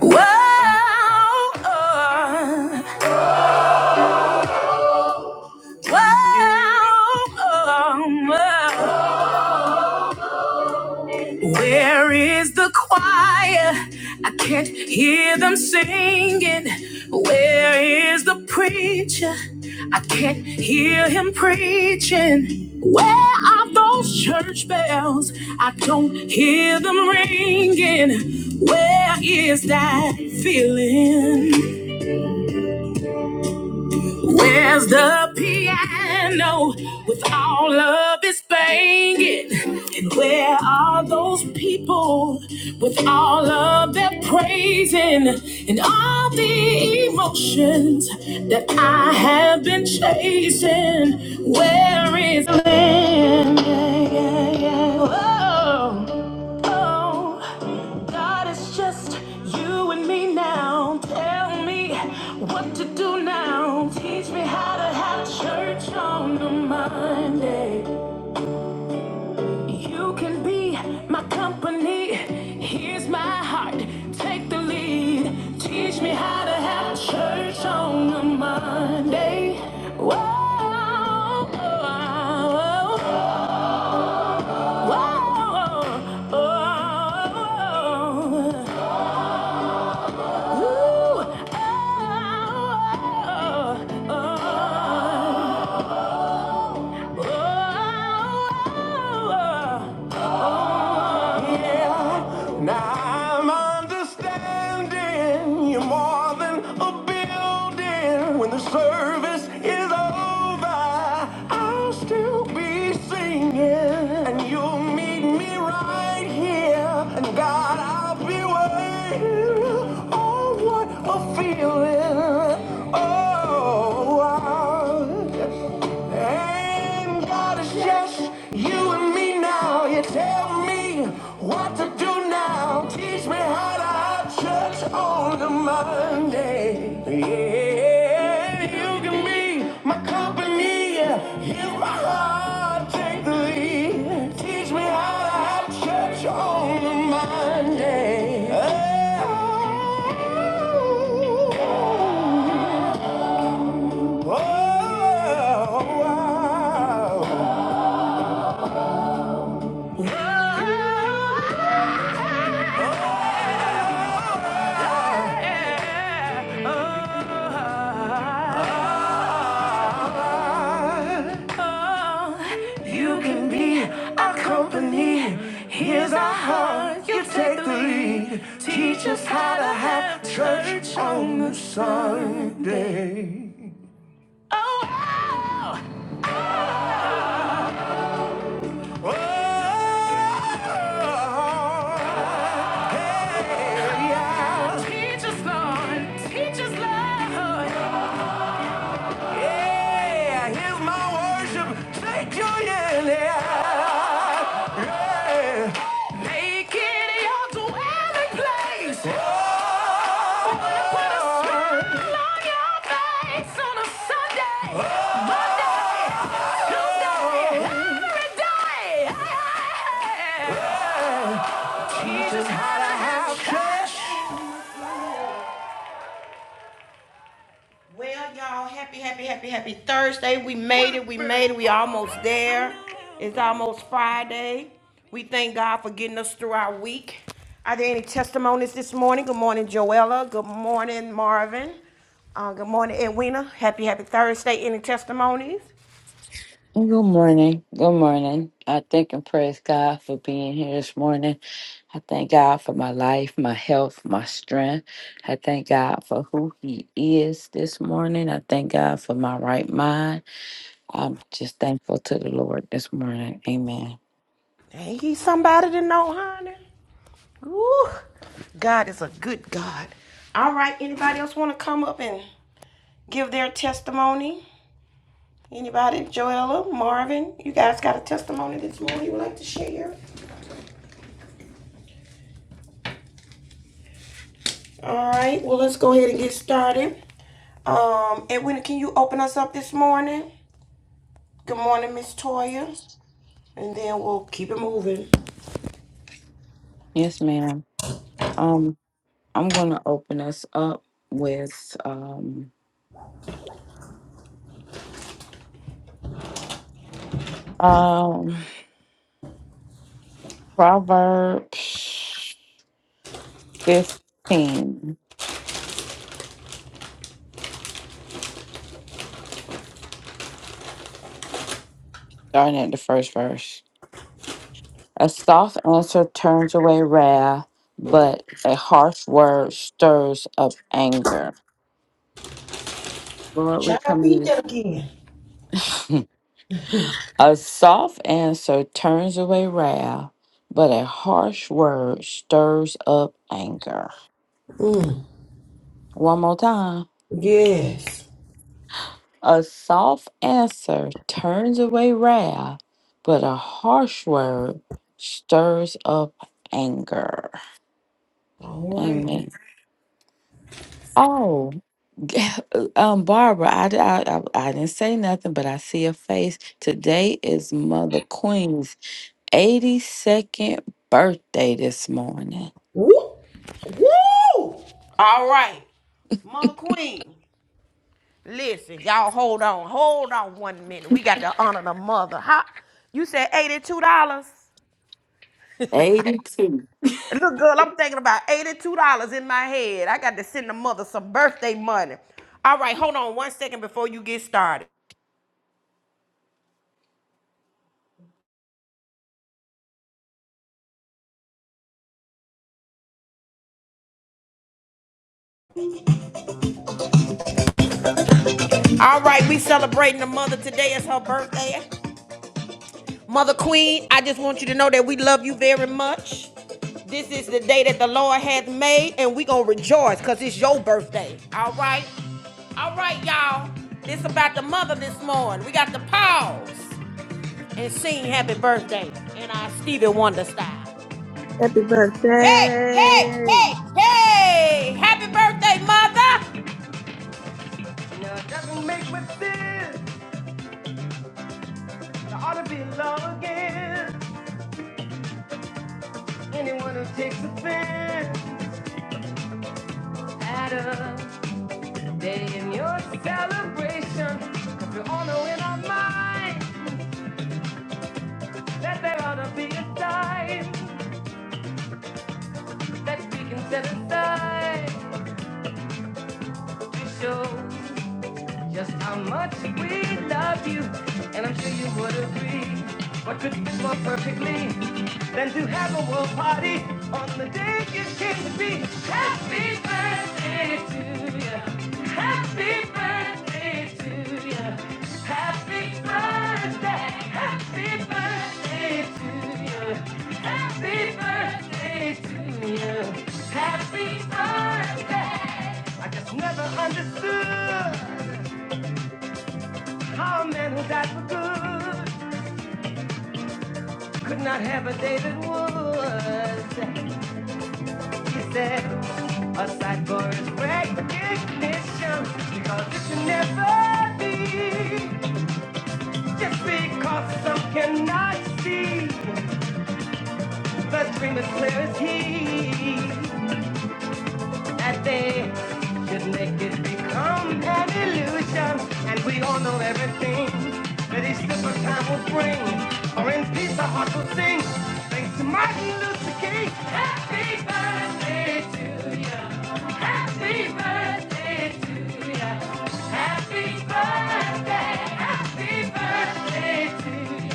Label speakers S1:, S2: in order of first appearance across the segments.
S1: Whoa, uh, whoa, um, uh. Where is the choir? I can't hear them singing. Where is the preacher? I can't hear him preaching. Where are those church bells? I don't hear them ringing. Where is that feeling? Where's the piano with all of its banging? And where are those people with all of their praising and all the emotions that I have been chasing? Where is the land? Yeah, yeah, yeah. yeah. Whoa. Oh, God, it's just you and me now. Tell me what to do now. Teach me how to have church on a Monday. You can be my company. Here's my heart. Take the lead. Teach me how to have church on a Monday. Whoa, oh, oh, oh, oh, oh. oh, oh, oh, Ooh, oh, oh, oh. oh. Yeah. Now I'm understanding you're more than a building. When the service is over, I'll still be singing. And you'll meet me right here. And God, I'll be waiting. Oh, what a feeling. Oh, wow. And God is just you and me now. You tell me what to do now. Teach me how to have church on a Monday. Yeah, you can be my company. Hear my heart, take the lead. Teach me how to have church on a Monday. Oh. You can be our company. Here's our heart. You take the lead. Teach us how to have church on the Sunday. Oh, wow. Teach us, Lord. Teach us, Lord. Yeah, here's my worship. Thank you, yeah. yeah. Make it your dwelling place. Oh, wanna put a smile on your face on a Sunday, Monday, Tuesday, every day. Hey, hey, hey. Just how to have cash. Well, y'all, happy, happy, happy, happy Thursday. We made it. We made it. We almost there. It's almost Friday. We thank God for getting us through our week. Are there any testimonies this morning? Good morning, Joella. Good morning, Marvin. Uh, good morning, Edwina. Happy, happy Thursday. Any testimonies?
S2: Good morning. Good morning. I thank and praise God for being here this morning. I thank God for my life, my health, my strength. I thank God for who He is this morning. I thank God for my right mind. I'm just thankful to the Lord this morning. Amen.
S1: Ain't he somebody to know, honey? Ooh, God is a good God. All right. Anybody else want to come up and give their testimony? Anybody, Joella, Marvin, you guys got a testimony this morning you would like to share? All right, well, let's go ahead and get started. Um, Edwina, can you open us up this morning? Good morning, Miss Toya. And then we'll keep it moving.
S2: Yes, ma'am. Um, I'm gonna open us up with um um Proverbs fifteen, starting at the first verse. A soft answer turns away wrath, but a harsh word stirs up anger. Lord, we come to this. A soft answer turns away wrath, but a harsh word stirs up anger. One more time.
S1: Yes.
S2: A soft answer turns away wrath, but a harsh word stirs up anger.
S1: All right.
S2: Amen. Oh. Uh, Um, Barbara, I, d- I, I- I didn't say nothing, but I see a face. Today is Mother Queen's 82nd birthday this morning.
S1: woo. All right. Mother Queen. Listen, y'all hold on. Hold on one minute. We got to honor the mother. How you said $82?
S2: 82.
S1: Little girl, I'm thinking about $82 in my head. I got to send the mother some birthday money. All right, hold on one second before you get started. All right, we celebrating the mother today. It's her birthday. Mother Queen, I just want you to know that we love you very much. This is the day that the Lord hath made, and we gonna rejoice because it's your birthday. All right? All right, y'all. This about the mother this morning. We got to pause and sing happy birthday in our Stevie Wonder style.
S3: Happy
S1: Hey, hey,
S3: birthday,
S1: hey, hey! Happy birthday, mother! Now doesn't make much sense. I ought to be in love again. Anyone who takes offense at a day in your celebration. 'cause we all know in our mind that there ought to be a time that we can set aside to show. just how much we love you, and I'm sure you would agree. What could fit more perfectly than to have a world party on the day you came to be? Happy birthday to you. Happy birthday to you. Happy birthday. Happy birthday to you. Happy birthday to you. Happy birthday. I just never understood. How a man who died for good could not have a David Woods. He said, a sight for his recognition, because it can never be. Just because some cannot see, the dream is clear as he. that they should make it become an illusion. And we all know everything that this simple time will bring. For in peace our hearts will sing. Thanks to Martin Luther King. Happy birthday to you. Happy birthday to you. Happy birthday. Happy birthday to you.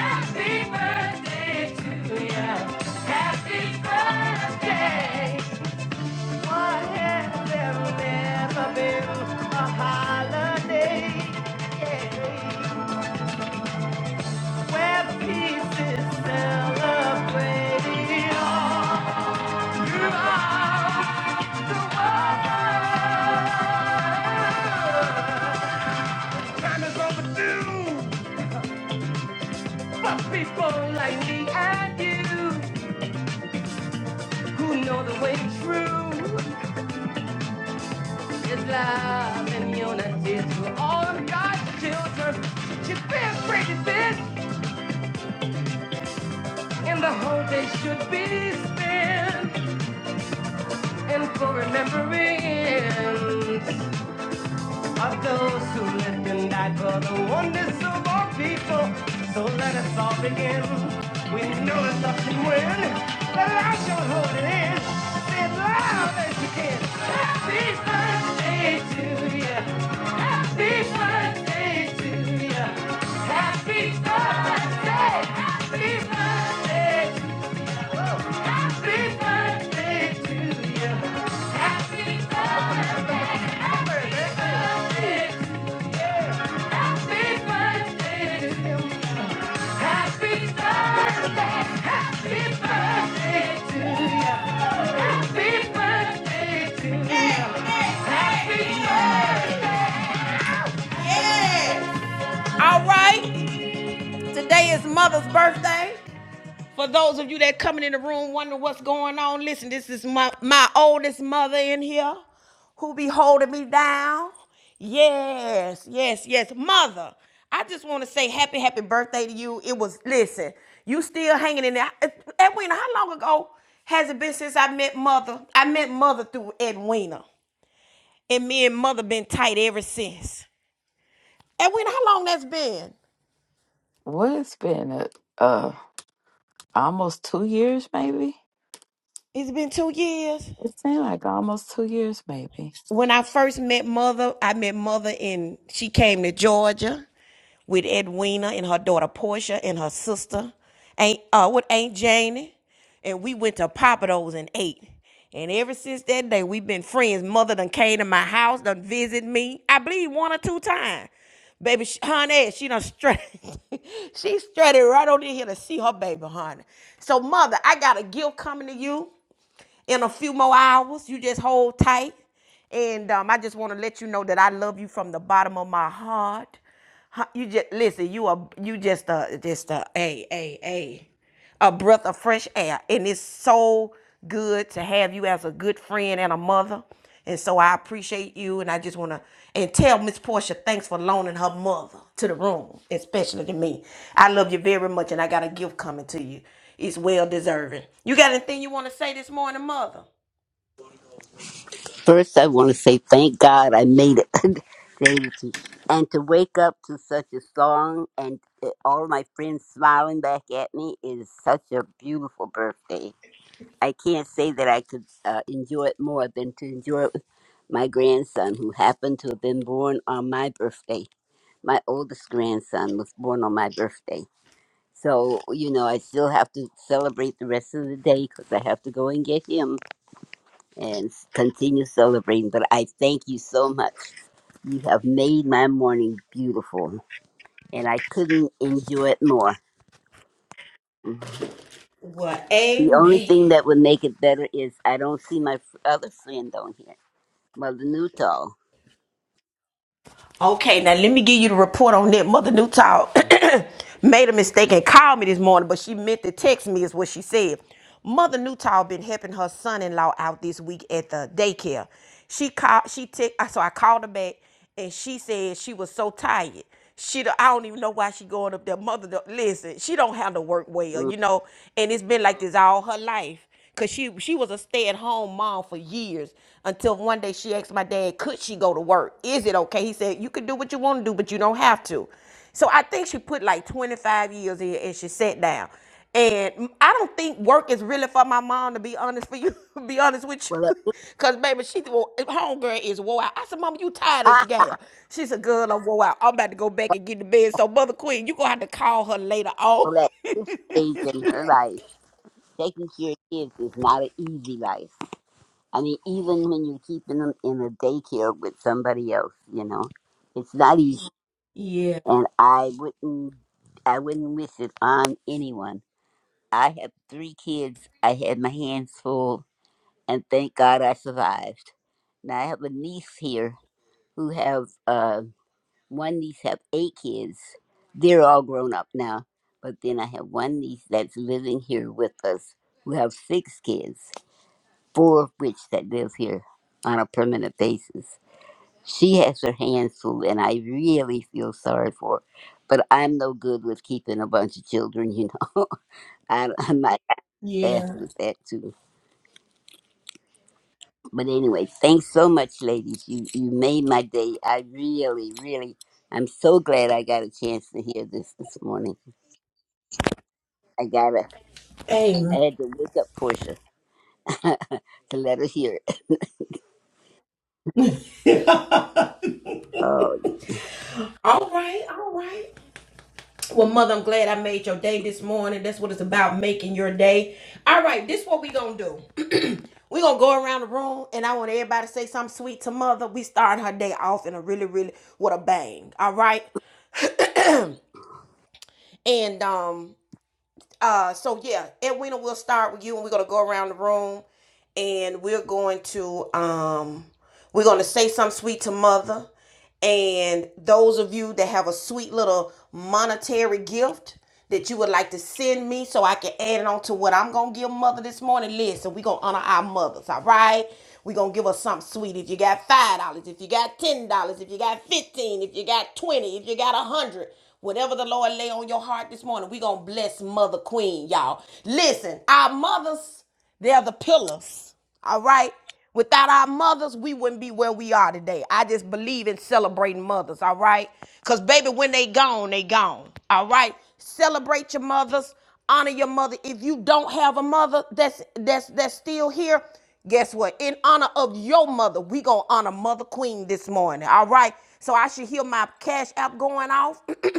S1: Happy birthday to you. Happy birthday. People like me and you who know the way true is love and unity to all of God's children. she be afraid of this? And the whole day should be spent in full remembrance of those who lived and died for the oneness of our people. So let us all begin. We know that love can win. The light shall hold it in. Say it loud as you can. Happy birthday to you. Happy birthday to you. Happy birthday. Happy birthday. Happy birthday to you. Happy birthday. Happy birthday to you. Happy birthday. Happy birthday to you. Happy birthday to you. All right. Today is Mother's birthday. For those of you that coming in the room wondering what's going on, listen, this is my, my oldest mother in here who be holding me down. Yes, yes, yes. Mother, I just want to say happy, happy birthday to you. It was, listen, you still hanging in there. Uh, Edwina, how long ago has it been since I met mother? I met mother through Edwina. And me and mother been tight ever since. Edwina, how long that's been?
S2: What it's been, a uh, almost two years, maybe?
S1: It's been two years.
S2: It seemed like almost two years, maybe.
S1: when I first met mother, I met mother in she came to Georgia with Edwina and her daughter Portia and her sister, Aunt uh with Aunt Janie. And we went to Papados and ate. And ever since that day, we've been friends. Mother done came to my house, done visit me. I believe one or two times. Baby, sh- honey, she done straight. she strutted right on in here to see her baby, honey. So, mother, I got a gift coming to you in a few more hours. You just hold tight. And um, I just want to let you know that I love you from the bottom of my heart. Huh, You just listen. You are you just a just a a a a a breath of fresh air, and it's so good to have you as a good friend and a mother. And so I appreciate you, and I just want to and tell Miss Portia thanks for loaning her mother to the room, especially to me. I love you very much, and I got a gift coming to you. It's well deserving. You got anything you want to say this morning, Mother?
S4: First, I want to say thank God I made it. Gratitude. and to wake up to such a song and uh, all my friends smiling back at me is such a beautiful birthday. I can't say that I could uh, enjoy it more than to enjoy it with my grandson, who happened to have been born on my birthday. My oldest grandson was born on my birthday. So, you know, I still have to celebrate the rest of the day because I have to go and get him and s- continue celebrating. But I thank you so much. You have made my morning beautiful, and I couldn't enjoy it more. Mhm.
S1: Well,
S4: The only
S1: amen.
S4: thing that would make it better is I don't see my f- other friend on here, Mother Newtall.
S1: Okay, now let me give you the report on that. Mother Newtall made a mistake and called me this morning, but she meant to text me, is what she said. Mother Newtall been helping her son-in-law out this week at the daycare. She called, she te- uh, so I called her back, and she said she was so tired. She, don't- I don't even know why she going up there. Mother, don't- listen, she don't have to work well,
S4: Mm.
S1: you know, and it's been like this all her life. Cause she she was a stay at home mom for years until one day she asked my dad, could she go to work? Is it okay? He said, you can do what you want to do, but you don't have to. So I think she put like 25 years in and she sat down. And I I don't think work is really for my mom to be honest for you, be honest with
S4: Well, at
S1: you.
S4: this,
S1: Cause baby, she well, homegirl is wore out. I said, Mama, you tired ain't you
S4: ah,
S1: gal? She said, Girl, I'm wore out. I'm about to go back and get to bed. So Mother Queen, you gonna have to call her later on.
S4: well, at this stage in her life, taking care of kids is not an easy life. I mean, even when you're keeping them in a daycare with somebody else, you know, it's not easy.
S1: Yeah.
S4: and I wouldn't I wouldn't wish it on anyone. I have three kids. I had my hands full, and thank God I survived. Now I have a niece here who have uh, one niece have eight kids. They're all grown up now, but then I have one niece that's living here with us who have six kids, four of which that live here on a permanent basis. She has her hands full, and I really feel sorry for her. But I'm no good with keeping a bunch of children, you know. I, I'm not fast with that too. But anyway, thanks so much, ladies. You you made my day. I really, really, I'm so glad I got a chance to hear this this morning. I gotta, I had to look up Portia to let her hear it. Oh.
S1: All right. All right. Well, mother, I'm glad I made your day this morning. That's what it's about, making your day. All right, this is what we gonna do. we gonna go around the room, and I want everybody to say something sweet to mother. We starting her day off in a really, really what a bang. All right, and um, uh, so yeah, Edwina, we'll start with you, and we're gonna go around the room. and we're going to um we're going to say something sweet to mother and those of you that have a sweet little monetary gift that you would like to send me so I can add it on to what I'm going to give mother this morning. Listen, we're going to honor our mothers, all right? We're going to give her something sweet. If you got $5, if you got $10, if you got 15 dollars, if you got 20 dollars, if you got 100 whatever the Lord lay on your heart this morning, we're going to bless Mother Queen, y'all. Listen, our mothers. They are the pillars. All right. Without our mothers, we wouldn't be where we are today. I just believe in celebrating mothers. All right. Because, baby, when they gone, they gone. All right. Celebrate your mothers. Honor your mother. If you don't have a mother that's that's that's still here, guess what? In honor of your mother, we gonna honor Mother Queen this morning. All right. So I should hear my cash app going off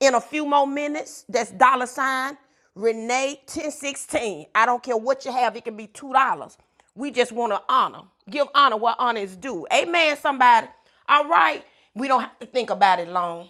S1: in a few more minutes. That's dollar sign Renee 1016. I don't care what you have, it can be two dollars. We just want to honor. Give honor what honor is due. Amen, somebody. All right. We don't have to think about it long.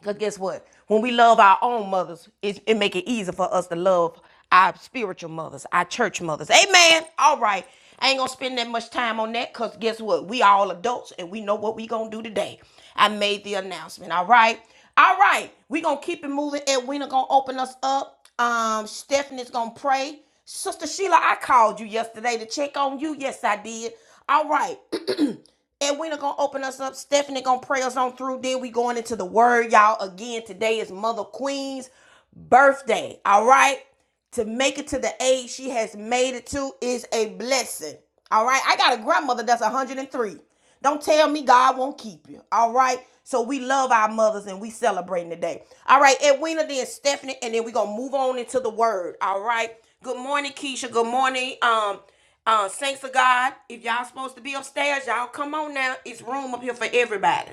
S1: Because guess what? When we love our own mothers, it, it make it easier for us to love our spiritual mothers, our church mothers. Amen. All right. I ain't gonna spend that much time on that because guess what? We all adults and we know what we gonna do today. I made the announcement. All right. All right. We gonna keep it moving. Edwina gonna open us up. Um, Stephanie's gonna pray. Sister Sheila, I called you yesterday to check on you. Yes, I did. All right. And we're gonna open us up. Stephanie gonna pray us on through. Then we going into the word, y'all. Again, today is Mother Queen's birthday. All right. To make it to the age she has made it to is a blessing. All right. I got a grandmother that's 103. Don't tell me God won't keep you. All right. So we love our mothers and we celebrating today. All right, Edwina, then Stephanie, and then we gonna move on into the word. All right. Good morning, Keisha. Good morning. Um, uh, saints of God, if y'all supposed to be upstairs, y'all come on now. It's room up here for everybody.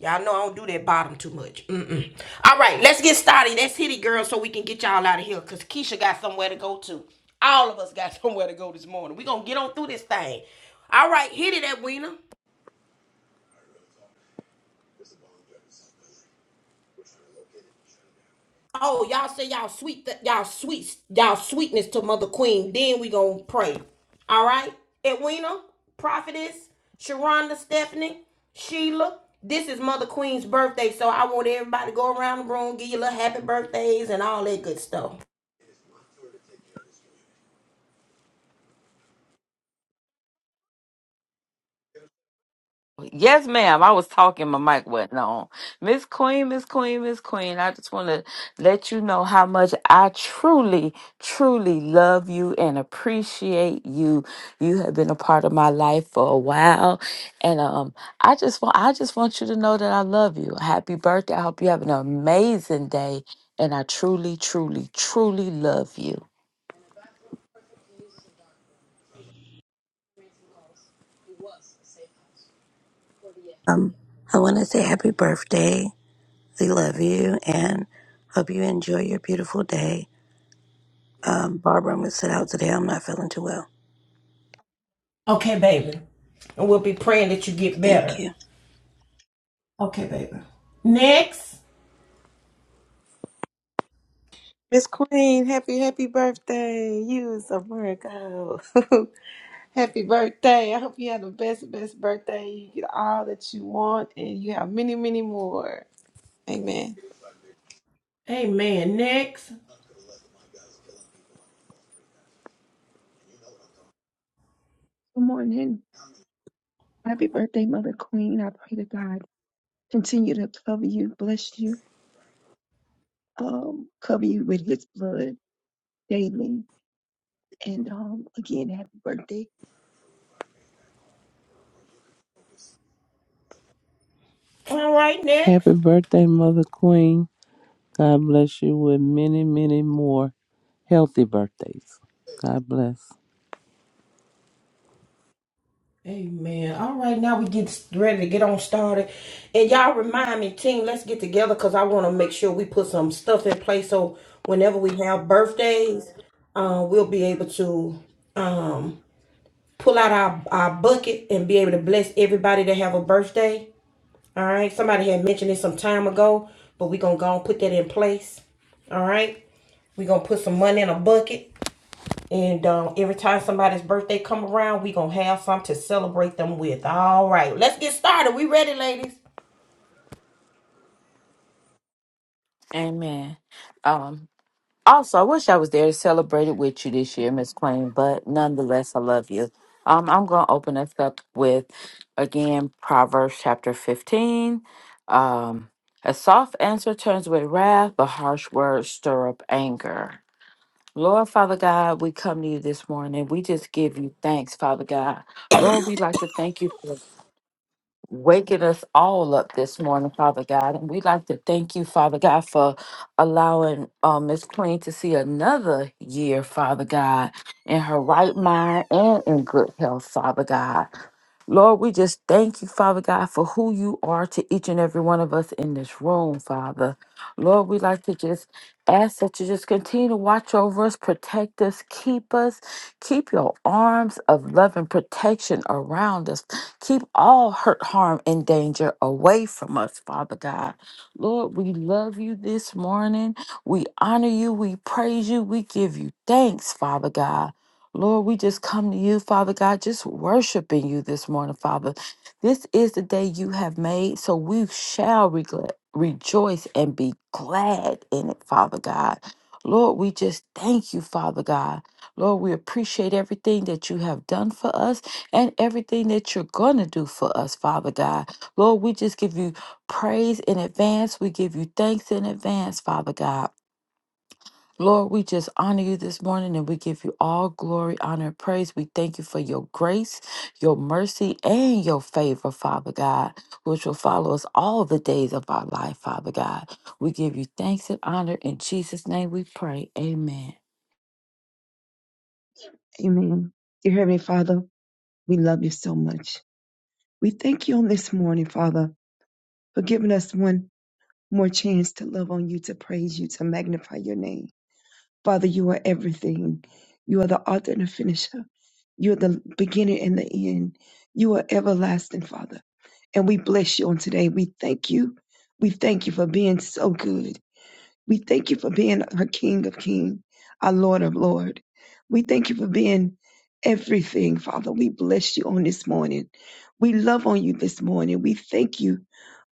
S1: Y'all know I don't do that bottom too much. Mm-mm. All right, let's get started. Let's hit it, girl, so we can get y'all out of here. Cause Keisha got somewhere to go to. All of us got somewhere to go this morning. We gonna get on through this thing. All right, hit it, Edwina. Oh, y'all say y'all sweet, th- y'all sweet, y'all sweetness to Mother Queen. Then we gonna pray. All right, Edwina, Prophetess, Sharonda, Stephanie, Sheila. This is Mother Queen's birthday, so I want everybody to go around the room, give you little happy birthdays and all that good stuff.
S2: Yes, ma'am. I was talking, my mic wasn't on. Miss Queen, Miss Queen, Miss Queen, I just want to let you know how much I truly, truly love you and appreciate you. You have been a part of my life for a while. And um, I just want I just want you to know that I love you. Happy birthday. I hope you have an amazing day. And I truly, truly, truly love you.
S5: Um, I want to say happy birthday. We love you and hope you enjoy your beautiful day. Um, Barbara, I'm going to sit out today. I'm not feeling too well.
S1: Okay, baby. And we'll be praying that you get
S5: Thank you.
S1: better. Okay, baby. Next.
S3: Miss Queen. Happy, happy birthday. You is a Virgo. happy birthday. I hope you have the best, best birthday. You get all that you want and you have many, many more. Amen.
S6: Good morning. Happy birthday, Mother Queen. I pray to God continue to cover you, bless you, um, cover you with his blood daily. And um, again, happy birthday.
S1: All right, next.
S7: Happy birthday, Mother Queen. God bless you with many, many more healthy birthdays. God bless.
S1: Amen. All right, now we get ready to get on started. And y'all remind me, team, let's get together because I want to make sure we put some stuff in place so whenever we have birthdays, uh, we'll be able to um, pull out our, our bucket and be able to bless everybody that have a birthday. All right. Somebody had mentioned it some time ago, but we're going to go and put that in place. All right. We're going to put some money in a bucket and um, every time somebody's birthday come around, we gonna have something to celebrate them with. All right, let's get started. We ready, ladies?
S2: Amen. Um, Also, I wish I was there to celebrate it with you this year, Miss Queen, but nonetheless, I love you. Um, I'm going to open us up with, again, Proverbs chapter 15. Um, a soft answer turns away wrath, but harsh words stir up anger. Lord, Father God, we come to you this morning. We just give you thanks, Father God. Lord, we would like to thank you for waking us all up this morning, Father God. And we'd like to thank you, Father God, for allowing uh, Miss Queen to see another year, Father God, in her right mind and in good health, Father God. Lord, we just thank you, Father God, for who you are to each and every one of us in this room, Father. Lord, we like to just ask that you just continue to watch over us, protect us, keep us, keep your arms of love and protection around us, Keep all hurt, harm, and danger away from us, Father God. Lord, we love you this morning. We honor you. We praise you. We give you thanks, Father God. Lord, we just come to you, Father God, just worshiping you this morning, Father. This is the day you have made, so we shall regla- rejoice and be glad in it, Father God. Lord, we just thank you, Father God. Lord, we appreciate everything that you have done for us and everything that you're going to do for us, Father God. Lord, we just give you praise in advance. We give you thanks in advance, Father God. Lord, we just honor you this morning and we give you all glory, honor, and praise. We thank you for your grace, your mercy, and your favor, Father God, which will follow us all the days of our life, Father God. We give you thanks and honor. In Jesus' name we pray. Amen.
S6: Amen. Dear Heavenly Father, we love you so much. We thank you on this morning, Father, for giving us one more chance to love on you, to praise you, to magnify your name. Father, you are everything. You are the author and the finisher. You are the beginning and the end. You are everlasting, Father. And we bless you on today. We thank you. We thank you for being so good. We thank you for being our King of King, our Lord of Lord. We thank you for being everything, Father. We bless you on this morning. We love on you this morning. We thank you.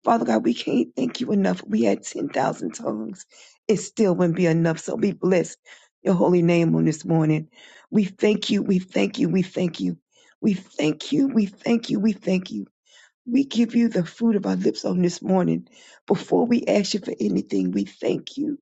S6: Father God, we can't thank you enough. We had 10,000 tongues. It still wouldn't be enough. So we bless your holy name on this morning. We thank you. We thank you. We thank you. We thank you. We thank you. We thank you. We give you the fruit of our lips on this morning. Before we ask you for anything, we thank you.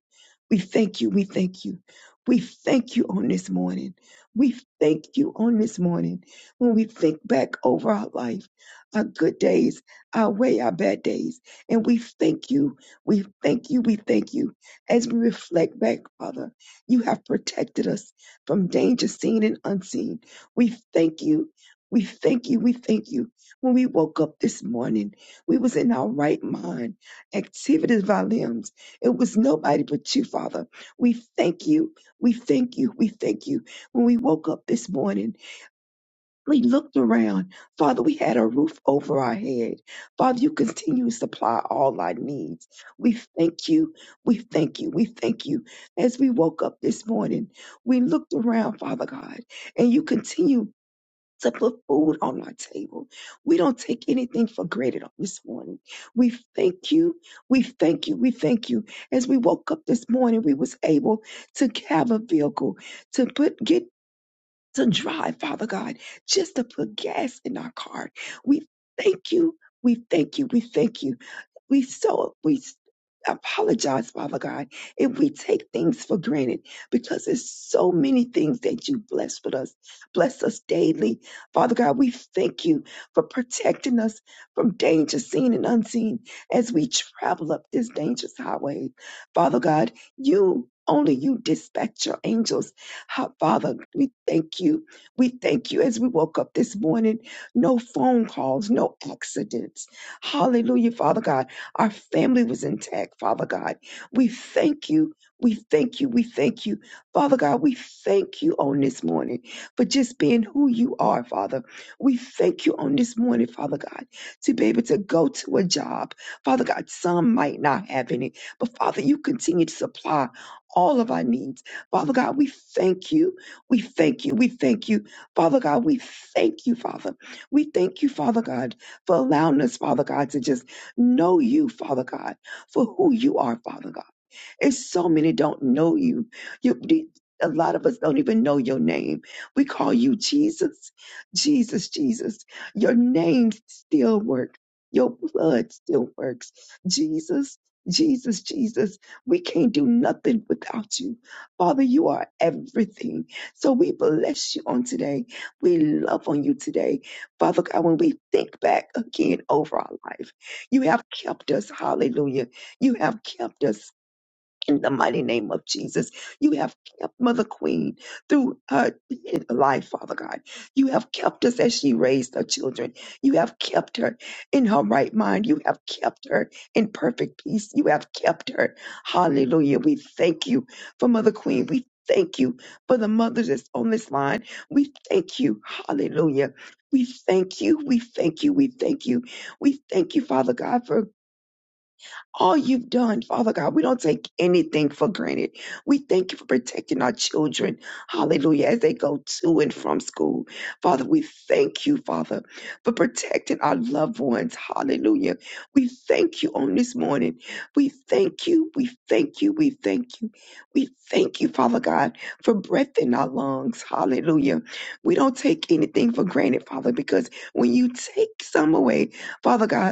S6: We thank you. We thank you. We thank you on this morning. We thank you on this morning. When we think back over our life, our good days, our way, our bad days, and we thank you. We thank you. We thank you. As we reflect back, Father, you have protected us from danger seen and unseen. We thank you. We thank you. We thank you when we woke up this morning, we was in our right mind, activities of our limbs. It was nobody but you, Father. We thank you. We thank you. We thank you. When we woke up this morning, we looked around. Father, we had a roof over our head. Father, you continue to supply all our needs. We thank you. We thank you. We thank you. As we woke up this morning, we looked around, Father God, and you continue to put food on our table. We don't take anything for granted on this morning. We thank you. We thank you. We thank you. As we woke up this morning, we was able to have a vehicle to put get to drive, Father God, just to put gas in our car. We thank you. We thank you. We thank you. We so we s- apologize, Father God, if we take things for granted because there's so many things that you bless with us, bless us daily. Father God, we thank you for protecting us from danger seen and unseen as we travel up this dangerous highway. Father God, you only you dispatch your angels. Ha- Father, we thank you. We thank you as we woke up this morning. No phone calls, no accidents. Hallelujah, Father God our family was intact, Father God. We thank you. We thank you. We thank you. Father God, we thank you on this morning for just being who you are, Father. We thank you on this morning, Father God, to be able to go to a job. Father God, some might not have any, but Father, you continue to supply all of our needs. Father God, we thank you. We thank you. We thank you. Father God, we thank you, Father. We thank you, Father God, for allowing us, Father God, to just Know you, Father God, for who you are, Father God. It's so many don't know you. You the- a lot of us don't even know your name. We call you Jesus, Jesus, Jesus. Your name still works. Your blood still works. Jesus, Jesus, Jesus. We can't do nothing without you. Father, you are everything. So we bless you on today. We love on you today. Father God, when we think back again over our life, you have kept us. Hallelujah. You have kept us in the mighty name of Jesus. You have kept Mother Queen through her life, Father God. You have kept us as she raised her children. You have kept her in her right mind. You have kept her in perfect peace. You have kept her. Hallelujah. We thank you for Mother Queen. We thank you for the mothers that's on this line. We thank you. Hallelujah. We thank you. We thank you. We thank you. We thank you, Father God, for all you've done, Father God. We don't take anything for granted. We thank you for protecting our children, hallelujah, as they go to and from school. Father, we thank you, Father, for protecting our loved ones, hallelujah. We thank you on this morning. We thank you, we thank you, we thank you. We thank you, Father God, for breath in our lungs, hallelujah. We don't take anything for granted, Father, because when you take some away, Father God,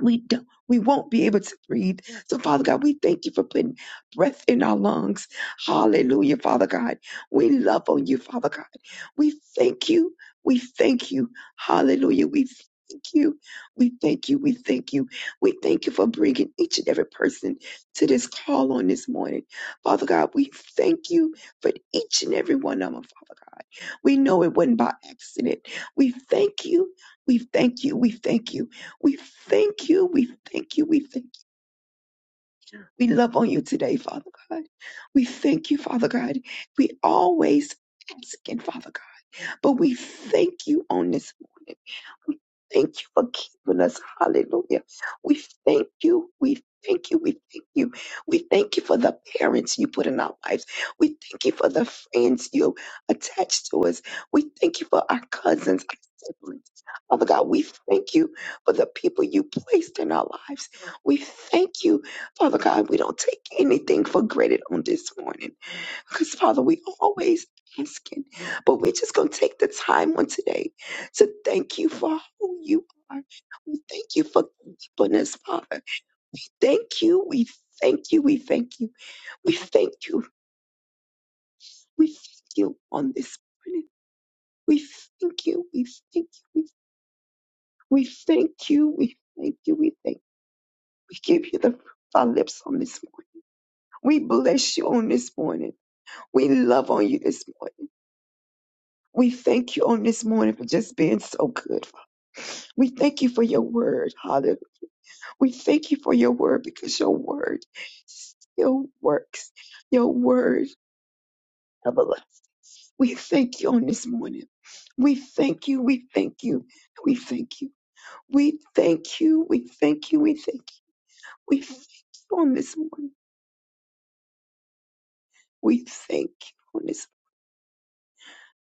S6: we don't, we won't be able to breathe. So, Father God, we thank you for putting breath in our lungs. Hallelujah, Father God. We love on you, Father God. We thank you. We thank you. Hallelujah. We thank you. We thank you. We thank you. We thank you for bringing each and every person to this call on this morning. Father God, we thank you for each and every one of them, Father God. We know it wasn't by accident. We thank you. We thank you. We thank you. We thank you. We thank you. We thank you. We love on you today, Father God. We thank you, Father God. We always ask asking, Father God, but we thank you on this morning. We Thank you for keeping us. Hallelujah. We thank you. We thank you. We thank you. We thank you for the parents you put in our lives. We thank you for the friends you attached to us. We thank you for our cousins, our siblings. Father God, we thank you for the people you placed in our lives. We thank you, Father God. We don't take anything for granted on this morning. Because, Father, we always asking, but we're just going to take the time on today to thank you for who you are. We thank you for keeping us, Father. Thank you. We thank you. We thank you. We thank you. We thank you on this morning. We thank you. We thank you. We, we thank you. We thank you. We thank you. We give you the fruit of our lips on this morning. We bless you on this morning. We love on you this morning. We thank you on this morning for just being so good. We thank you for your word, Father. We thank you for your word because your word still works. Your word, everlasting. We thank you on this morning. We thank you. We thank you. We thank you. We thank you. We thank you. We thank you. We thank you on this morning. We thank you on this.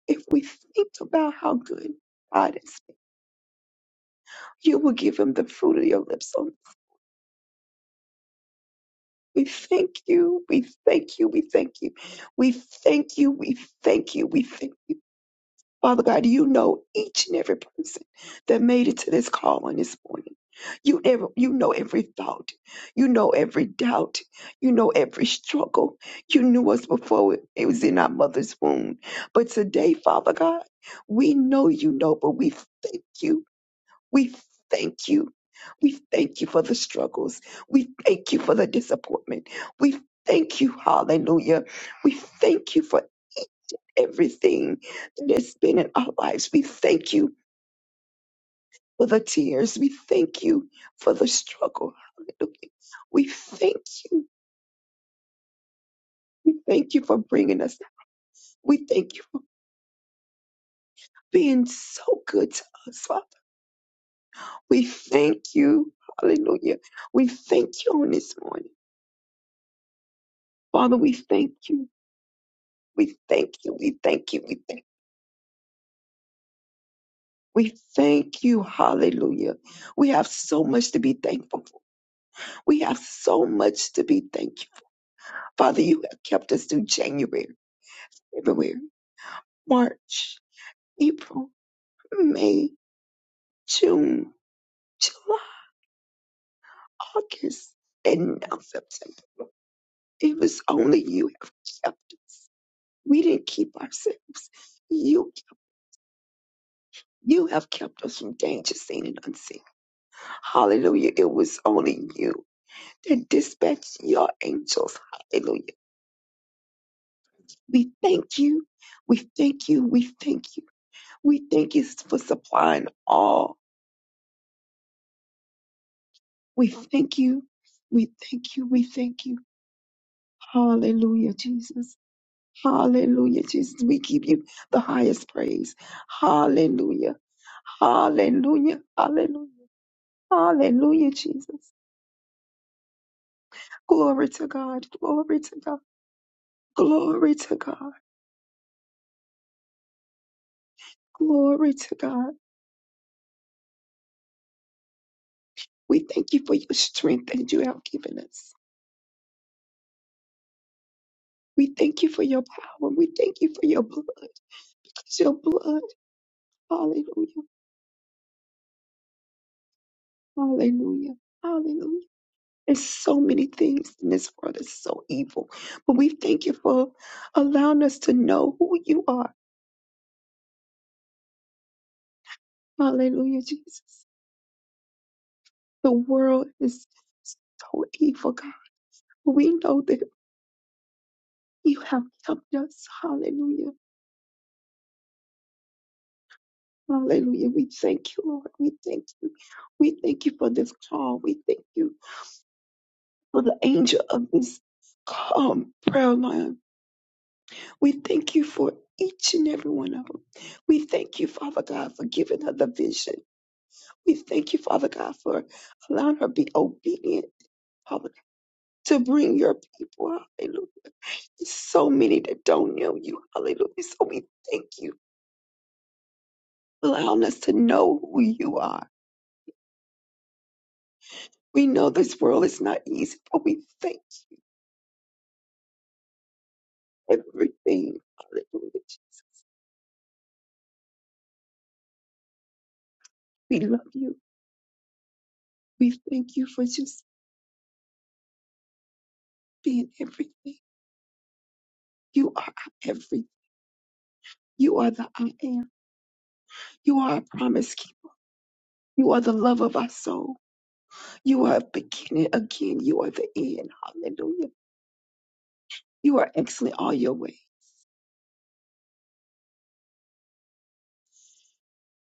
S6: If we think about how good God is, you will give him the fruit of your lips on We thank you. We thank you. We thank you. We thank you. We thank you. We thank Father God, you know each and every person that made it to this call on this morning. You ever, you know every thought. You know every doubt. You know every struggle. You knew us before it it was in our mother's womb. But today, Father God, we know you know, but we thank you we thank you. We thank you for the struggles. We thank you for the disappointment. We thank you, hallelujah. We thank you for everything that has been in our lives. We thank you for the tears. We thank you for the struggle. Hallelujah. We thank you. We thank you for bringing us. We thank you for being so good to us, Father. We thank you. Hallelujah. We thank you on this morning. Father, we thank you. We thank you. We thank you. We thank we thank you. Hallelujah. We have so much to be thankful for. We have so much to be thankful. Father, you have kept us through January, February, March, April, May, June, July, August, and now September. It was only you have kept us. We didn't keep ourselves. You you have kept us from danger seen and unseen. Hallelujah. It was only you. and dispatch your angels. Hallelujah. We thank you. We thank you. We thank you. We thank you for supplying all. We thank you. We thank you. We thank you. Hallelujah, Jesus. Hallelujah, Jesus. We give you the highest praise. Hallelujah. Hallelujah. Hallelujah. Hallelujah, Jesus. Glory to God. Glory to God. Glory to God. Glory to God. We thank you for your strength that you have given us. We thank you for your power. We thank you for your blood. 'Cause Your blood, hallelujah, hallelujah, hallelujah. There's so many things in this world that's so evil. But we thank you for allowing us to know who you are. Hallelujah, Jesus. The world is so evil, God. But we know that you have helped us. Hallelujah. Hallelujah. We thank you, Lord. We thank you. We thank you for this call. We thank you. for the angel of this calm prayer line. We thank you for each and every one of them. We thank you, Father God, for giving her the vision. We thank you, Father God, for allowing her to be obedient, Father, to bring your people. Hallelujah. There's so many that don't know you. Hallelujah. So we thank you for allowing us to know who you are. We know this world is not easy, but we thank you for everything. Hallelujah. We love you. We thank you for just. being everything. You are our everything. You are the I am. You are our promise keeper. You are the love of our soul. You are beginning again. You are the end. Hallelujah. You are excellent all your way.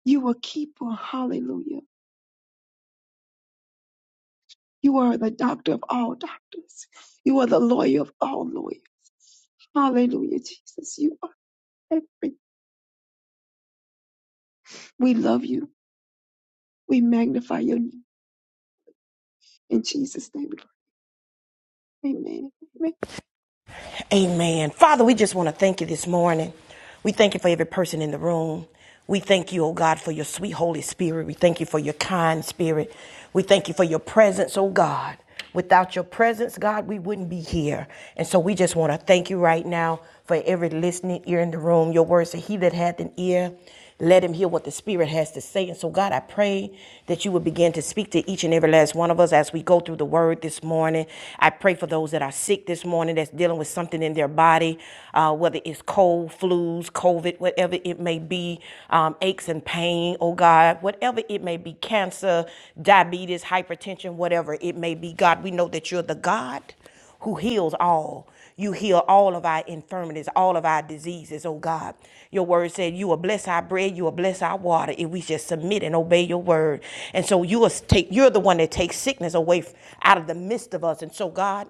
S6: You are keeper. Hallelujah. You are the doctor of all doctors. You are the lawyer of all lawyers. Hallelujah, Jesus. You are everything. We love you. We magnify your name. In Jesus' name we pray. Amen. Amen.
S1: Amen. Father, we just want to thank you this morning. We thank you for every person in the room. We thank you, oh God, for your sweet Holy Spirit. We thank you for your kind spirit. We thank you for your presence, oh God. Without your presence, God, we wouldn't be here. And so we just want to thank you right now for every listening ear in the room. Your words say, He that hath an ear, Let him hear what the Spirit has to say. And so, God, I pray that you would begin to speak to each and every last one of us as we go through the word this morning. I pray for those that are sick this morning, that's dealing with something in their body, uh, whether it's cold, flus, COVID, whatever it may be, um, aches and pain, oh God, whatever it may be, cancer, diabetes, hypertension, whatever it may be. God, we know that you're the God who heals all. You heal all of our infirmities, all of our diseases, oh God. Your word said you will bless our bread, you will bless our water if we just submit and obey your word. And so you will take you're the one that takes sickness away f- out of the midst of us. And so God,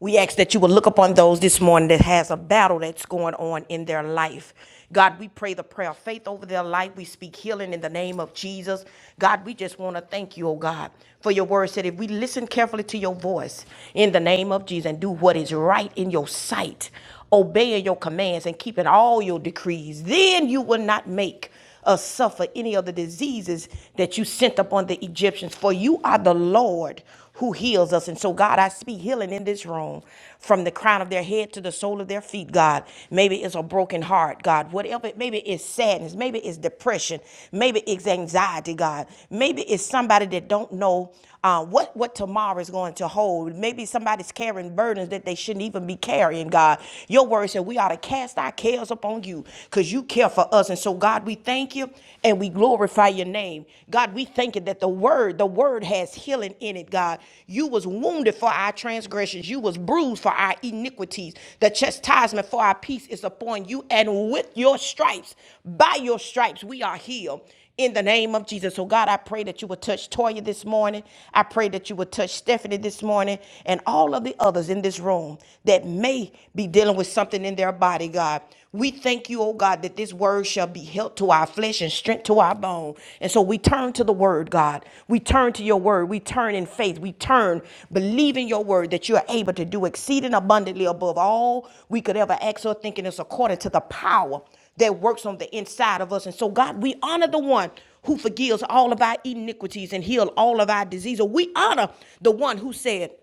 S1: we ask that you will look upon those this morning that has a battle that's going on in their life. God, we pray the prayer of faith over their life. We speak healing in the name of Jesus. God, we just want to thank you, oh God, for your word said if we listen carefully to your voice in the name of Jesus and do what is right in your sight, obeying your commands and keeping all your decrees, then you will not make us suffer any of the diseases that you sent upon the Egyptians, for you are the Lord who heals us. And so, God, I speak healing in this room from the crown of their head to the sole of their feet, God. Maybe it's a broken heart, God. Whatever, maybe it's sadness, maybe it's depression, maybe it's anxiety, God. Maybe it's somebody that don't know uh, what what tomorrow is going to hold. Maybe somebody's carrying burdens that they shouldn't even be carrying, God. Your word said we ought to cast our cares us upon you because you care for us. And so, God, we thank you and we glorify your name. God, we thank you that the word, the word has healing in it, God. You was wounded for our transgressions. You was bruised for our iniquities. The chastisement for our peace is upon you. And with your stripes, by your stripes, we are healed in the name of Jesus. So, God, I pray that you would touch Toya this morning. I pray that you would touch Stephanie this morning and all of the others in this room that may be dealing with something in their body, God. We thank you, oh God, that this word shall be health to our flesh and strength to our bone. And so we turn to the word, God. We turn to your word. We turn in faith. We turn believing your word that you are able to do exceeding abundantly above all we could ever ask or think. And it's according to the power that works on the inside of us. And so, God, we honor the one who forgives all of our iniquities and heal all of our diseases. We honor the one who said,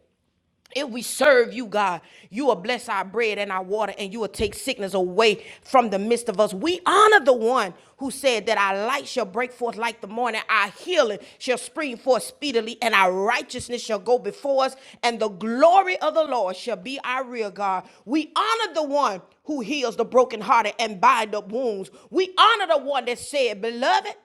S1: if we serve you, God, you will bless our bread and our water, and you will take sickness away from the midst of us. We honor the one who said that our light shall break forth like the morning, our healing shall spring forth speedily, and our righteousness shall go before us, and the glory of the Lord shall be our rear guard. We honor the one who heals the brokenhearted and bind up wounds. We honor the one that said, Beloved,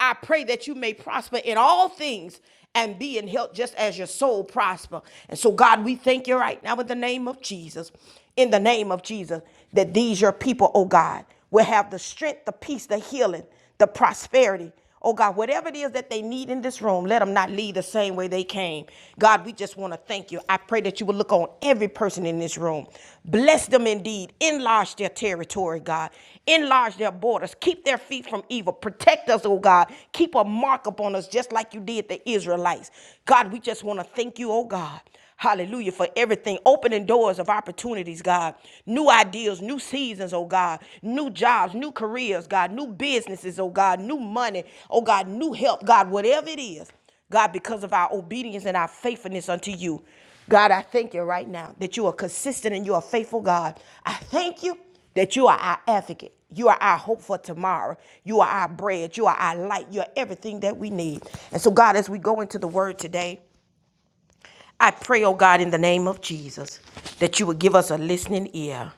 S1: I pray that you may prosper in all things and be in health just as your soul prosper. And so, God, we thank you right now in the name of Jesus, in the name of Jesus, that these your people, oh God, will have the strength, the peace, the healing, the prosperity Oh God, whatever it is that they need in this room, let them not leave the same way they came. God, we just want to thank you. I pray that you will look on every person in this room. Bless them indeed. Enlarge their territory, God. Enlarge their borders. Keep their feet from evil. Protect us, oh God. Keep a mark upon us just like you did the Israelites. God, we just want to thank you, oh God. Hallelujah for everything. Opening doors of opportunities, God. New ideas, new seasons, oh God. New jobs, new careers, God. New businesses, oh God. New money, oh God. New help, God. Whatever it is, God, because of our obedience and our faithfulness unto you. God, I thank you right now that you are consistent and you are faithful, God. I thank you that you are our advocate. You are our hope for tomorrow. You are our bread. You are our light. You are everything that we need. And so, God, as we go into the word today, I pray, oh God, in the name of Jesus, that you would give us a listening ear.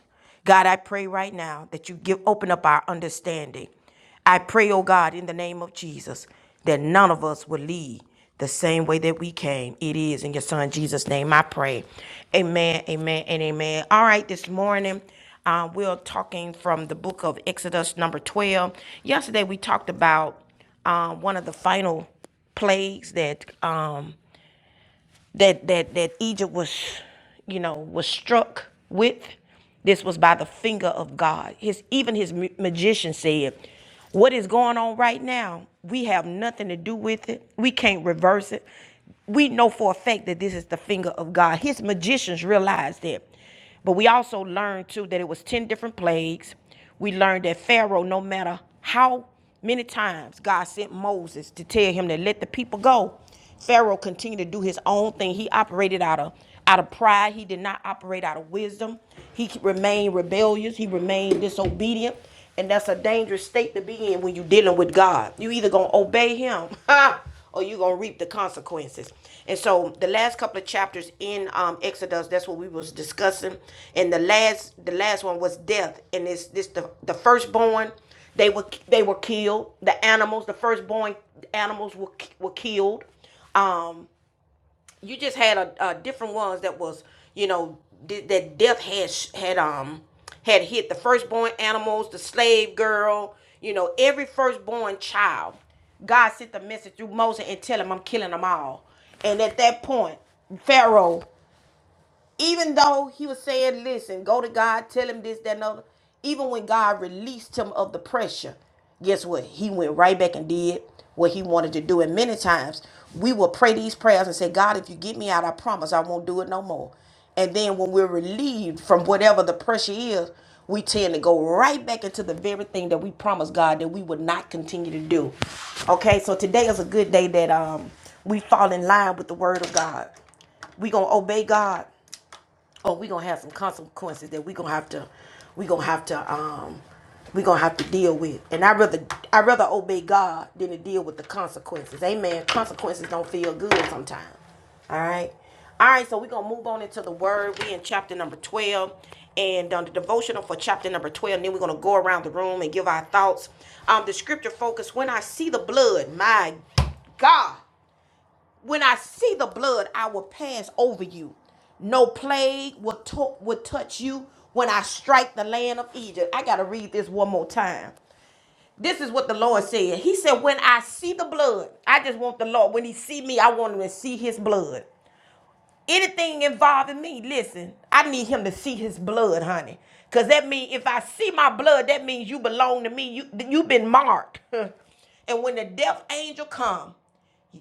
S1: God, I pray right now that you give open up our understanding. I pray, oh God, in the name of Jesus, that none of us will leave the same way that we came. It is in your son Jesus' name I pray. Amen, amen, and amen. All right, this morning. Uh, we're talking from the book of Exodus, number 12. Yesterday, we talked about um, one of the final plagues that um, that that that Egypt was, you know, was struck with. This was by the finger of God. His even his mu- magician said, "What is going on right now? We have nothing to do with it. We can't reverse it. We know for a fact that this is the finger of God." His magicians realized that. But we also learned too that it was 10 different plagues. We learned that Pharaoh, no matter how many times God sent Moses to tell him to let the people go, Pharaoh continued to do his own thing. He operated out of out of pride. He did not operate out of wisdom. He remained rebellious. He remained disobedient. And that's a dangerous state to be in when you're dealing with God. You either gonna obey him or you're gonna reap the consequences. And so the last couple of chapters in um, Exodus, that's what we was discussing. And the last the last one was death. And this, this the, the firstborn, they were they were killed. The animals, the firstborn animals were were killed. Um you just had a, uh different ones that was you know that death had had um had hit the firstborn animals, the slave girl, you know every firstborn child. God sent the message through Moses and tell him I'm killing them all. And at that point, Pharaoh even though he was saying, listen, go to God, tell him this, that, and other. Even when God released him of the pressure, guess what? He went right back and did what he wanted to do. And many times we will pray these prayers and say, God, if you get me out, I promise I won't do it no more. And then when we're relieved from whatever the pressure is, we tend to go right back into the very thing that we promised God that we would not continue to do. Okay, so today is a good day that um we fall in line with the word of God. we gonna obey God or we gonna have some consequences that we gonna have to we gonna have to um we gonna have to deal with and i rather i rather obey god than to deal with the consequences amen consequences don't feel good sometimes all right all right so we gonna move on into the word we in chapter number 12 and um, the devotional for chapter number 12 and then we're gonna go around the room and give our thoughts um the scripture focus when i see the blood my god when I see the blood, I will pass over you. No plague will, to- will touch you when I strike the land of Egypt. I got to read this one more time. This is what the Lord said. He said, When I see the blood, I just want the Lord, when He see me, I want Him to see His blood. Anything involving me, listen, I need him to see his blood, honey. Cause that means if I see my blood, that means you belong to me. You you've been marked. and when the death angel come,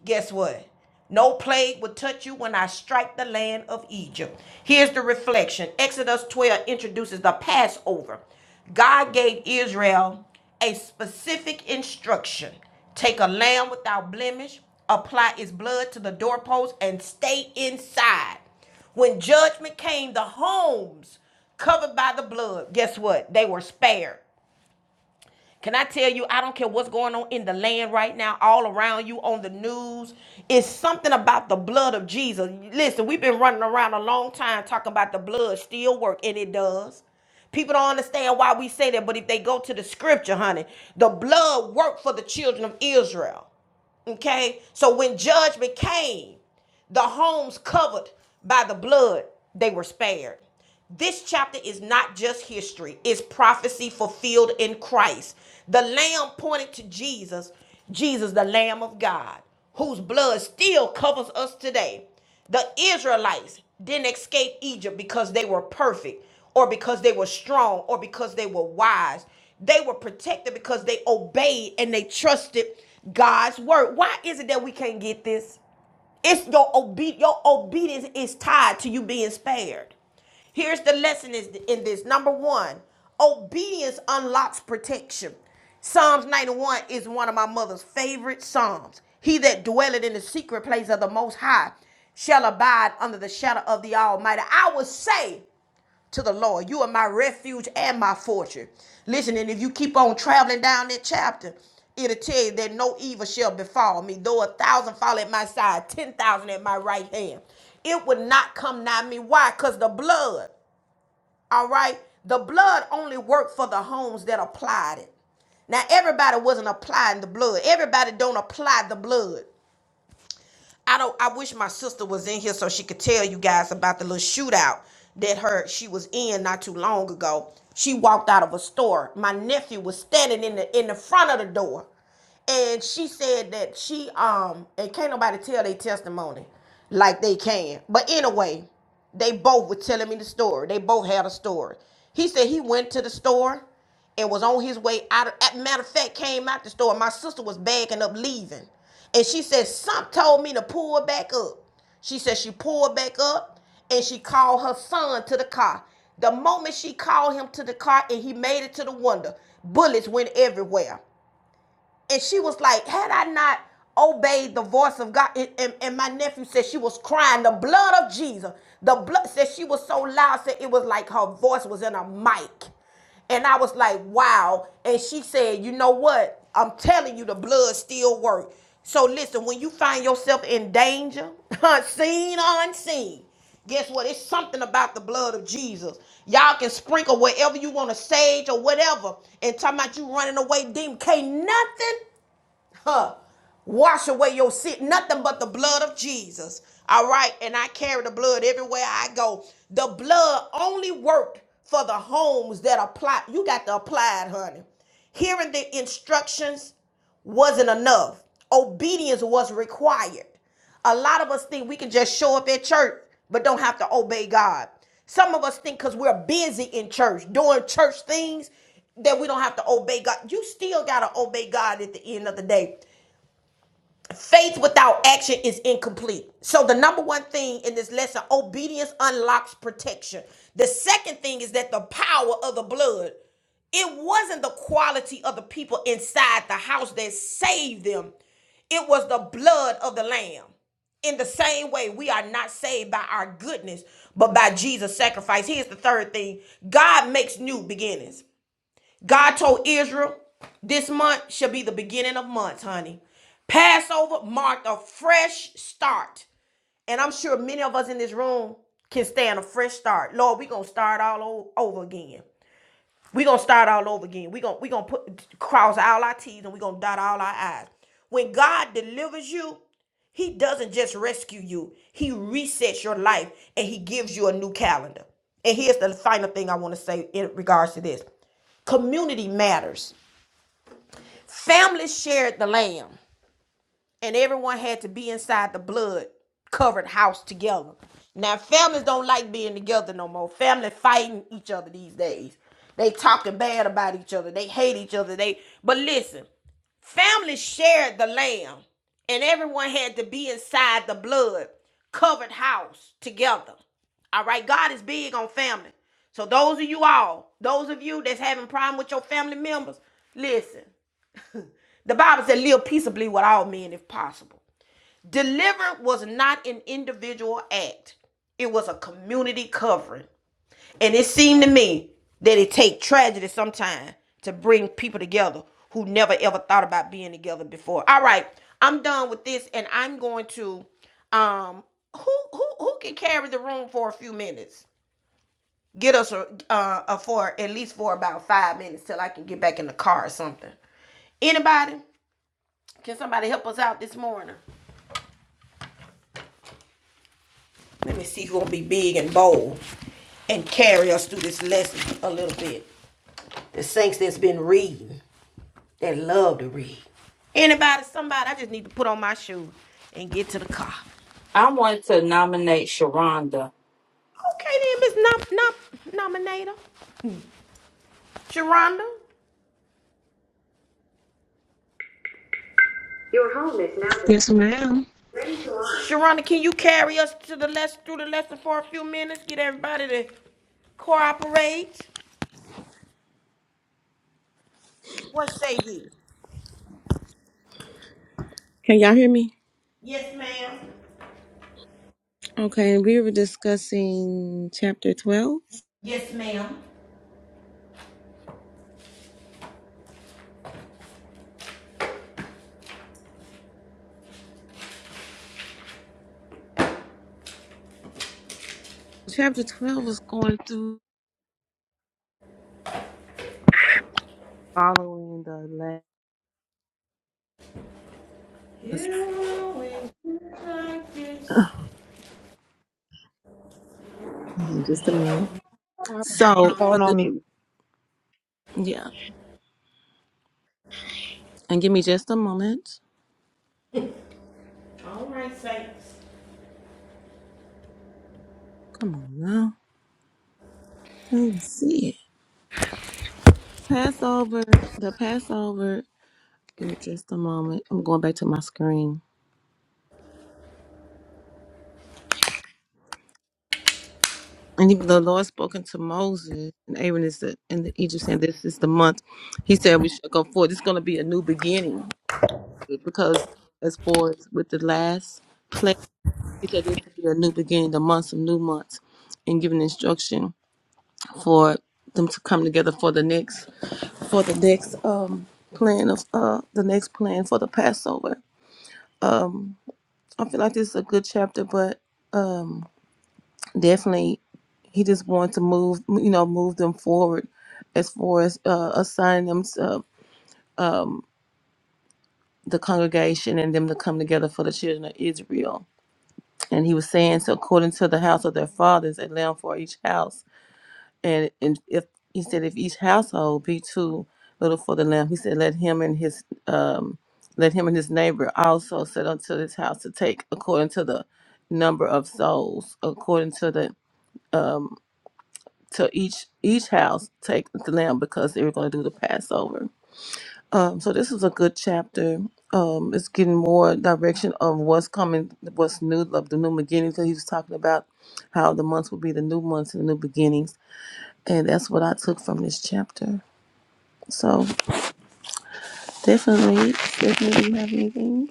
S1: guess what? No plague will touch you when I strike the land of Egypt. Here's the reflection. Exodus 12 introduces the Passover. God gave Israel a specific instruction. Take a lamb without blemish, apply its blood to the doorpost, and stay inside. When judgment came, the homes covered by the blood, guess what? They were spared. Can I tell you, I don't care what's going on in the land right now, all around you on the news. It's something about the blood of Jesus. Listen, we've been running around a long time talking about the blood still work, and it does. People don't understand why we say that, but if they go to the scripture, honey, the blood worked for the children of Israel. Okay? So when judgment came, the homes covered by the blood, they were spared. This chapter is not just history, it's prophecy fulfilled in Christ. The lamb pointed to Jesus, Jesus, the Lamb of God, whose blood still covers us today. The Israelites didn't escape Egypt because they were perfect or because they were strong or because they were wise. They were protected because they obeyed and they trusted God's word. Why is it that we can't get this? It's your obe- your obedience is tied to you being spared. Here's the lesson is in this. Number one, obedience unlocks protection. Psalms 91 is one of my mother's favorite psalms. He that dwelleth in the secret place of the most high shall abide under the shadow of the Almighty. I will say to the Lord. You are my refuge and my fortress. Listen, and if you keep on traveling down that chapter, it'll tell you that no evil shall befall me, though a thousand fall at my side, ten thousand at my right hand. It would not come nigh me. Why? Because the blood, all right? The blood only worked for the homes that applied it. Now, everybody wasn't applying the blood. Everybody don't apply the blood. I don't. I wish my sister was in here so she could tell you guys about the little shootout that her she was in not too long ago. She walked out of a store. My nephew was standing in the in the front of the door, and she said that she um and can't nobody tell their testimony like they can. But anyway, they both were telling me the story. They both had a story. He said he went to the store and was on his way out. Of, matter of fact, came out the store. My sister was bagging up leaving, and she said some told me to pull back up. She said she pulled back up and she called her son to the car. The moment she called him to the car and he made it to the window, bullets went everywhere and she was like, had I not obeyed the voice of God, and, and, and my nephew said she was crying the blood of Jesus. The blood said she was so loud, said it was like her voice was in a mic. And I was like, wow. And she said, you know what? I'm telling you, the blood still works. So listen, when you find yourself in danger, seen, or unseen, Guess what? It's something about the blood of Jesus. Y'all can sprinkle wherever you want to sage or whatever. And talking about you running away, demon. Can't nothing huh, wash away your sin. Nothing but the blood of Jesus. All right. And I carry the blood everywhere I go. The blood only worked for the homes that apply. You got to apply it, honey. Hearing the instructions wasn't enough. Obedience was required. A lot of us think we can just show up at church, but don't have to obey God. Some of us think because we're busy in church, doing church things, that we don't have to obey God. You still got to obey God at the end of the day. Faith without action is incomplete. So, the number one thing in this lesson obedience unlocks protection. The second thing is that the power of the blood, it wasn't the quality of the people inside the house that saved them, it was the blood of the Lamb. In the same way, we are not saved by our goodness, but by Jesus' sacrifice. Here's the third thing God makes new beginnings. God told Israel, this month shall be the beginning of months, honey. Passover marked a fresh start. And I'm sure many of us in this room can stand a fresh start. Lord, we're going to start all over again we gonna start all over again. We gonna we gonna put cross all our T's and we gonna dot all our I's. When God delivers you, He doesn't just rescue you. He resets your life and He gives you a new calendar. And here's the final thing I want to say in regards to this: community matters. Families shared the lamb and everyone had to be inside the blood covered house together. Now families don't like being together no more. Family fighting each other these days. They talking bad about each other. They hate each other. They but listen, family shared the lamb, and everyone had to be inside the blood covered house together. All right, God is big on family. So those of you all, those of you that's having problem with your family members, listen. The Bible said, live peaceably with all men if possible. Deliver was not an individual act, it was a community covering. And it seemed to me that it take tragedy sometimes to bring people together who never ever thought about being together before. All right, I'm done with this and I'm going to um who who who can carry the room for a few minutes? Get us a, uh, a for at least for about five minutes till I can get back in the car or something. Anybody? Can somebody help us out this morning? Let me see who will be big and bold and carry us through this lesson a little bit. The saints that's been reading, that love to read. Anybody, somebody, I just need to put on my shoes and get to the car.
S2: I want to nominate Sharonda.
S1: Okay then, Miss Nom Nom Nominator. Sharonda. Your home is now
S3: Yes, ma'am.
S1: Sharonda, can you carry us to the lesson through the lesson for a few minutes? Get everybody to cooperate. What say you?
S3: Can y'all hear me? Okay, we were discussing chapter 12. Chapter 12 is going through following the last.
S1: Yes.
S3: Hold on Just a minute.
S6: Barbara,
S3: So, uh,
S6: phone on
S3: the-
S6: me
S3: yeah, and give me just a moment.
S1: All right, saints.
S3: Come on now. Let's see. Passover, the Passover. Give me just a moment. I'm going back to my screen. And even the Lord spoken to Moses and Aaron is the, in the Egypt saying, "This is the month." He said, "We should go forward. It's going to be a new beginning because as far as with the last plague, he said this will be a new beginning, the months of new months, and giving instruction for them to come together for the next for the next um plan of uh the next plan for the Passover." Um I feel like this is a good chapter, but um, definitely he just wanted to move, you know, move them forward as far as uh, assigning them to um, the congregation and them to come together for the children of Israel. And he was saying, so according to the house of their fathers, a lamb for each house. and and if he said if each household be too little for the lamb, he said let him and his um let him and his neighbor also set unto his house to take according to the number of souls, according to the to each each house take the lamb because they were going to do the Passover. Um, so this is a good chapter. Um, it's getting more direction of what's coming, what's new, of the new beginnings. So he was talking about how the months will be the new months and the new beginnings, and that's what I took from this chapter. So definitely, definitely, do you have anything?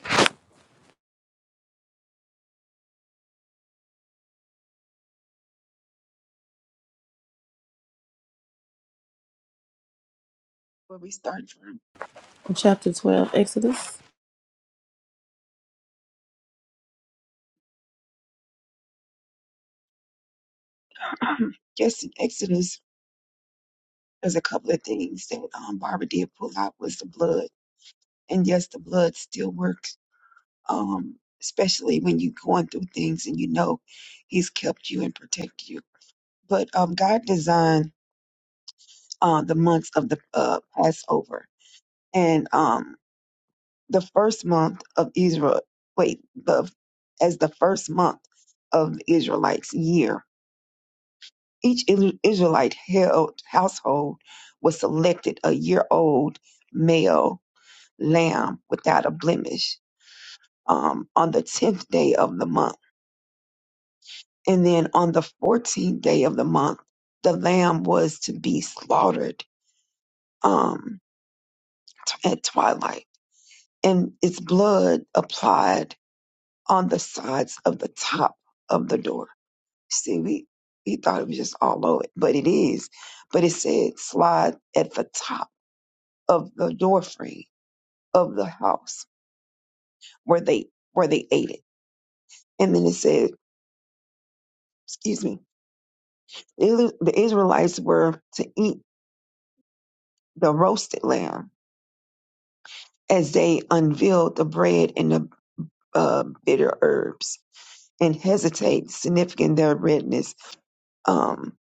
S6: where we start. from.
S3: In chapter twelve, Exodus.
S6: Yes, Exodus There's a couple of things that um, Barbara did pull out was the blood, and yes, the blood still works, um, especially when you're going through things and you know He's kept you and protected you. But um, God designed uh, the months of the uh, Passover, and um, the first month of Israel. Wait, the as the first month of the Israelites' year. Each Is- Israelite held household was selected a year old male lamb without a blemish um, on the 10th day of the month. And then on the 14th day of the month, the lamb was to be slaughtered um, at twilight, and its blood applied on the sides of the top of the door. See, we, we thought it was just all over it, but it is. But it said slide at the top of the door frame of the house where they where they ate it. And then it said, excuse me, Is- The Israelites were to eat the roasted lamb as they unveiled the bread and the uh, bitter herbs and hesitate, significant their redness. Um,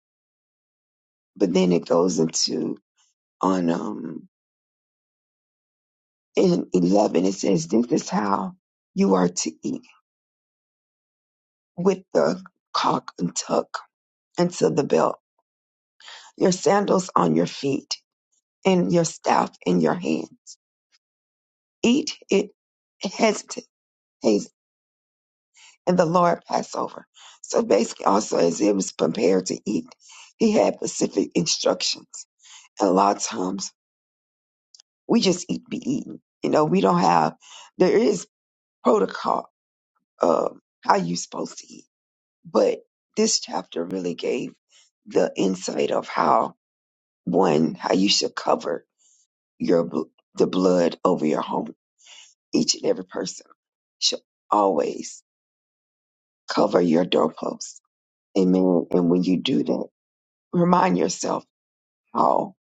S6: but then it goes into on um, in 11, it says, This is how you are to eat with the cock and tuck into the belt, your sandals on your feet, and your staff in your hands. Eat it hesitate and the Lord Passover. So basically, also as it was prepared to eat, he had specific instructions. And a lot of times we just eat, be eaten. You know, we don't have, there is protocol of how you're supposed to eat. But this chapter really gave the insight of how, one, how you should cover your bl- the blood over your home. Each and every person should always cover your doorposts. Amen. And when you do that, remind yourself how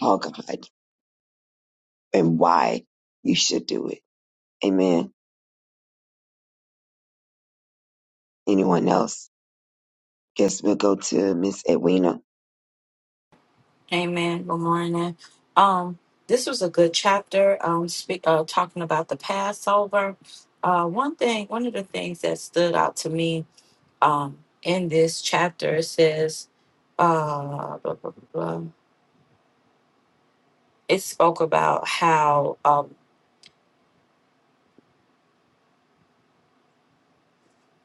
S6: how God and why you should do it. Amen. Anyone else? Guess we'll go to Miss Edwina.
S2: Amen. Good morning. Um, this was a good chapter. Um, speak uh, talking about the Passover. Uh, one thing, one of the things that stood out to me, um, in this chapter it says, uh, blah, blah, blah, blah. it spoke about how uh,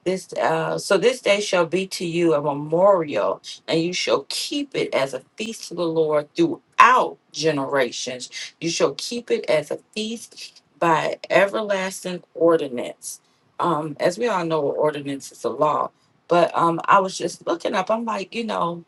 S2: This uh, so this day shall be to you a memorial, and you shall keep it as a feast to the Lord throughout generations. You shall keep it as a feast by everlasting ordinance. Um, as we all know, ordinance is a law. But um, I was just looking up. I'm like, you know,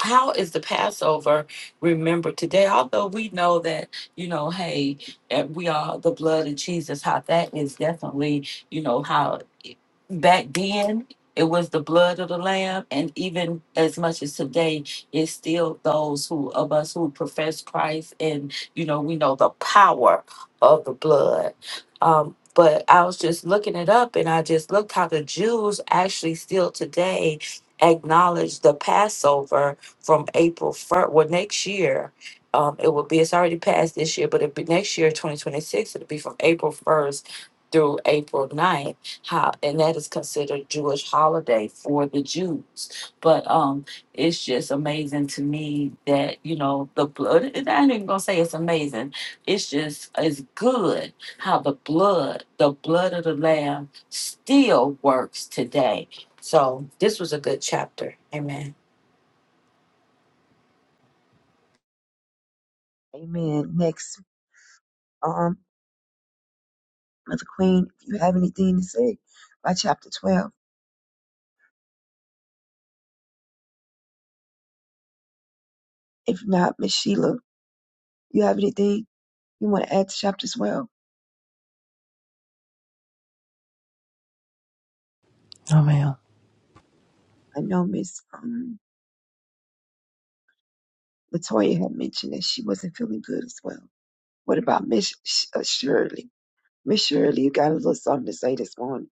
S2: how is the Passover remembered today? Although we know that, you know, hey, eh, we are the blood of Jesus, how that is definitely, you know, how it- back then it was the blood of the lamb and even as much as today it's still those who of us who profess christ and you know we know the power of the blood um, but i was just looking it up and i just looked how the jews actually still today acknowledge the passover from April first, well, next year, um, it will be, it's already passed this year, but it'll be next year, twenty twenty-six, it'll be from April first through April ninth. How, and that is considered Jewish holiday for the Jews. But, um, it's just amazing to me that, you know, the blood, and I ain't even gonna say it's amazing. It's just, it's good how the blood, the blood of the lamb still works today. So this was a good chapter. Amen.
S6: Amen. Next, um, Mother Queen, if you have anything to say by chapter twelve. If not, Miss Sheila, you have anything you want to add to chapter twelve?
S7: Amen.
S6: I know Miss um, Latoya had mentioned that she wasn't feeling good as well. What about Miss Sh- uh, Shirley? Miss Shirley, you got a little something to say this morning.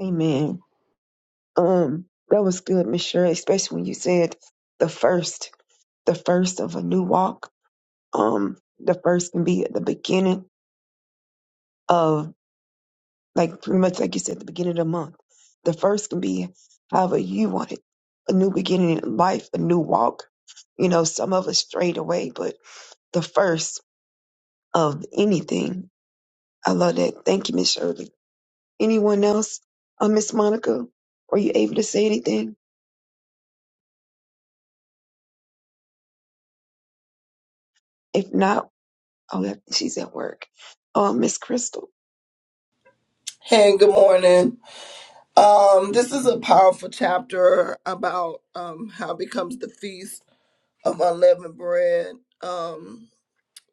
S6: Amen. Um, that was good, Miss Sherry, especially when you said the first, the first of a new walk. Um, the first can be at the beginning of like pretty much like you said, the beginning of the month. The first can be however you want it. A new beginning in life, a new walk. You know, some of us straight away, but the first of anything. I love that. Thank you, Miss Shirley. Anyone else? Uh, Miss Monica, were you able to say anything? If not, Oh, that, she's at work. Oh, Miss Crystal.
S8: Hey, good morning. Um, this is a powerful chapter about um how it becomes the feast of unleavened bread. Um,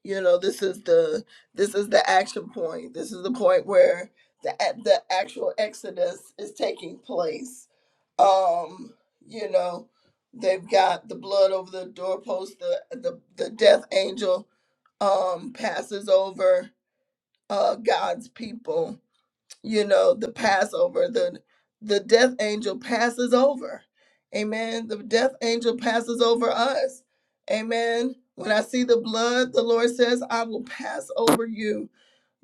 S8: you know, this is the this is the action point. This is the point where the the actual exodus is taking place. Um, you know, they've got the blood over the doorpost. The the the death angel um passes over uh God's people you know the passover the the death angel passes over amen the death angel passes over us amen when i see the blood the lord says i will pass over you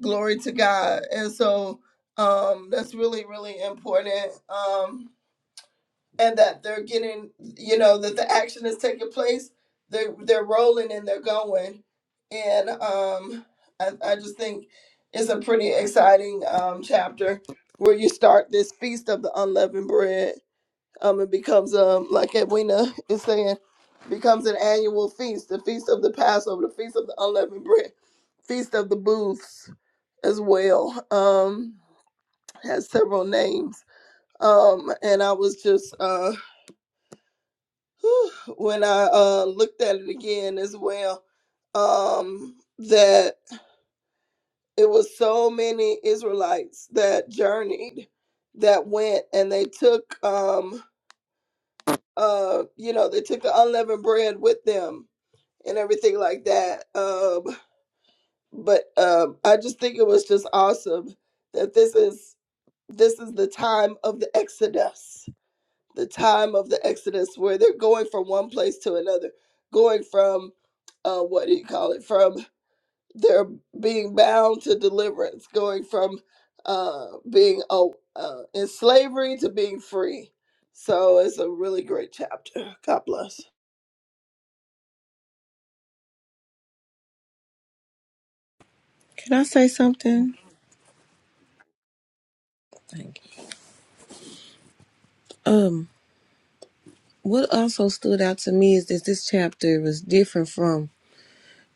S8: glory to god and so um that's really really important um and that they're getting you know that the action is taking place they're they're rolling and they're going and um i, I just think it's a pretty exciting um chapter where you start this feast of the unleavened bread um it becomes um like edwina is saying becomes an annual feast the feast of the passover the feast of the unleavened bread feast of the booths as well um has several names um and i was just uh when I uh, looked at it again as well, um, that it was so many Israelites that journeyed, that went, and they took, um, uh, you know, they took the unleavened bread with them and everything like that. Um, but um, I just think it was just awesome that this is this is the time of the Exodus the time of the Exodus where they're going from one place to another, going from uh, what do you call it? From their being bound to deliverance, going from uh, being uh, uh, in slavery to being free. So it's a really great chapter. God bless.
S3: Can I say something? Thank you. Um, what also stood out to me is that this chapter was different from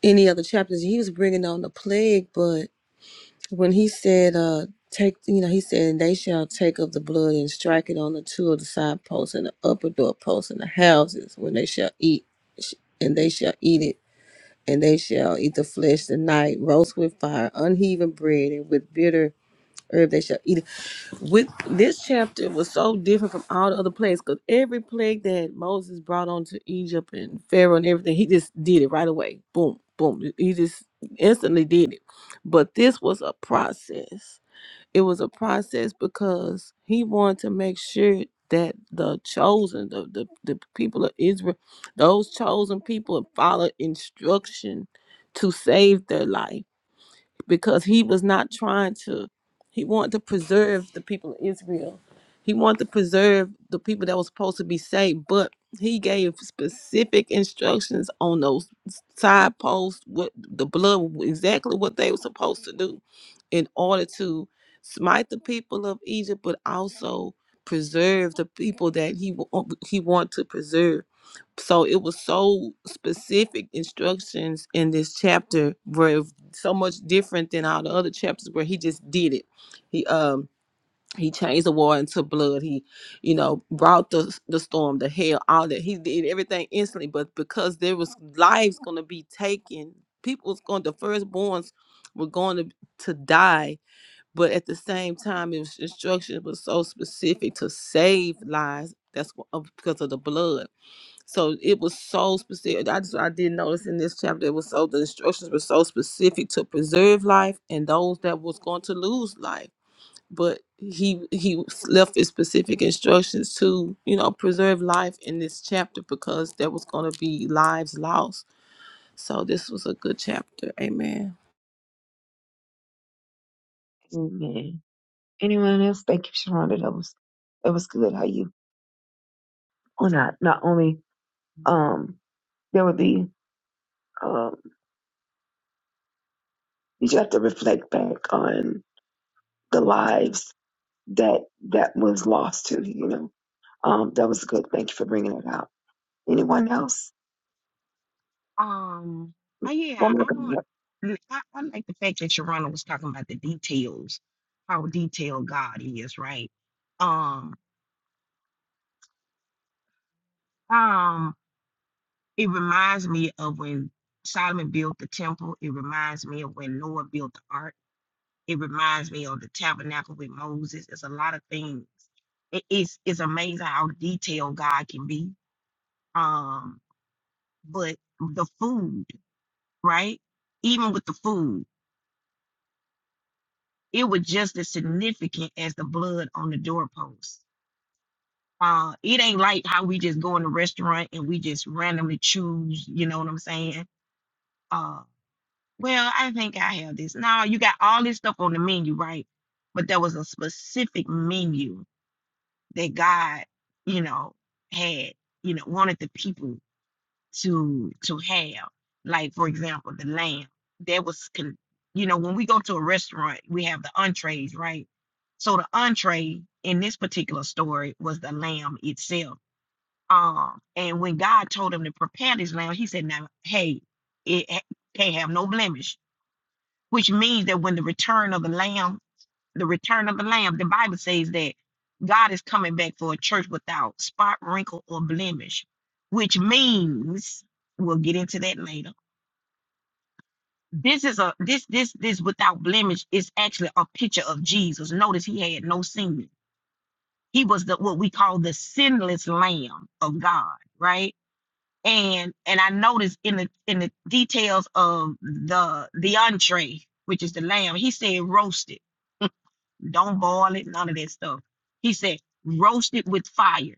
S3: any other chapters. He was bringing on the plague, but when he said, uh, take, you know, he said, and they shall take of the blood and strike it on the two of the side posts and the upper door posts and the houses when they shall eat, and they shall eat it. and they shall eat the flesh the night, roast with fire, unheaven bread, and with bitter herb they shall eat it. With this chapter was so different from all the other plagues because every plague that Moses brought onto Egypt and Pharaoh and everything, he just did it right away. Boom, boom. He just instantly did it. But this was a process it was a process because he wanted to make sure that the chosen, the, the, the people of Israel, those chosen people followed instruction to save their life because he was not trying to he wanted to preserve the people of israel he wanted to preserve the people that were supposed to be saved but he gave specific instructions on those side posts what the blood exactly what they were supposed to do in order to smite the people of egypt but also preserve the people that he wa- um, he wanted to preserve so it was so specific instructions in this chapter so much different than all the other chapters where he just did it. He um he changed the water into blood. He, you know, brought the the storm, the hail, all that. He did everything instantly, but because there was lives going to be taken, people was going. The firstborns were going to to die, but at the same time, his instruction was so specific to save lives. That's wh- of- because of the blood so it was so specific. I just I did notice in this chapter it was so the instructions were so specific to preserve life and those that was going to lose life. But he he left his specific instructions to you know preserve life in this chapter because there was going to be lives lost. So this was a good chapter. Amen.
S6: Amen. Anyone else? Thank you, Sharonda. That was that was good. How you on not not only um there would be um you just have to reflect back on the lives that that was lost to you know um that was good. Thank you for bringing it out. Anyone else?
S1: Um, oh yeah,
S6: One
S1: I
S6: more.
S1: want. mm, I, I like the fact that Sharonda was talking about the details, how detailed God is, right? Um, um, it reminds me of when Solomon built the temple. It reminds me of when Noah built the ark It reminds me of the tabernacle with Moses. It's a lot of things. It- It's it's amazing how detailed God can be. Um, but the food, right? Even with the food, it was just as significant as the blood on the doorpost. Uh, it ain't like how we just go in the restaurant and we just randomly choose, you know what I'm saying? Uh, well, I think I have this. No, you got all this stuff on the menu, right? But there was a specific menu that God, you know, had, you know, wanted the people to to have. Like for example, the lamb that was, con- you know, when we go to a restaurant, we have the entrees, right? So the entree in this particular story was the lamb itself. Um, and when God told him to prepare this lamb, he said, "Now, hey, it ha- can't have no blemish," which means that when the return of the lamb the return of the lamb the bible says that god is coming back for a church without spot wrinkle or blemish which means we'll get into that later this is a this this this without blemish is actually a picture of jesus notice he had no sin he was the what we call the sinless lamb of god right and and i noticed in the in the details of the the entree which is the lamb he said roasted Don't boil it, none of that stuff. He said, roast it with fire,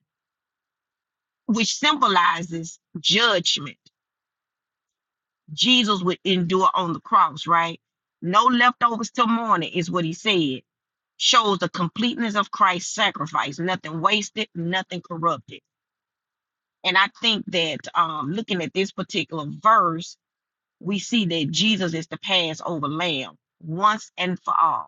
S1: which symbolizes judgment. Jesus would endure on the cross, right? No leftovers till morning is what he said. Shows the completeness of Christ's sacrifice, nothing wasted, nothing corrupted. And I think that um, looking at this particular verse, we see that Jesus is the Passover lamb once and for all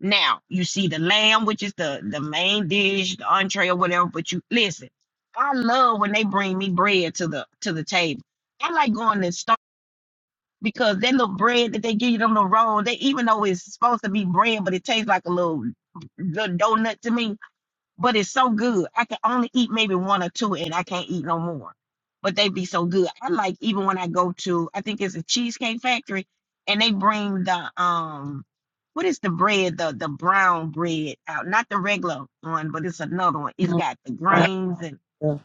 S1: Now you see the lamb, which is the the main dish, the entree or whatever. But you listen, I love when they bring me bread to the to the table. I like going to Star because that little bread that they give you on the road, they even though it's supposed to be bread, but it tastes like a little, little donut to me but it's so good. I can only eat maybe one or two, and I can't eat no more. But they be so good. I like even when I go to, I think it's a cheesecake factory, and they bring the um, what is the bread? The the brown bread out, not the regular one, but it's another one. It's got the
S3: Right.
S1: grains and
S3: Yeah.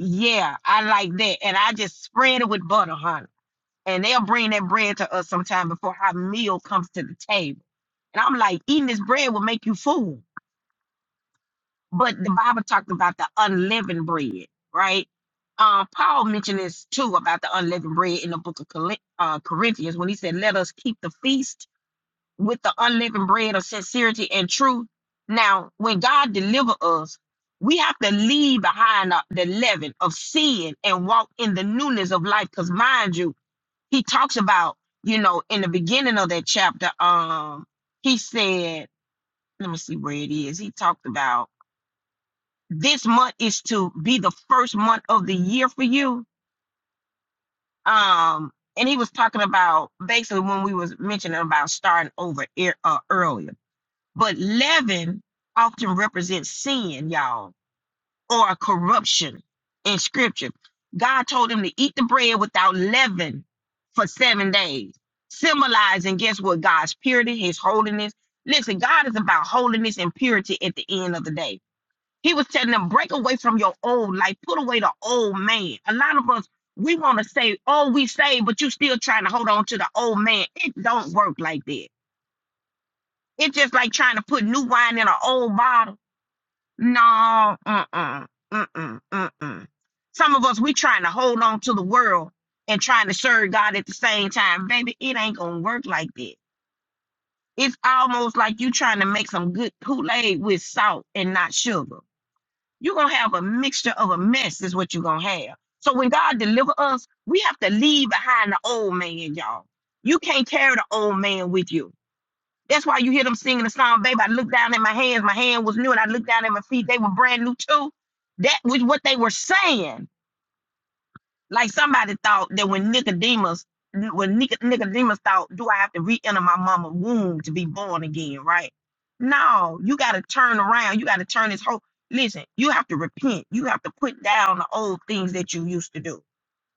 S1: yeah, I like that, and I just spread it with butter, honey. And they'll bring that bread to us sometime before our meal comes to the table. And I'm like, eating this bread will make you full. but the Bible talked about the unleavened bread, right? Um, Paul mentioned this too about the unleavened bread in the book of Col- uh, Corinthians when he said, Let us keep the feast with the unleavened bread of sincerity and truth. Now, when God deliver us, we have to leave behind the, the leaven of sin and walk in the newness of life. Because, mind you, he talks about, you know, in the beginning of that chapter, um, he said, let me see where it is. He talked about this month is to be the first month of the year for you. Um, and he was talking about basically when we was mentioning about starting over ear- uh, earlier. But leaven often represents sin, y'all, or a corruption in scripture. God told him to eat the bread without leaven for seven days, symbolizing, guess what, God's purity, his holiness. Listen, God is about holiness and purity at the end of the day he was telling them, break away from your old life, put away the old man. A lot of us, we want to say, oh, we saved, but you still trying to hold on to the old man. It don't work like that. It's just like trying to put new wine in an old bottle. No, uh-uh, uh-uh, uh-uh. Some of us, we trying to hold on to the world and trying to serve God at the same time. Baby, it ain't going to work like that. It's almost like you trying to make some good Kool-Aid with salt and not sugar. You're gonna have a mixture of a mess, is what you're gonna have. So when God deliver us, we have to leave behind the old man, y'all. You can't carry the old man with you. That's why you hear them singing the song, babe. I looked down at my hands, my hand was new, and I looked down at my feet, they were brand new too. That was what they were saying like somebody thought that when Nicodemus, when Nic- Nicodemus thought, do I have to re-enter my mama's womb to be born again? Right? No, you got to turn around. You got to turn this whole. Listen, you have to repent. You have to put down the old things that you used to do.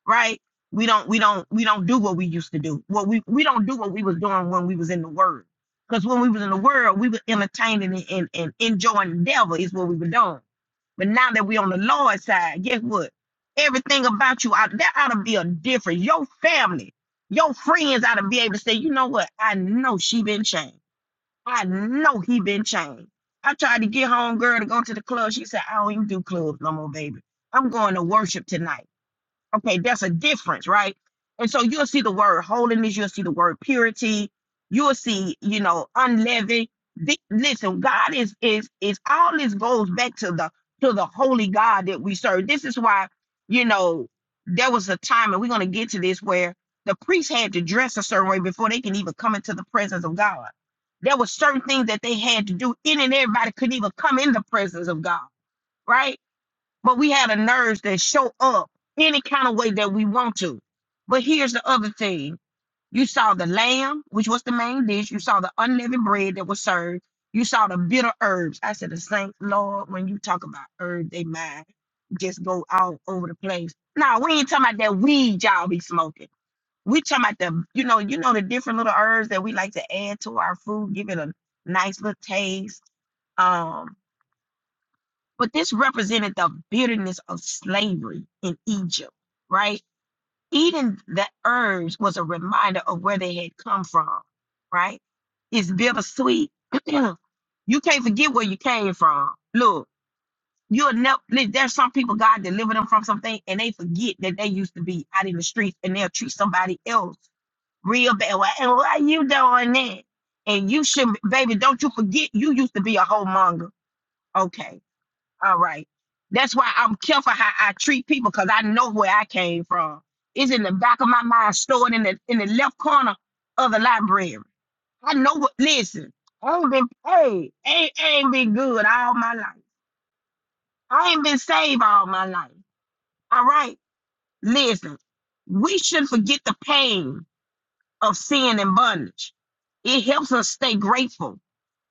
S1: Right? We don't, we don't, we don't do what we used to do. What we we don't do what we was doing when we was in the Word. Because when we was in the world, we were entertaining and, and, and enjoying the devil is what we were doing. But now that we're on the Lord's side, guess what? Everything about you, out there ought to be a difference. Your family, your friends ought to be able to say, you know what? I know she been changed. I know he been changed. I tried to get home girl to go to the club. She said, I don't even do clubs no more, baby. I'm going to worship tonight. Okay, that's a difference, right? And so you'll see the word holiness, you'll see the word purity, you'll see, you know, unleavened. The- listen, God is is is all this goes back to the to the holy God that we serve. This is why, you know, there was a time, and we're gonna get to this where the priests had to dress a certain way before they can even come into the presence of God. There were certain things that they had to do. Any and everybody couldn't even come in the presence of God, right? but we had a nerves that show up any kind of way that we want to. But here's the other thing. You saw the lamb, which was the main dish. You saw the unleavened bread that was served. You saw the bitter herbs. I said, the saint, Lord, when you talk about herbs, they mind just go all over the place. Nah, we ain't talking about that weed y'all be smoking. We talking about the, you know, you know the different little herbs that we like to add to our food, give it a nice little taste. Um, but this represented the bitterness of slavery in Egypt, right? Eating the herbs was a reminder of where they had come from, right? It's bittersweet. you can't forget where you came from. Look, you'll never, there's some people God delivered them from something and they forget that they used to be out in the streets and they'll treat somebody else real bad. Well, and why you doing that? And you should, baby, don't you forget you used to be a wholemonger. Okay all right. That's why I'm careful how I treat people because I know where I came from. It's in the back of my mind, stored in the in the left corner of the library. I know what listen, I ain't been paid. ain't ain't been good all my life. I ain't been saved all my life. All right. Listen, we should forget the pain of sin and bondage. It helps us stay grateful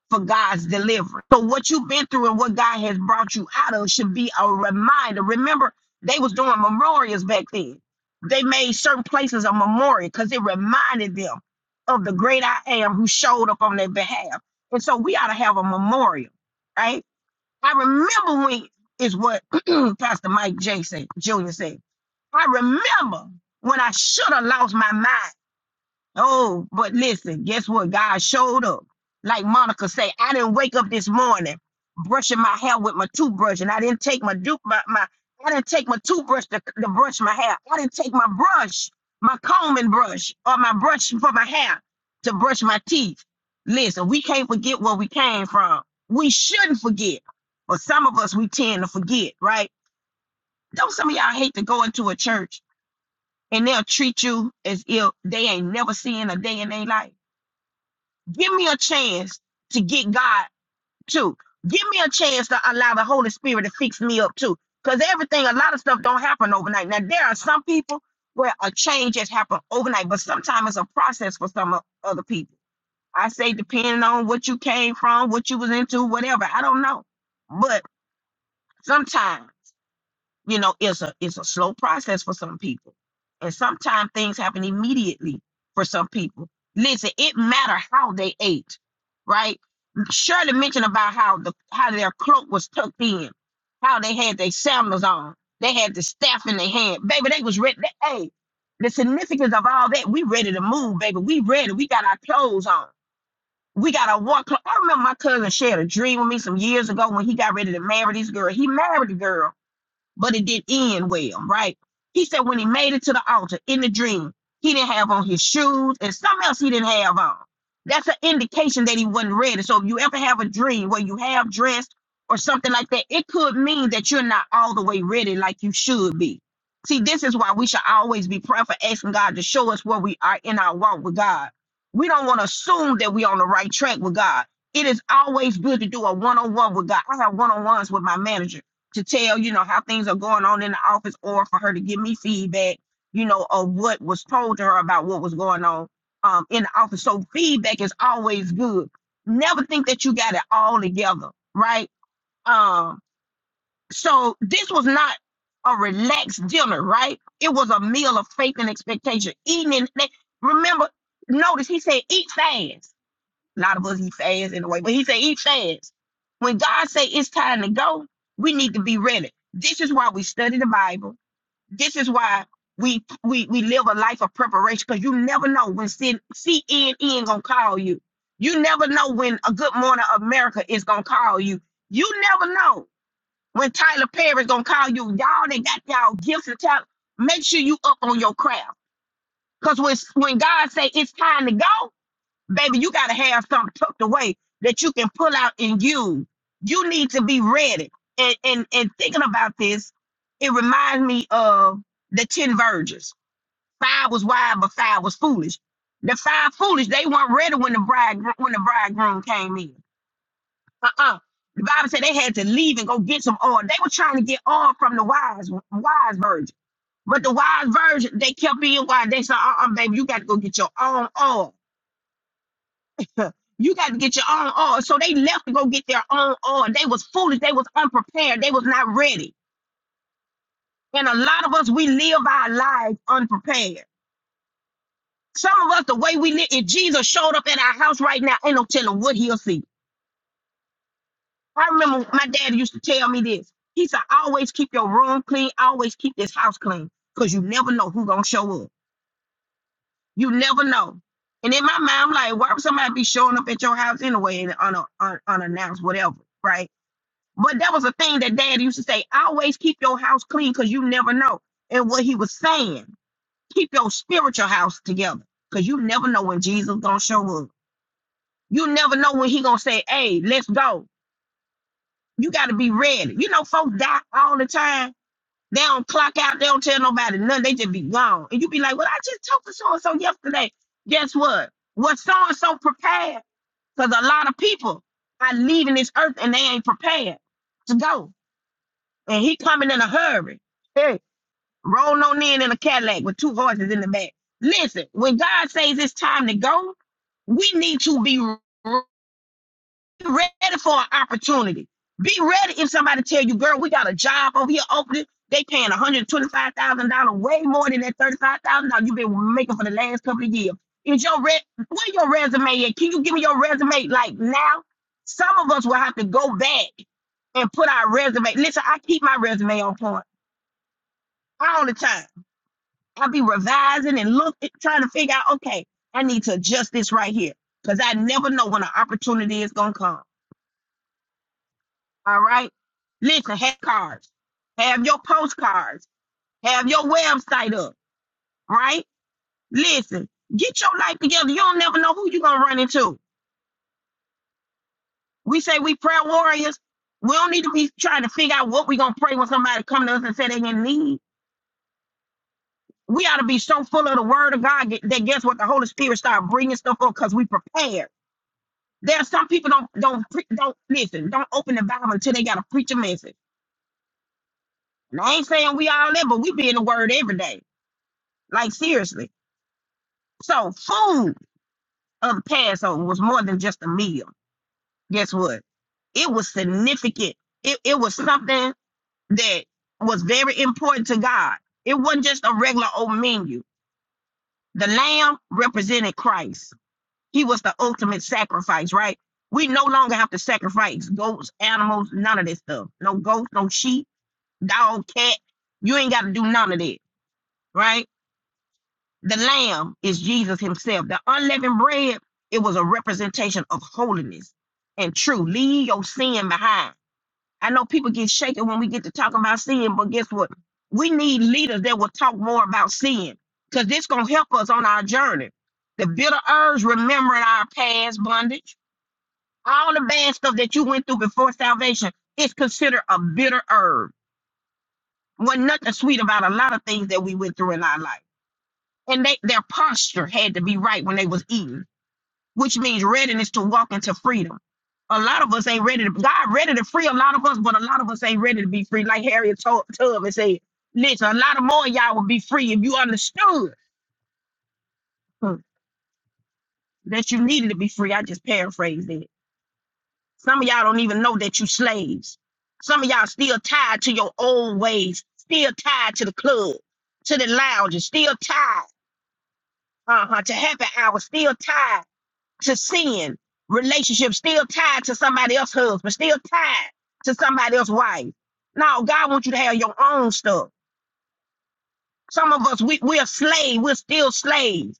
S1: for God's deliverance. So what you've been through and what God has brought you out of should be a reminder. Remember, they was doing memorials back then. They made certain places a memorial because it reminded them of the great I am who showed up on their behalf. And so we ought to have a memorial, right? I remember when is what Pastor Mike J said, Jr. said. I remember when I should have lost my mind. Oh, but listen, guess what? God showed up. Like Monica say, I didn't wake up this morning brushing my hair with my toothbrush, and I didn't take my dupe my, my I didn't take my toothbrush to, to brush my hair. I didn't take my brush, my combing brush, or my brush for my hair to brush my teeth. Listen, we can't forget where we came from. We shouldn't forget, but some of us we tend to forget, right? Don't some of y'all hate to go into a church and they'll treat you as if they ain't never seen a day in their life? Give me a chance to get God too. Give me a chance to allow the Holy Spirit to fix me up too. Because everything, a lot of stuff don't happen overnight. Now, there are some people where a change has happened overnight, but sometimes it's a process for some o- other people. I say, depending on what you came from, what you was into, whatever. I don't know. But sometimes you know, it's a it's a slow process for some people. And sometimes things happen immediately for some people. Listen, it matter how they ate, right? Shirley mentioned about how the how their cloak was tucked in, how they had their sandals on, they had the staff in their hand. Baby, they was ready. They, hey, the significance of all that, we ready to move, baby. We ready. We got our clothes on. We got our war clothes. I remember my cousin shared a dream with me some years ago when he got ready to marry this girl. He married the girl but it did end well, right? He said when he made it to the altar in the dream, he didn't have on his shoes and something else he didn't have on. That's an indication that he wasn't ready. So if you ever have a dream where you have dressed or something like that, it could mean that you're not all the way ready like you should be. See, this is why we should always be prayerful, asking God to show us where we are in our walk with God. We don't want to assume that we're on the right track with God. It is always good to do a one-on-one with God. I have one-on-ones with my manager to tell, you know, how things are going on in the office or for her to give me feedback, you know, of what was told to her about what was going on um, in the office. So feedback is always good. Never think that you got it all together, right? Um, so this was not a relaxed dinner, right? It was a meal of faith and expectation. Eating in, they- remember, notice he said, eat fast a lot of us eat fast anyway, but he said eat fast. When God say it's time to go, we need to be ready. This is why we study the Bible. This is why we we we live a life of preparation because you never know when C- CNN gonna call you. You never know when a Good Morning America is gonna call you. You never know when Tyler Perry's gonna call you. Y'all they got y'all gifts and talent. Make sure you up on your craft. Cause when when God say it's time to go, Baby, you got to have something tucked away that you can pull out and use. You need to be ready. And, and, and thinking about this, it reminds me of the 10 virgins. Five was wise, but five was foolish. The five foolish, they weren't ready when the bride when the bridegroom came in. Uh-uh. The Bible said they had to leave and go get some oil. They were trying to get oil from the wise wise virgin. But the wise virgin, they kept being wise. They said, uh-uh, baby, you got to go get your own oil. You got to get your own oil. So they left to go get their own oil. They was foolish. They was unprepared. They was not ready. And a lot of us, we live our lives unprepared. Some of us, the way we live, if Jesus showed up at our house right now, ain't no telling what he'll see. I remember my dad used to tell me this. He said, always keep your room clean. Always keep this house clean. Because you never know who's going to show up. You never know. And in my mind, I'm like, why would somebody be showing up at your house anyway and un- un- unannounced, whatever, right? But that was a thing that dad used to say, always keep your house clean because you never know. And what he was saying, keep your spiritual house together because you never know when Jesus gonna show up. You never know when he gonna say, hey, let's go. You gotta be ready. You know, folks die all the time. They don't clock out, they don't tell nobody nothing, they just be gone. And you be like, Well, I just talked to so-and-so yesterday. Guess what? Was so-and-so prepared? Because a lot of people are leaving this earth and they ain't prepared to go. and he coming in a hurry. Hey, rolling on in in a Cadillac with two horses in the back. Listen, when God says it's time to go, we need to be re- ready for an opportunity. Be ready if somebody tell you, girl, we got a job over here opening. They paying $125,000, way more than that $35,000 you've been making for the last couple of years. Is your re- where your resume at? Can you give me your resume like now? Some of us will have to go back and put our resume. Listen, I keep my resume on point all the time. I'll be revising and look trying to figure out, okay, I need to adjust this right here. Cause I never know when an opportunity is gonna come. All right. Listen, have cards, have your postcards, have your website up, right? Listen, get your life together. You don't never know who you're gonna run into. We say we prayer warriors. We don't need to be trying to figure out what we're gonna pray when somebody come to us and say they in need. We ought to be so full of the word of God that guess what? The Holy Spirit start bringing stuff up because we prepared There are some people don't don't pre- don't listen, don't open the Bible until they gotta preach a message. And I ain't saying we all in, but we be in the word every day. Like seriously. So food of Passover was more than just a meal. Guess what? It was significant. It, it was something that was very important to God. It wasn't just a regular old menu. The lamb represented Christ. He was the ultimate sacrifice, right? We no longer have to sacrifice goats, animals, none of this stuff. No goats, no sheep dog, cat. You ain't got to do none of that, right? The lamb is Jesus himself. The unleavened bread, it was a representation of holiness and truth. Leave your sin behind. I know people get shaken when we get to talking about sin, but guess what? We need leaders that will talk more about sin because this going to help us on our journey. The bitter herbs remembering our past bondage, all the bad stuff that you went through before salvation, is considered a bitter herb was nothing sweet about a lot of things that we went through in our life. And they their posture had to be right when they was eating, which means readiness to walk into freedom. A lot of us ain't ready to God ready to free a lot of us, but a lot of us ain't ready to be free. Like Harriet told Tub and said, listen, a lot of more of y'all would be free if you understood hmm, that you needed to be free. I just paraphrased it. Some of y'all don't even know that you slaves. Some of y'all still tied to your old ways, still tied to the club, to the lounges, still tied. uh-huh, to happy hour, still tied to sin, relationships still tied to somebody else's husband, still tied to somebody else's wife. No, God wants you to have your own stuff. Some of us, we, we're slaves. We're still slaves,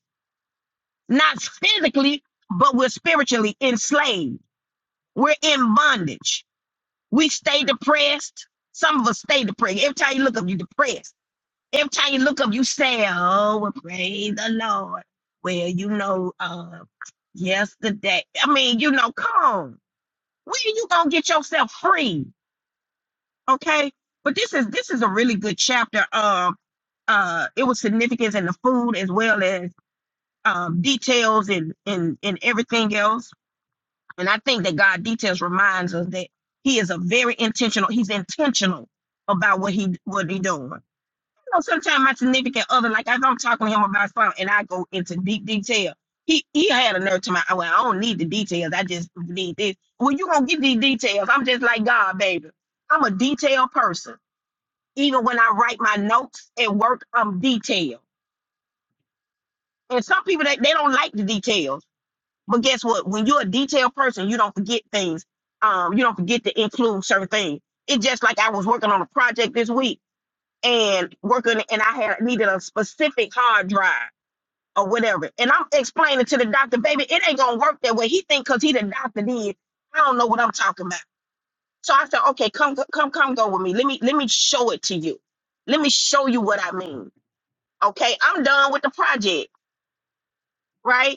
S1: not physically, but we're spiritually enslaved. We're in bondage. We stay depressed. Some of us stay depressed. Every time you look up, you're depressed Every time you look up, you say, "Oh, well, praise the Lord." Well, you know, uh, yesterday. I mean, you know, come on. When are you gonna get yourself free? Okay. But this is this is a really good chapter. Um, uh, it was significance in the food as well as um details and and and everything else. And I think that God details reminds us that He is a very intentional. He's intentional about what he what he doing. know sometimes my significant other, like if I'm talking to him about something and I go into deep detail, he he had a nerve to my, "Oh, well, I don't need the details. I just need this. Well, you going to get these details. I'm just like God, baby. I'm a detailed person. Even when I write my notes at work, I'm detailed. And some people, that they, don't like the details. But guess what? When you're a detailed person, you don't forget things. Um, you don't forget to include certain things. It's just like I was working on a project this week and working, and I had needed a specific hard drive or whatever. And I'm explaining to the doctor, baby, it ain't gonna work that way. He think because he the doctor did, I don't know what I'm talking about. So I said, okay, come, come, come, go with me. Let me, let me show it to you. Let me show you what I mean. Okay, I'm done with the project, right?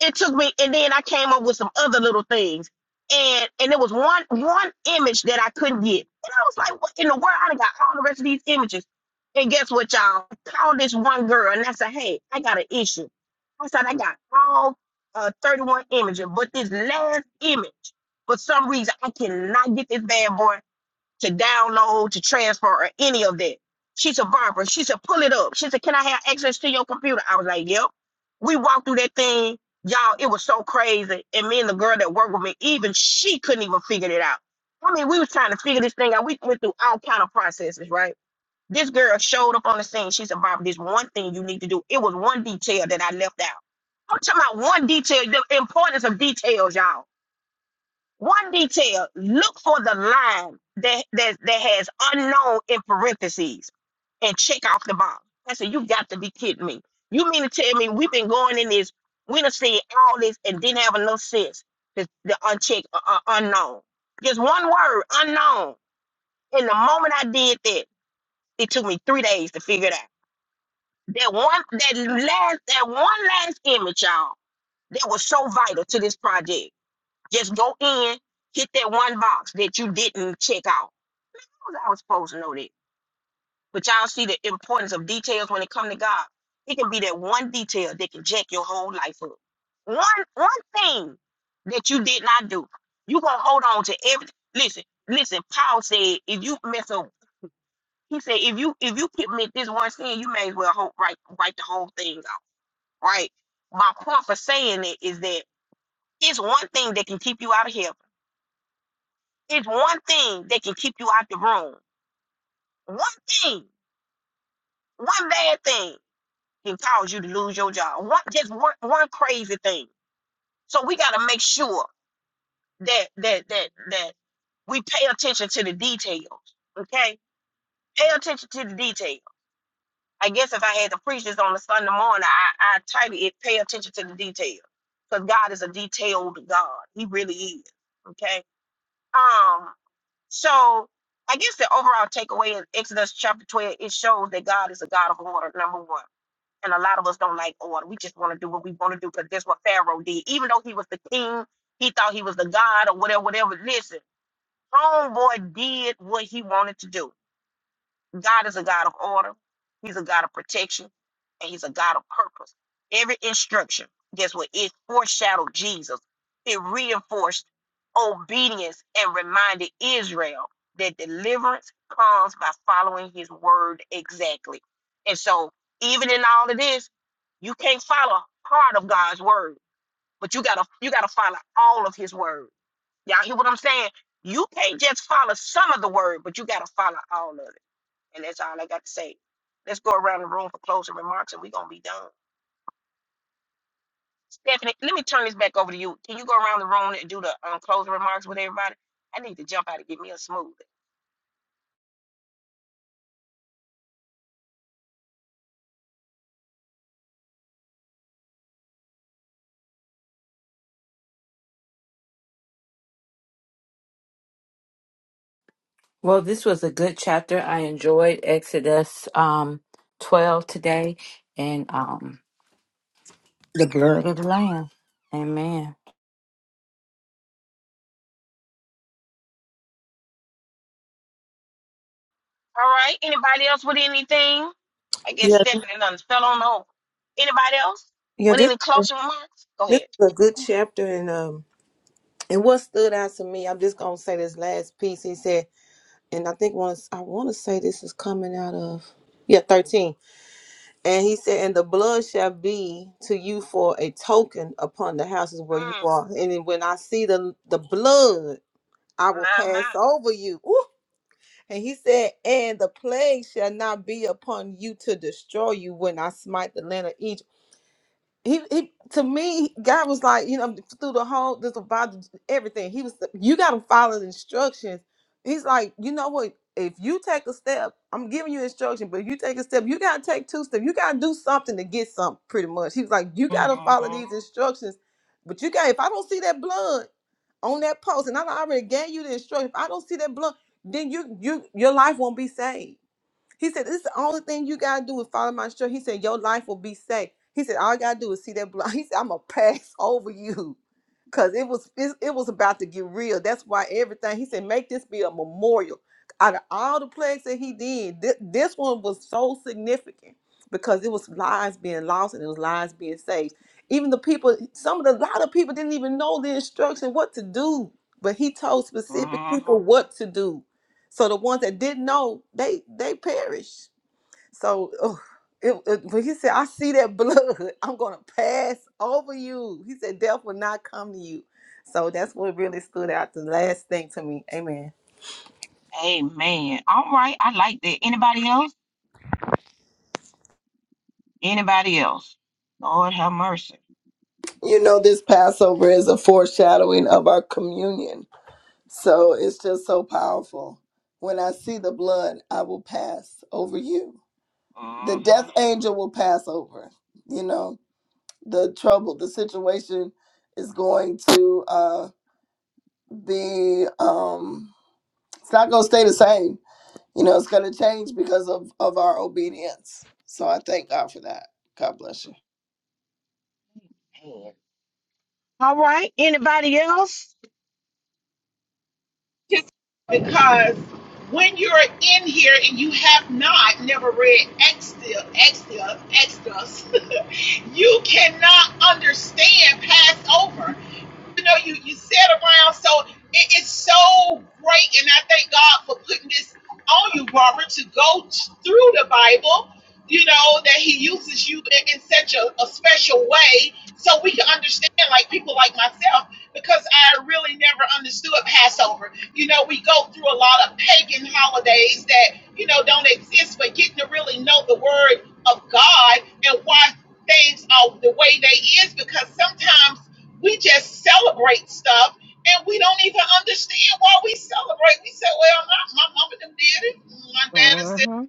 S1: it took me and then i came up with some other little things and and there was one one image that i couldn't get and i was like what in the world i done got all the rest of these images and guess what y'all I called this one girl and i said hey i got an issue i said i got all uh, 31 images but this last image for some reason i cannot get this bad boy to download, to transfer, or any of that. She said, Barbara, she said, pull it up. She said, Can I have access to your computer? I was like, Yep. We walked through that thing. Y'all, it was so crazy. And me and the girl that worked with me, even she couldn't even figure it out. I mean, we was trying to figure this thing out. We went through all kind of processes, right? This girl showed up on the scene. She said, Barbara, there's one thing you need to do. It was one detail that I left out. I'm talking about one detail, the importance of details, y'all one detail, look for the line that, that, that has unknown in parentheses and check off the box. I said, you got to be kidding me. You mean to tell me we've been going in this, we done seen all this and didn't have enough sense to the unchecked uh, uh, unknown. Just one word, unknown. And the moment I did that, it took me three days to figure it out. That one, that last, that one last image, y'all, that was so vital to this project just go in, hit that one box that you didn't check out. How was I was supposed to know that? But y'all see the importance of details when it comes to God. It can be that one detail that can jack your whole life up. One one thing that you did not do. You gonna hold on to everything. Listen, listen, Paul said if you mess up, he said if you if you commit this one sin, you may as well hold, write write the whole thing out. Right? My point for saying it is that it's one thing that can keep you out of hell It's one thing that can keep you out the room. One thing, one bad thing can cause you to lose your job. One just one one crazy thing. So we gotta make sure that that that that we pay attention to the details. Okay? Pay attention to the details. I guess if I had to preach this on a Sunday morning, I I title it pay attention to the details. Because God is a detailed God. He really is. Okay. Um. So I guess the overall takeaway in Exodus chapter 12, it shows that God is a God of order, number one. And a lot of us don't like order. We just want to do what we want to do because that's what Pharaoh did. Even though he was the king, he thought he was the God or whatever, whatever. Listen, homeboy did what he wanted to do. God is a God of order. He's a God of protection, and He's a God of purpose. Every instruction, guess what? It foreshadowed Jesus. It reinforced obedience and reminded Israel that deliverance comes by following His word exactly. And so, even in all of this, you can't follow part of God's word, but you gotta you gotta follow all of His word. Y'all hear what I'm saying? You can't just follow some of the word, but you gotta follow all of it. And that's all I got to say. Let's go around the room for closing remarks and we're going to be done. Stephanie, let me turn this back over to you. Can you go around the room and do the um, closing remarks with everybody? I need to jump out and get me a smoothie.
S2: Well, this was a good chapter. I enjoyed Exodus um, 12 today and um, the blood of the Lamb. Amen.
S1: All right. Anybody else with anything? I guess
S3: Yeah, th-
S1: Stephanie done fell on over. Anybody else
S3: yeah.
S1: with
S3: This
S1: any closing remarks? Go
S3: this
S1: ahead.
S3: is a good chapter, and um, and what stood out to me, I'm just gonna say this last piece. He said. and I think once I want to say this is coming out of yeah 13 and he said and the blood shall be to you for a token upon the houses where you
S1: Mm,
S3: are and then when I see the the blood I will
S1: my,
S3: pass
S1: my.
S3: over you Ooh. and he said and the plague shall not be upon you to destroy you when I smite the land of Egypt he he to me god was like you know through the whole this about everything he was you got to follow the instructions he's like you know what if you take a step i'm giving you instruction but if you take a step you got to take two steps you got to do something to get something pretty much he was like you got to
S1: Mm-hmm,
S3: follow these instructions but you got if i don't see that blood on that post and i done already gave you the instruction if i don't see that blood then you you your life won't be saved he said, This is the only thing you gotta do is follow my instruction. He said, Your life will be safe. He said, All you gotta do is see that blood. He said, I'm gonna pass over you. Cause it was it, it was about to get real. That's why everything he said, make this be a memorial. Out of all the plagues that he did, thi- this one was so significant because it was lives being lost and it was lives being saved. Even the people, some of the a lot of people didn't even know the instruction what to do, but he told specific people
S1: mm-hmm.
S3: what to do. So the ones that didn't know, they they perished. So ugh, it, it- when he said, "I see that blood, I'm gonna pass over you," he said, "Death will not come to you." So that's what really stood out. The last thing to me, Amen.
S1: Amen. All right. I like that. Anybody else? Anybody else? Lord have mercy.
S8: You know, this Passover is a foreshadowing of our communion. So it's just so powerful. When I see the blood, I will pass over you. The
S1: Mm-hmm.
S8: death angel will pass over, you know the trouble, the situation is going to uh, be, um, it's not going to stay the same. You know, it's going to change because of, of our obedience. So I thank God for that. God bless you.
S1: All right. Anybody else? Uh-huh.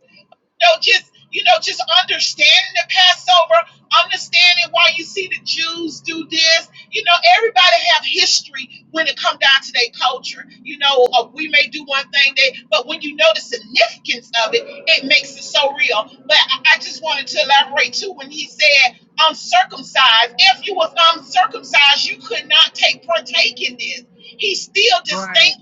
S1: Right.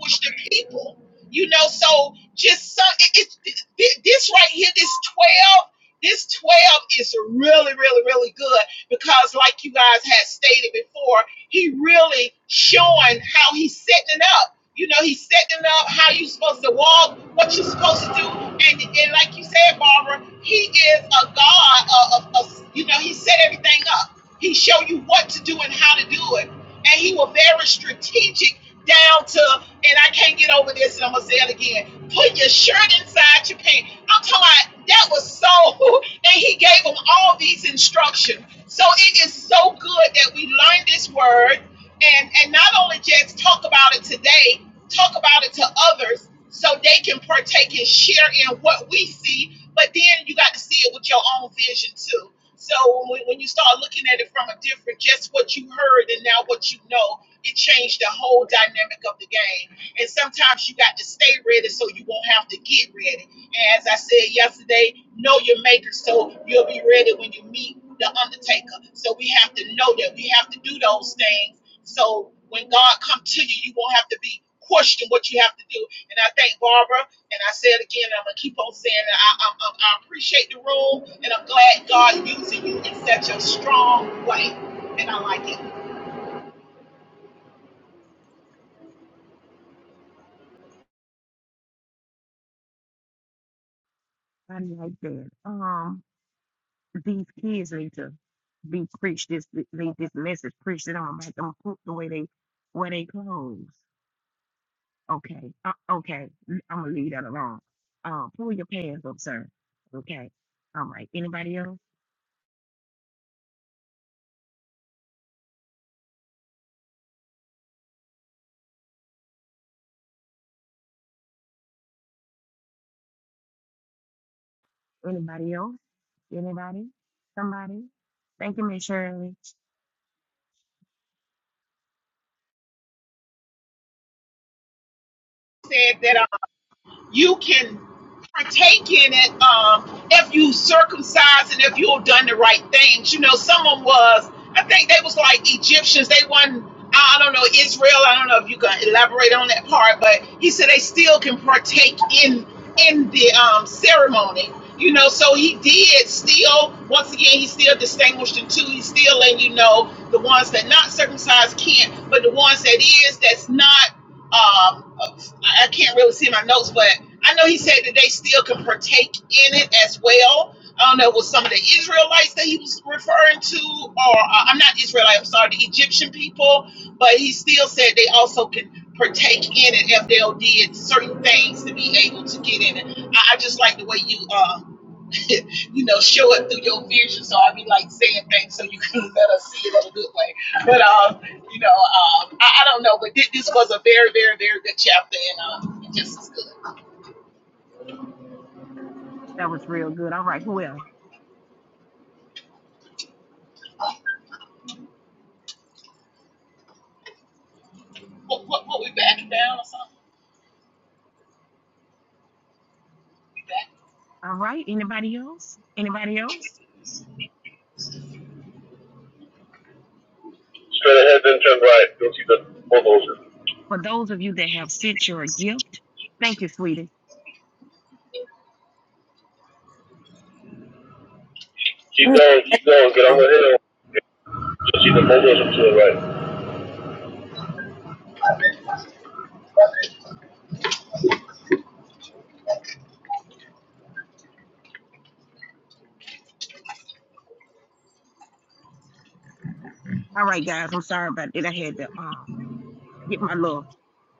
S1: I like that. Um, these kids need to be preached this need this message preached to them about them cook the way they wear they clothes. Okay. Uh, okay. I'm gonna leave that alone. Uh, pull your pants up, sir. Okay. All right. Anybody else? Anybody else? Anybody? Somebody? Thank you, Miss Shirley. That was real good. All right. Who else? All right. Anybody else? Anybody else?
S9: Straight ahead, then turn right. You'll see the bulldozer.
S1: For those of you that have sent your gift, thank you, sweetie.
S9: Keep going, keep going. Get on
S3: Mm.
S9: the hill. You'll see the bulldozer to the right.
S1: All right, guys, I'm sorry about it. I had to um get my love.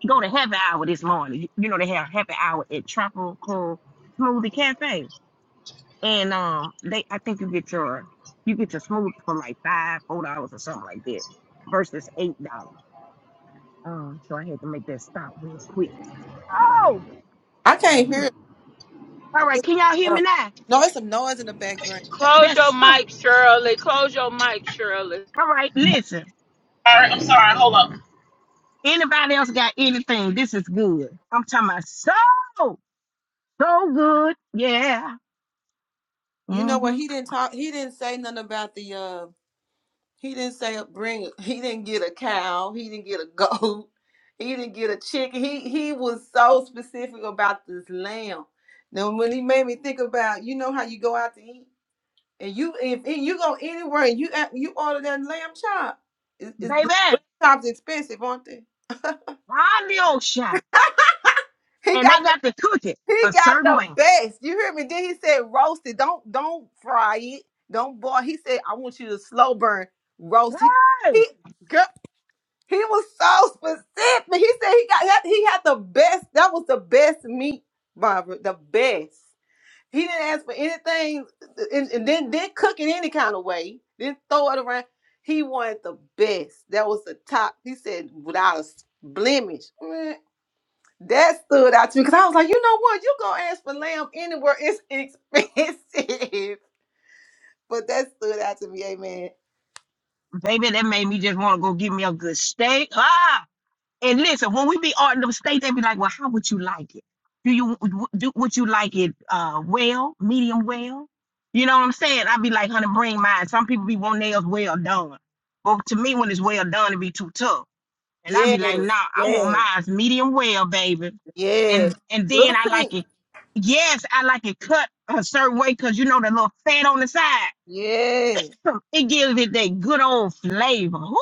S1: Go to happy hour this morning. You know they have happy hour at Tropical Smoothie Cafe, and um they I think you get your you get your smoothie for like five four dollars or something like that versus eight dollars. Um, so I had to make that stop real quick. Oh,
S3: I can't hear.
S1: shoot.
S3: it. I
S1: all
S3: think
S1: right.
S3: it's
S1: Can y'all hear me
S3: noise.
S1: now?
S3: No, it's some noise in the background.
S2: Close your
S1: That's all
S2: mic, Shirley. Close your mic, Shirley.
S1: right. Listen. Anybody else got anything? This is good. I'm talking about so, so good. Yeah.
S3: You know what?
S1: hmm
S3: He didn't talk. He didn't say nothing about the uh He didn't say bring. He didn't get a cow. He didn't get a goat. He didn't get a chicken. He he was so specific about this lamb. Now when he made me think about, you know how you go out to eat, and you if, if you go anywhere and you at- you order that lamb chop, is is the
S1: Baby,
S3: chops expensive, aren't they?
S1: on the ocean.
S3: He
S1: And they
S3: got the
S1: got to cook it
S3: he
S1: a
S3: got
S1: certain way.
S3: the best. You hear me? Then he said roast it. Don't don't fry it. Don't boil. He said I want you to slow burn roast. He
S1: Hey,
S3: he. girl. He was so specific. He said he got he had the best. That was the best meat, Barbara. The best. He didn't ask for anything, and, and then didn't cook it any kind of way. Didn't throw it around. He wanted the best. That was the top. He said without a blemish. Mm, That stood out to me because I was like, you know what? You gonna ask for lamb anywhere? It's expensive. but that stood out to me. Amen.
S1: baby, that made me just want to go give me a good steak. Ah. And listen, when we be ordering them steak, they be like, well, how would you like it? Do you do would you like it uh well, medium well? You know what I'm saying? I'd be like, honey, bring mine. Some people be wanting theirs well done. But to me, when it's well done, it be too tough. And I be like,
S3: Yes.
S1: nah, I want
S3: Yes.
S1: mine medium well, baby.
S3: Yes.
S1: And and then
S3: Little
S1: I like
S3: pink.
S1: it. Yes, I like it cut a certain way because you know the little fat on the side.
S3: Yes.
S1: It gives it that good old flavor. Ooh,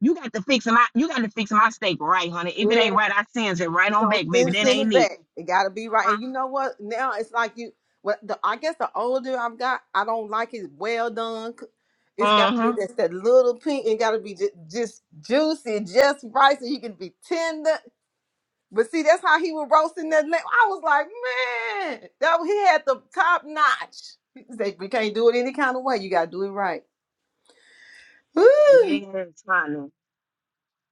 S1: you got to fix my you got to fix my steak right, honey. If it
S3: Yeah,
S1: ain't right, I sends it right
S3: you
S1: on
S3: don't
S1: back, baby.
S3: send
S1: That
S3: send
S1: ain't
S3: it
S1: it.
S3: back. It gotta be right.
S1: Uh-huh.
S3: And you know what? Now it's like you. Well, the, I guess the older I've got, I don't like it well done. c- It's gotta be
S1: Uh-huh.
S3: just that little pink. It gotta be just, just juicy, just right, so you can be tender. But see, that's how he was roasting that lamb. I was like, man, that he had the top notch. He said, we can't do it any kind of way. You gotta do it right. Woo!
S1: Yes, honey.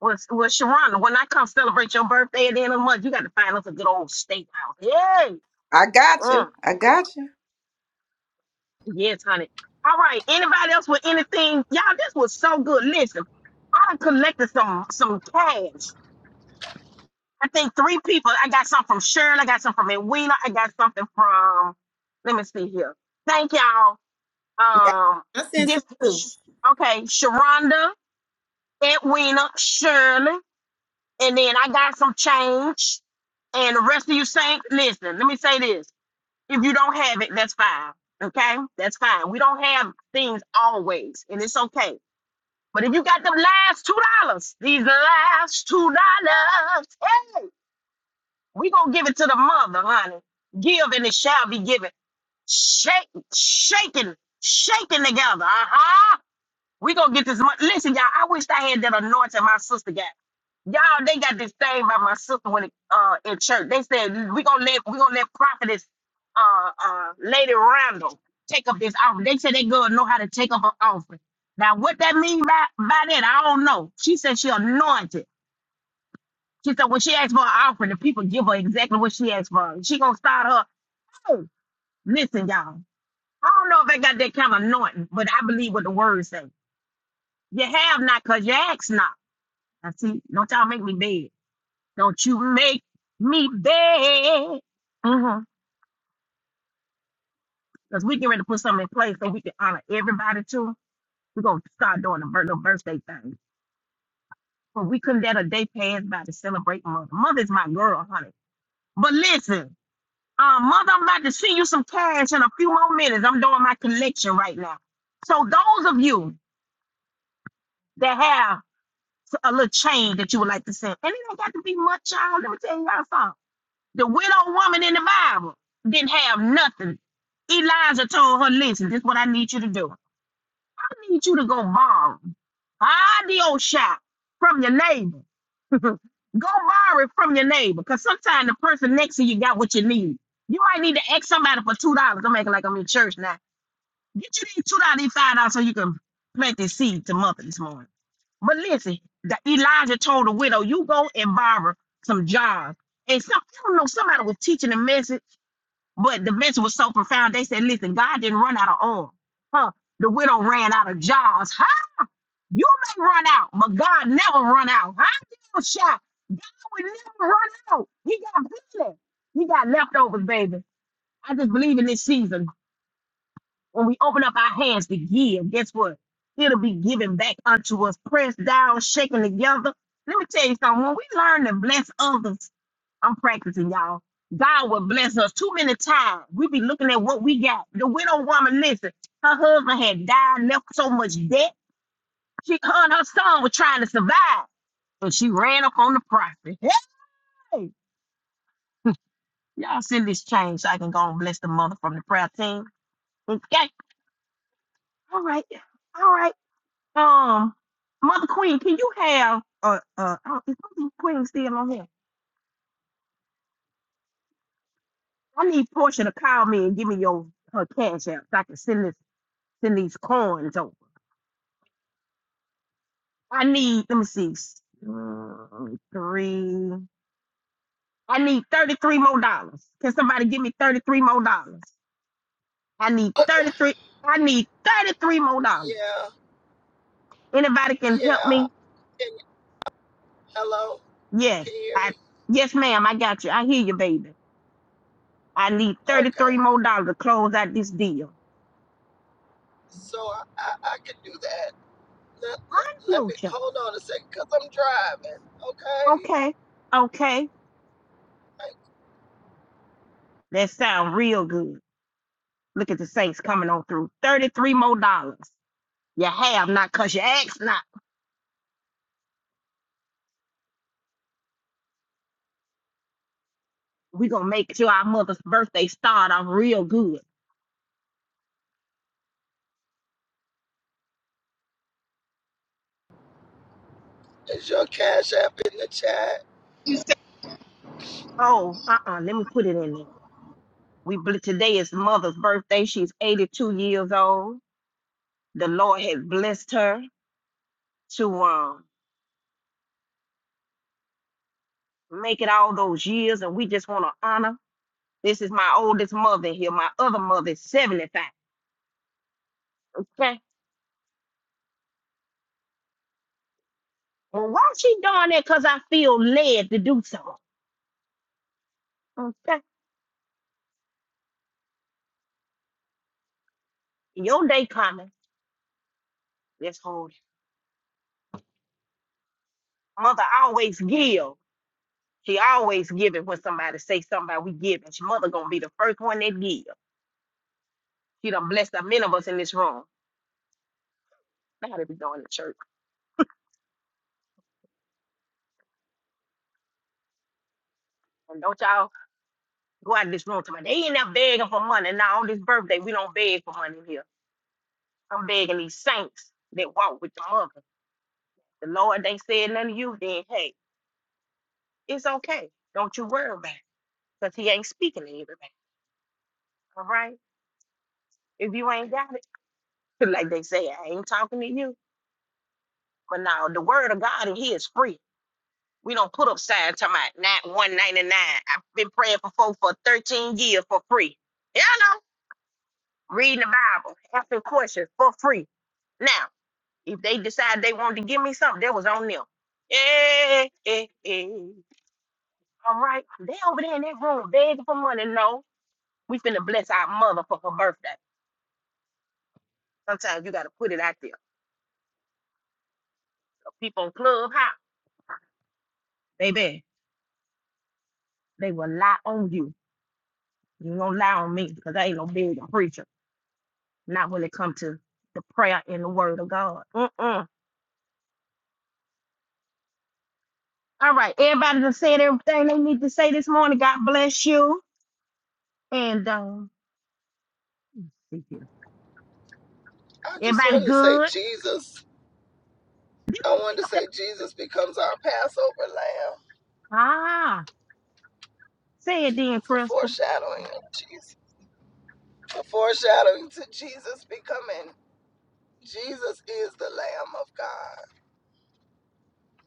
S1: Well, s- well, Sharonda, when I come celebrate your birthday at the end of the month, you got to find us a good old steakhouse.
S3: I got
S1: Yay!
S3: you. I got you.
S1: Yes, honey. All right. Anybody else with anything? Y'all, this was so good. Listen, I done collected some some cash. I think three people. I got some from Shirley. I got some from Edwina. I got something from. Let me see here. Thank y'all.
S3: Yeah,
S1: Um,
S3: I sent
S1: this
S3: some too.
S1: okay. Sharonda, Edwina, Shirley, and then I got some change. And the rest of you saints, listen. Let me say this. If you don't have it, that's fine. Okay? That's fine. We don't have things always, and it's okay. But if you got them last two dollars, these last two dollars, hey, we gonna give it to the mother, honey. Give and it shall be given. Shake, shaking, shaking together. Uh-huh. We gonna get this money. Listen, y'all. I wish I had that anointing my sister got. Y'all, they got this thing by my sister when it, uh in church. They said we gonna let we gonna let prophetess uh uh Lady Randall take up this offering. They said they gonna know how to take up her offering. Now what that mean by by that, I don't know. She said she anointed. She said when she asked for an offering, the people give her exactly what she asked for. She gonna start her Oh, listen, y'all. I don't know if I got that kind of anointing, but I believe what the word say. You have not because you ask not. Now, see, don't y'all make me beg. Don't you make me beg. Mm-hmm. Because we get ready to put something in place so we can honor everybody too. We're going to start doing the bir- little birthday thing. But we couldn't let a day pass by to celebrate mother. Mother's my girl, honey. But listen, uh, mother, I'm about to send you some cash in a few more minutes. I'm doing my collection right now. So those of you that have a little change that you would like to send, and it don't got to be much, y'all. Let me tell you y'all something. The widow woman in the Bible didn't have nothing. Elijah told her, listen, this is what I need you to do. I need you to go borrow I audio shop from your neighbor. go borrow it from your neighbor. Cause sometimes the person next to you got what you need. You might need to ask somebody for two dollars. I'm making like I'm in church now. Get you these two dollars five dollars so you can plant this seed to mother this morning. But listen, the Elijah told the widow, "You go and borrow some jars." And some, I don't know, somebody was teaching the message, but the message was so profound. They said, "Listen, God didn't run out of oil, huh? The widow ran out of jars, huh? You may run out, but God never run out. Huh? you gonna shout? God will never run out. He got plenty. He got leftovers, baby. I just believe in this season. When we open up our hands to give, guess what? It'll be given back unto us, pressed down, shaken together. Let me tell you something. When we learn to bless others, I'm practicing, y'all. God will bless us too many times. We be looking at what we got. The widow woman, listen, her husband had died, left so much debt. She, her and her son were trying to survive and she ran up on the prophet. Hey, y'all send this change so I can go and bless the mother from the prayer team. Okay, all right, all right. Um, Mother Queen, can you have uh uh oh, is Mother Queen still on here? I need Portia to call me and give me your her cash app so I can send this send these coins over. I need let me see s- mm, three. I need thirty three more dollars. Can somebody give me thirty three more dollars? I need thirty three. I need thirty three more dollars.
S8: Yeah,
S1: Anybody can help
S8: yeah.
S1: me?
S8: And hello,
S1: Yes,
S8: can you hear
S1: I
S8: me?
S1: yes ma'am. I got you. I hear you, baby. I need thirty three
S8: Okay.
S1: more dollars to close out this deal.
S8: So I, I, I can do that. Let, let, let me
S1: Fuchsia.
S8: hold on a second because I'm driving. Okay.
S1: Okay. Okay. That sound real good. Look at the Saints coming on through. 33 more dollars. You have not because you asked not. we going to make sure our mother's birthday start off real good.
S8: Is your cash app in the chat?
S1: Oh, uh-uh. Let me put it in there. We bl- Today is mother's birthday. She's 82 years old. The Lord has blessed her to um make it all those years, and we just want to honor. This is my oldest mother here. My other mother is 75. Okay? Well, why she doing that? Because I feel led to do so. Okay. Your day coming. Let's hold it. Mother always give. She always give it when somebody say something about we give. And she mother gonna be the first one that give. She done blessed the many of us in this room. Now they be going to church. And don't y'all go out of this room to me. They ain't not begging for money. Now on this birthday, we don't beg for money here. I'm begging these saints that walk with the mother. The Lord ain't said nothing to you, then hey, it's okay. Don't you worry about it. Because he ain't speaking to everybody. All right. If you ain't got it, like they say, I ain't talking to you. But now the word of God in here is free. We don't put up signs talking about not one ninety nine. I've been praying for folk for thirteen years for free. you know, reading the Bible, asking questions for free. Now, if they decide they wanted to give me something, that was on them. Yeah, yeah, yeah. All right, they over there in that room begging for money. No, we finna bless our mother for her birthday. Sometimes you gotta put it out there. People on Clubhouse, they bad. They will lie on you. You gonna lie on me because I ain't no billion preacher. Not when it come to the prayer and the word of God. Mm-mm. All right, everybody done said everything they need to say this morning. God bless you. And um, thank you.
S8: I just
S1: everybody
S8: wanted to say,
S1: good?
S8: Jesus. I
S1: Think
S8: wanted to
S1: of that.
S8: say Jesus becomes our Passover lamb.
S1: Ah, say it then,
S8: It's a
S1: Crystal.
S8: foreshadowing of Jesus. A foreshadowing to Jesus becoming. Jesus is the Lamb of God.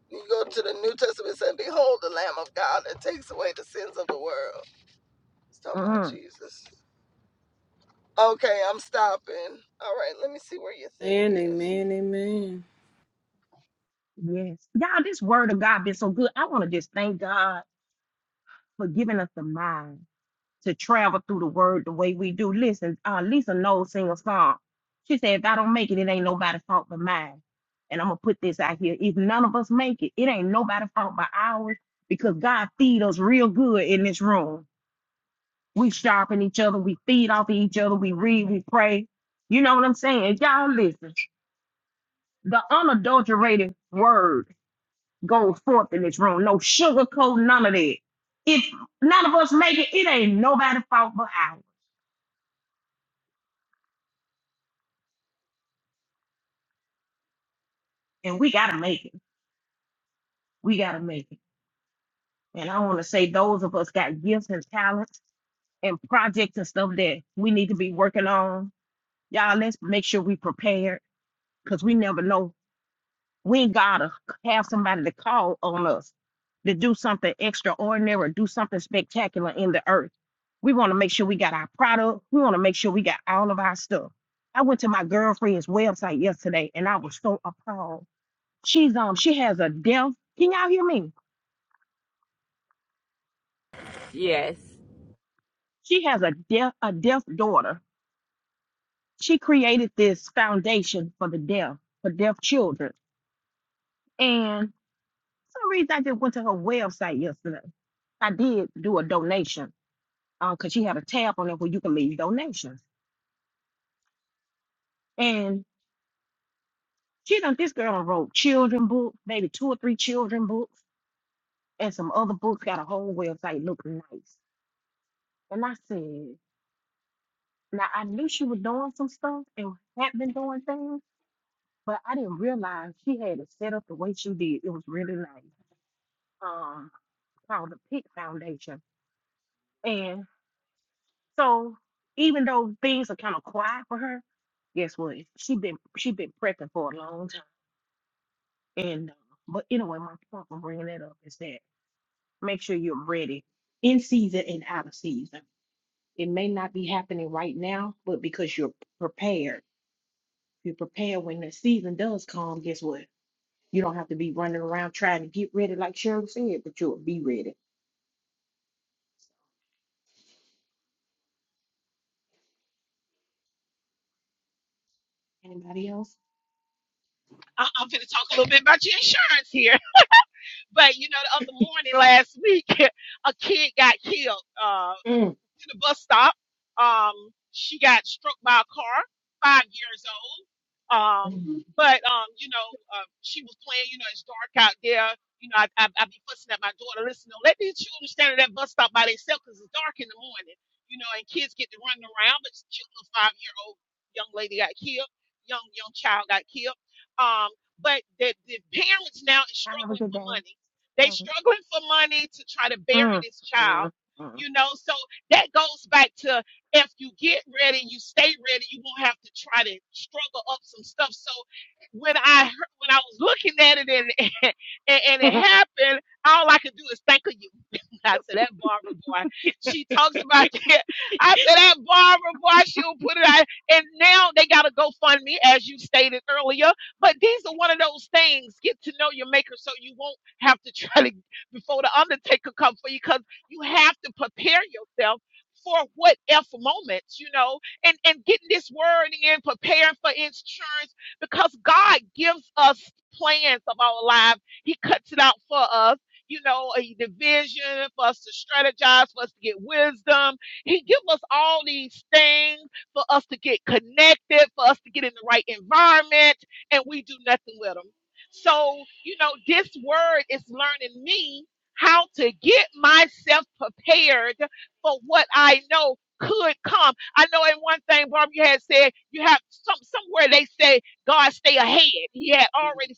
S8: You go to the New Testament and say, Behold the Lamb of God that takes away the sins of the world. It's talking about
S1: Mm-hmm.
S8: Jesus. Okay, I'm stopping. All right, let me see where your thing
S3: Amen,
S8: is.
S3: amen, amen.
S1: Yes. Y'all, this word of God been so good. I want to just thank God for giving us the mind. to travel through the word the way we do. Listen, uh, Lisa knows sing a song. She said, if I don't make it, it ain't nobody's fault but mine. And I'm gonna put this out here. If none of us make it, it ain't nobody's fault but ours because God feed us real good in this room. We sharpen each other, we feed off of each other, we read, we pray. You know what I'm saying? Y'all listen, the unadulterated word goes forth in this room. No sugarcoat, none of that. If none of us make it, it ain't nobody's fault but ours. And we gotta make it. we got to make it. And I want to say those of us got gifts and talents and projects and stuff that we need to be working on. Y'all, let's make sure we prepared because we never know when God to have somebody to call on us to do something extraordinary, or do something spectacular in the earth. We want to make sure we got our product. We want to make sure we got all of our stuff. I went to my girlfriend's website yesterday and I was so appalled. She's um she has a deaf. Can y'all hear me?
S2: Yes.
S1: She has a deaf a deaf daughter she created this foundation for the deaf, for deaf children. And for some reason, I just went to her website yesterday. I did do a donation because she had a tab on there where you can leave donations. And she done this girl done wrote children books, maybe two or three children books, and some other books. Got a whole website looking nice. And I said, now I knew she was doing some stuff and had been doing things, but I didn't realize she had it set up the way she did. It was really nice. Um, called the Pick Foundation. And so even though things are kind of quiet for her, guess what? She been she been prepping for a long time. And uh, but anyway, my point for bringing that up is that make sure you're ready in season and out of season. It may not be happening right now, but because you're prepared, you're prepared when the season does come. Guess what? You don't have to be running around trying to get ready like Cheryl said, but you'll be ready. Anybody else? Mm. Mhm. Have a good day. Thanks. Mm, mm, mm.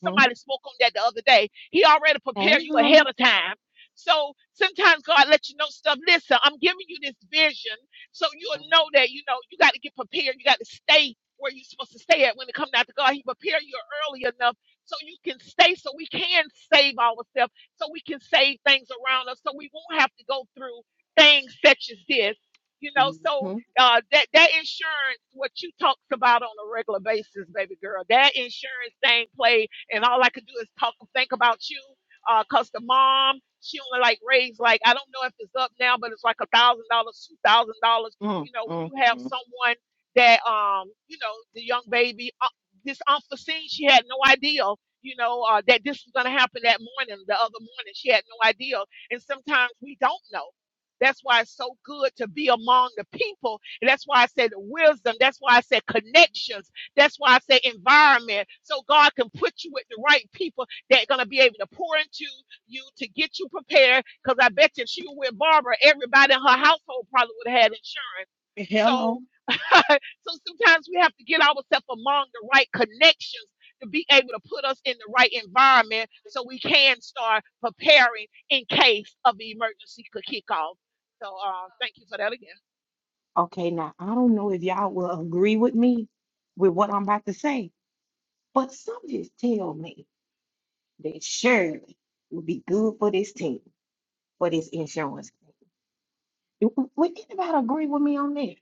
S1: Mhm. Hey, honey. Mhm, mm, mm, mm. Hello. Okay, now I don't know if y'all will agree with me with what I'm about to say, but some just tell me that Shirley would be good for this team, for this insurance. thing. Do- w- Would anybody agree with me on that?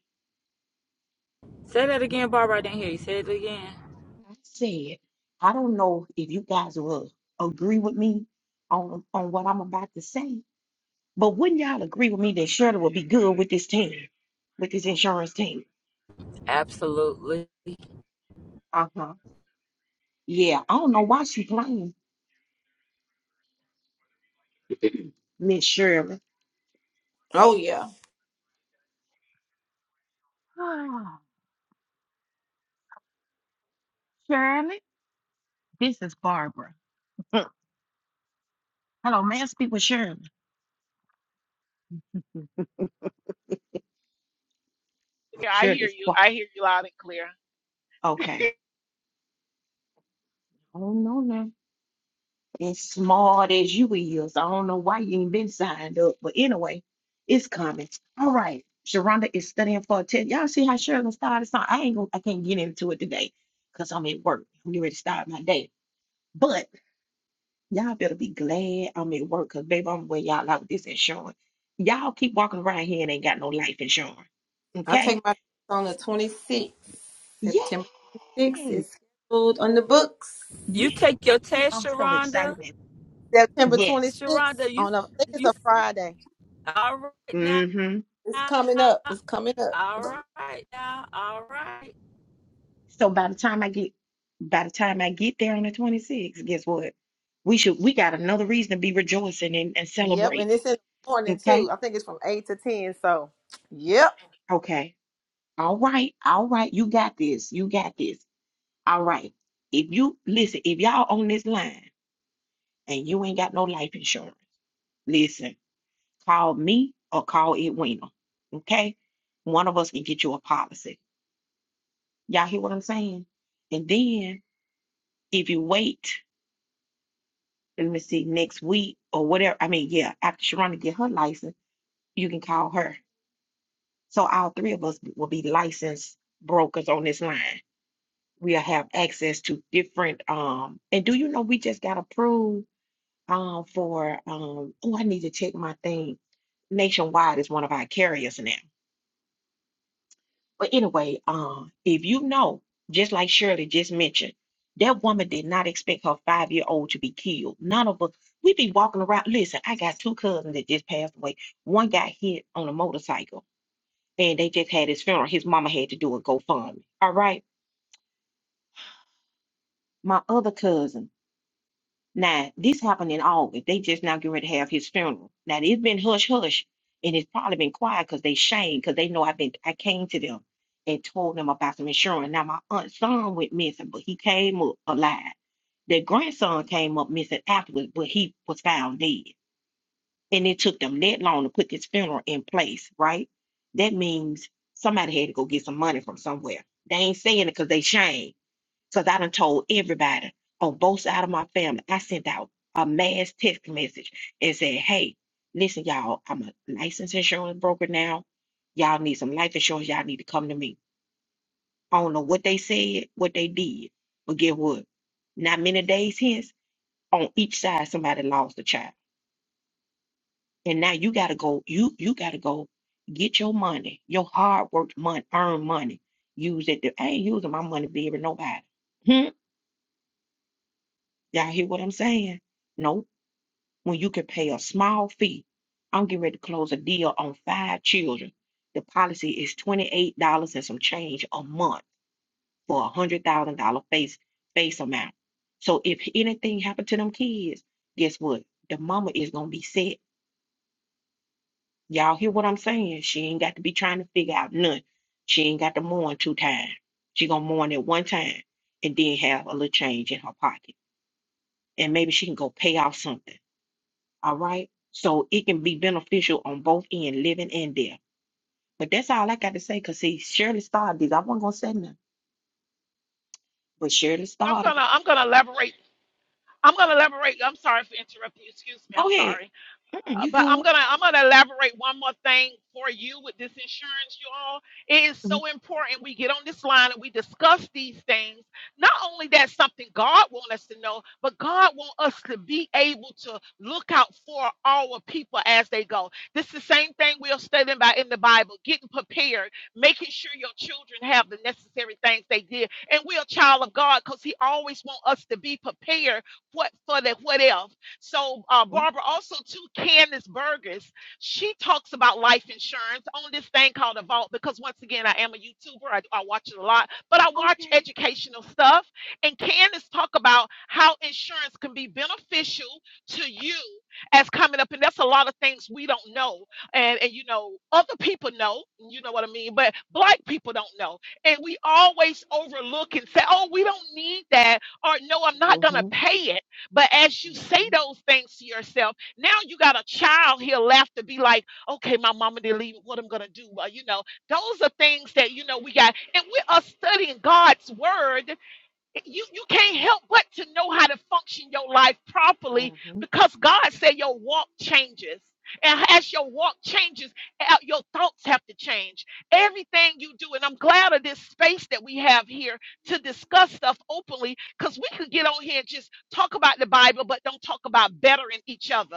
S2: Say that again, Barbara. I didn't hear you. Say it again.
S1: I said, I don't know if you guys will agree with me on on what I'm about to say, But wouldn't y'all agree with me that Shirley would be good with this team, with this insurance team?
S2: Absolutely.
S1: Uh huh. Yeah, I don't know why she playing Miss Shirley.
S3: Oh yeah,
S1: Oh, Shirley, this is Barbara. Mm, Hello, may I speak with Shirley? Shirley's quiet. Okay. I don't know now. As smart as you is, I don't know why you ain't been signed up. But anyway, it's coming. All right. Sharonda is studying for a test. Y'all see how Shirley started? So I ain't gonna I can't get into it today because I'm at work. I'm getting ready to start my day. but. Y'all better be glad I'm at work because, baby, I'm wear y'all out with this insurance. Y'all keep walking around here and ain't got no life insurance.
S3: I
S1: Okay?
S3: take my test on the twenty sixth.
S1: Yay!
S3: September twenty sixth is scheduled on the books.
S2: You
S1: Yay!
S2: take your test,
S1: I'm so
S2: Sharonda.
S1: excited. man.
S3: September
S1: Yes.
S3: twenty sixth
S2: Sharonda, you,
S3: on a I think it's
S2: you,
S3: a Friday.
S2: all right now.
S1: Mm-hmm.
S3: It's coming up. It's coming up.
S2: All right now. All right.
S1: So by the time I get by the time I get there on the 26th, guess what? We should we got another reason to be rejoicing and, and
S3: Yep,
S1: celebrate.
S3: and it's in the morning
S1: Okay?
S3: too. I think it's from eight to ten. So, yep.
S1: Okay. All right. All right. You got this. You got this. All right. If you listen, if y'all on this line. and you ain't got no life insurance, listen, call me or call Edwina. Okay? One of us can get you a policy. Y'all hear what I'm saying? And then if you wait, let me see, next week or whatever, I mean, yeah, after Sharonda get her license, you can call her. So all three of us will be licensed brokers on this line. We'll have access to different um and do you know we just got approved um for um oh I need to check my thing Nationwide is one of our carriers now. But anyway, um, if you know, just like Shirley just mentioned, that woman did not expect her five year old to be killed. None of us, we be walking around. Listen, I got two cousins that just passed away. One got hit on a motorcycle and they just had his funeral. His mama had to do a GoFundMe. All right. My other cousin Now, this happened in August. They just now getting ready to have his funeral. Now, it's been hush hush, and it's probably been quiet because they shamed, because they know I've been, I came to them and told them about some insurance. Now, my aunt's son went missing, but he came up alive. Their grandson came up missing afterwards, but he was found dead. And it took them that long to put this funeral in place, right? That means somebody had to go get some money from somewhere. They ain't saying it because they shame. Cause I done told everybody on both sides of my family. I sent out a mass text message and said, hey, listen, y'all, I'm a licensed insurance broker now. Y'all need some life insurance. Y'all need to come to me. I don't know what they said, what they did, but get what? Not many days hence, on each side, somebody lost a child. And now you gotta go, you you gotta go get your money, your hard worked money, earned money. Use it. To, I ain't using my money to be with nobody. Hmm? Y'all hear what I'm saying? No when you can pay a small fee. I'm getting ready to close a deal on five children. The policy is $28 and some change a month for a hundred thousand dollar face face amount. So if anything happened to them kids, guess what? The mama is gonna be set. Y'all hear what I'm saying? She ain't got to be trying to figure out none. She ain't got to mourn two times. She gonna mourn it one time and then have a little change in her pocket. And maybe she can go pay off something. All right. So it can be beneficial on both end, living and death. But that's all I got to say. Cause see, Shirley started this. I wasn't gonna say nothing, but Shirley started it. Go ahead. Mm, you good? hmm Okay. hmm hmm hmm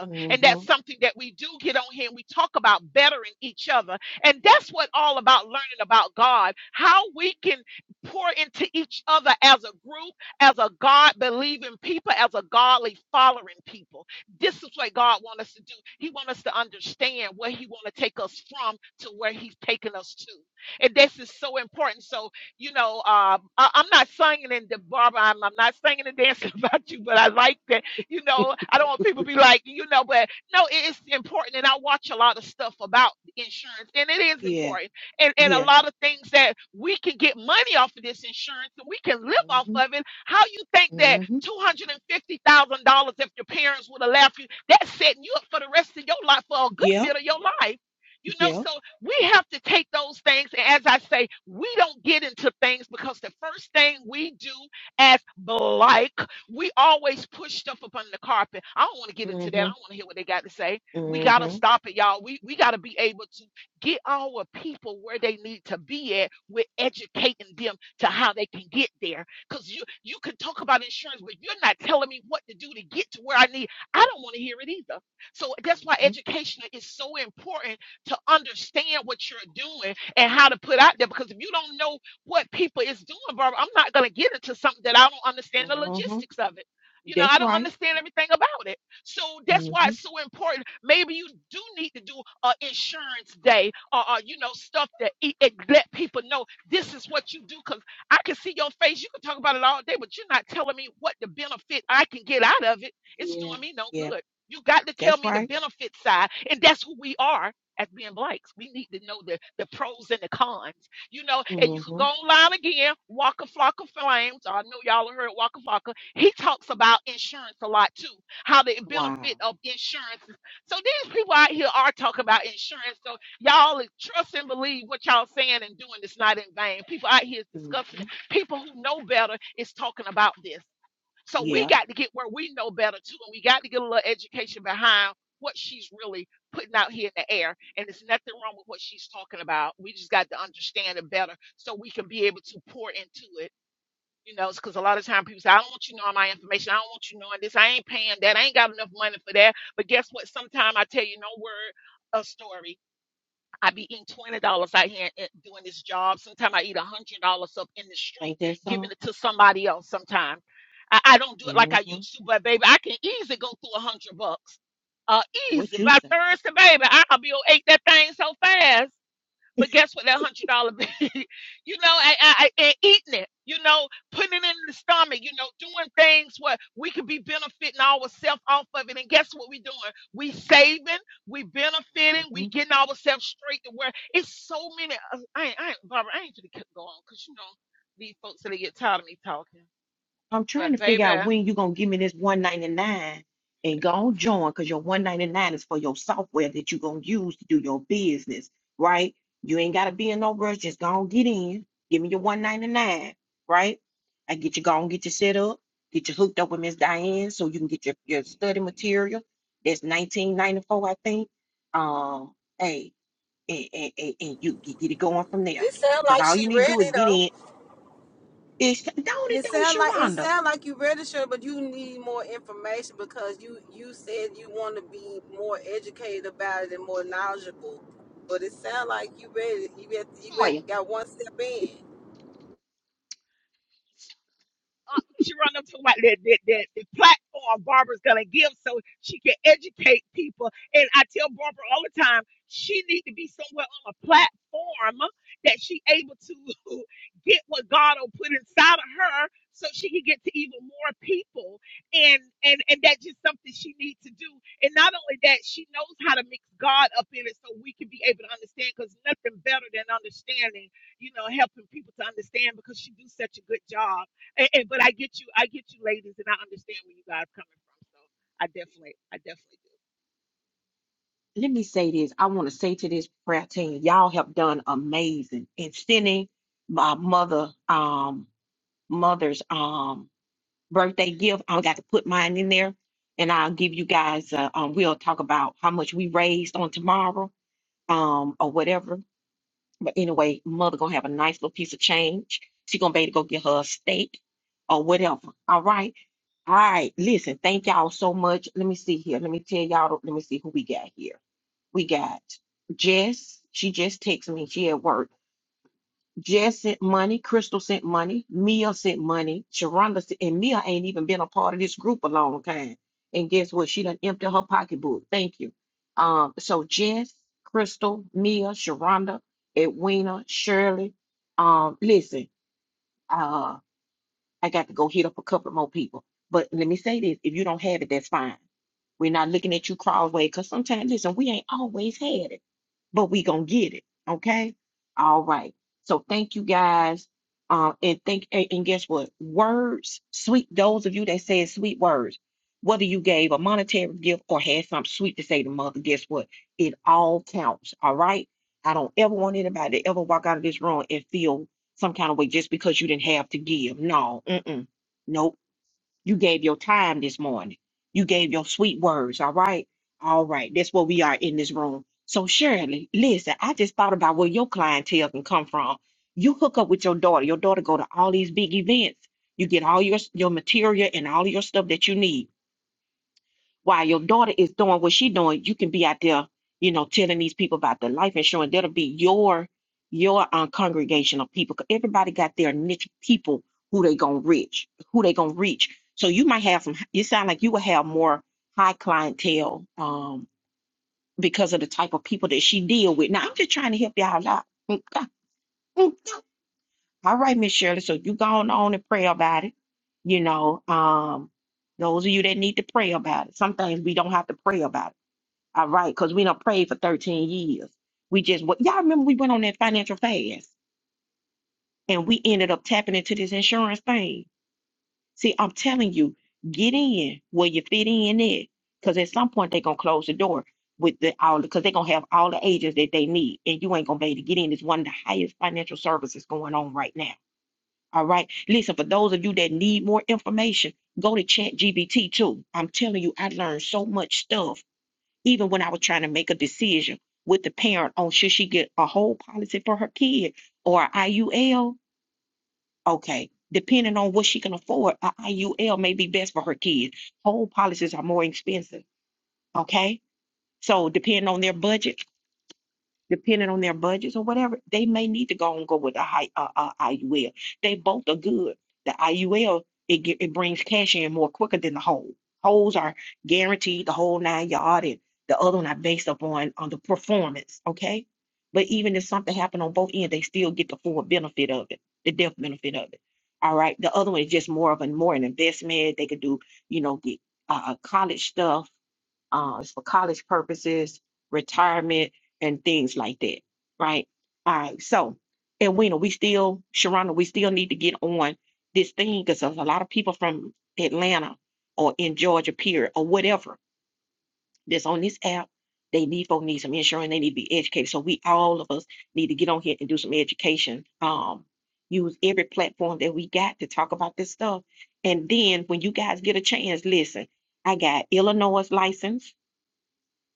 S1: hmm Yeah. Yeah. hmm hmm Yep. Yep. hmm hmm hmm hmm That's right. hmm Yeah. Yeah. That's right. hmm Wow. hmm Yeah. Ain't that something? hmm What you say? hmm I'm trying to figure out when you're gonna give me this 199 and go on join because your 199 is for your software that you're gonna use to do your business, right? You ain't gotta be in no rush, just go on get in, give me your 199, right? I get you gone, get you set up, get you hooked up with Miss Diane so you can get your, your study material. That's 1994, I think. Um, hey, and, and, and, and you, you get it going from there.
S3: It sounds
S1: Cause
S3: like
S1: all you
S3: she
S1: need to do is
S3: ready
S1: get
S3: though.
S1: in. It's don't it
S3: It
S1: don't
S3: sound like it
S1: Sharonda.
S3: sound like you registered, but you need more information because you you said you want to be more educated about it and more knowledgeable. But it sound like you ready. You had, you had
S1: Toya.
S3: got one step in.
S1: let me say this. I want to say to this prayer team, y'all have done amazing in sending my mother, um, mother's um birthday gift. I got to put mine in there, and I'll give you guys. Uh, um, we'll talk about how much we raised on tomorrow, um, or whatever. But anyway, mother gonna have a nice little piece of change. She gonna be able to go get her a steak or whatever. All right. All right, listen, thank y'all so much. Let me see here. Let me tell y'all, let me see who we got here. We got Jess. She just texted me. She at work. Jess sent money. Crystal sent money. Mia sent money. Sharonda sent, and Mia ain't even been a part of this group a long time. And guess what? She done emptied her pocketbook. Thank you. Um, so Jess, Crystal, Mia, Sharonda, Edwina, Shirley. Um, listen, uh, I got to go hit up a couple more people. But let me say this: if you don't have it, that's fine. We're not looking at you crossway because sometimes, listen, we ain't always had it but we gonna get it. Okay. All right. So thank you guys. Um, and think and and guess what? Words, sweet. Those of you that said sweet words, whether you gave a monetary gift or had something sweet to say to mother, guess what? It all counts. All right. I don't ever want anybody to ever walk out of this room and feel some kind of way just because you didn't have to give. No, mm-mm. Nope. You gave your time this morning. You gave your sweet words, all right? All right, that's where we are in this room. So, Shirley, listen, I just thought about where your clientele can come from. You hook up with your daughter. Your daughter go to all these big events. You get all your, your material and all your stuff that you need while your daughter is doing what she's doing, you can be out there, you know, telling these people about their life insurance. That'll be your your uh, congregation of people. 'Cause Everybody got their niche people who they gonna reach, who they gonna reach. So you might have some. You sound like you will have more high clientele um, because of the type of people that she deal with. Now I'm just trying to help y'all out. Mm, ah, mm. All right, Miss Shirley. So you go on, on and pray about it. You know, um, those of you that need to pray about it. Some things we don't have to pray about it. All right, because we don't pray for 13 years. We just what y'all remember we went on that financial fast and we ended up tapping into this insurance thing. See, I'm telling you, get in where you fit in at. Cause at some point they're gonna close the door with the all because they're gonna have all the agents that they need, and you ain't gonna be able to get in. It's one of the highest financial services going on right now. All right. Listen, for those of you that need more information, go to Chat GBT too. I'm telling you, I learned so much stuff even when I was trying to make a decision with the parent on should she get a whole policy for her kid or IUL, okay, depending on what she can afford, a IUL may be best for her kid. Whole policies are more expensive, okay? So depending on their budget, depending on their budgets or whatever, they may need to go and go with a high uh, uh, IUL. They both are good. The IUL it ge- it brings cash in more quicker than the whole. Holes are guaranteed the whole nine yard, and the other one are based upon on the performance. Okay, but even if something happened on both ends, they still get the full benefit of it, the death benefit of it. All right, the other one is just more of a more an investment. They could do you know get uh, college stuff uh, it's for college purposes, retirement, and things like that. Right. All right. So, and we know we still, Sharona, we still need to get on this thing because there's a lot of people from Atlanta or in Georgia, period, or whatever that's on this app. They need folks need some insurance. They need to be educated. So we all of us need to get on here and do some education. Um, use every platform that we got to talk about this stuff. And then when you guys get a chance, listen, I got Illinois license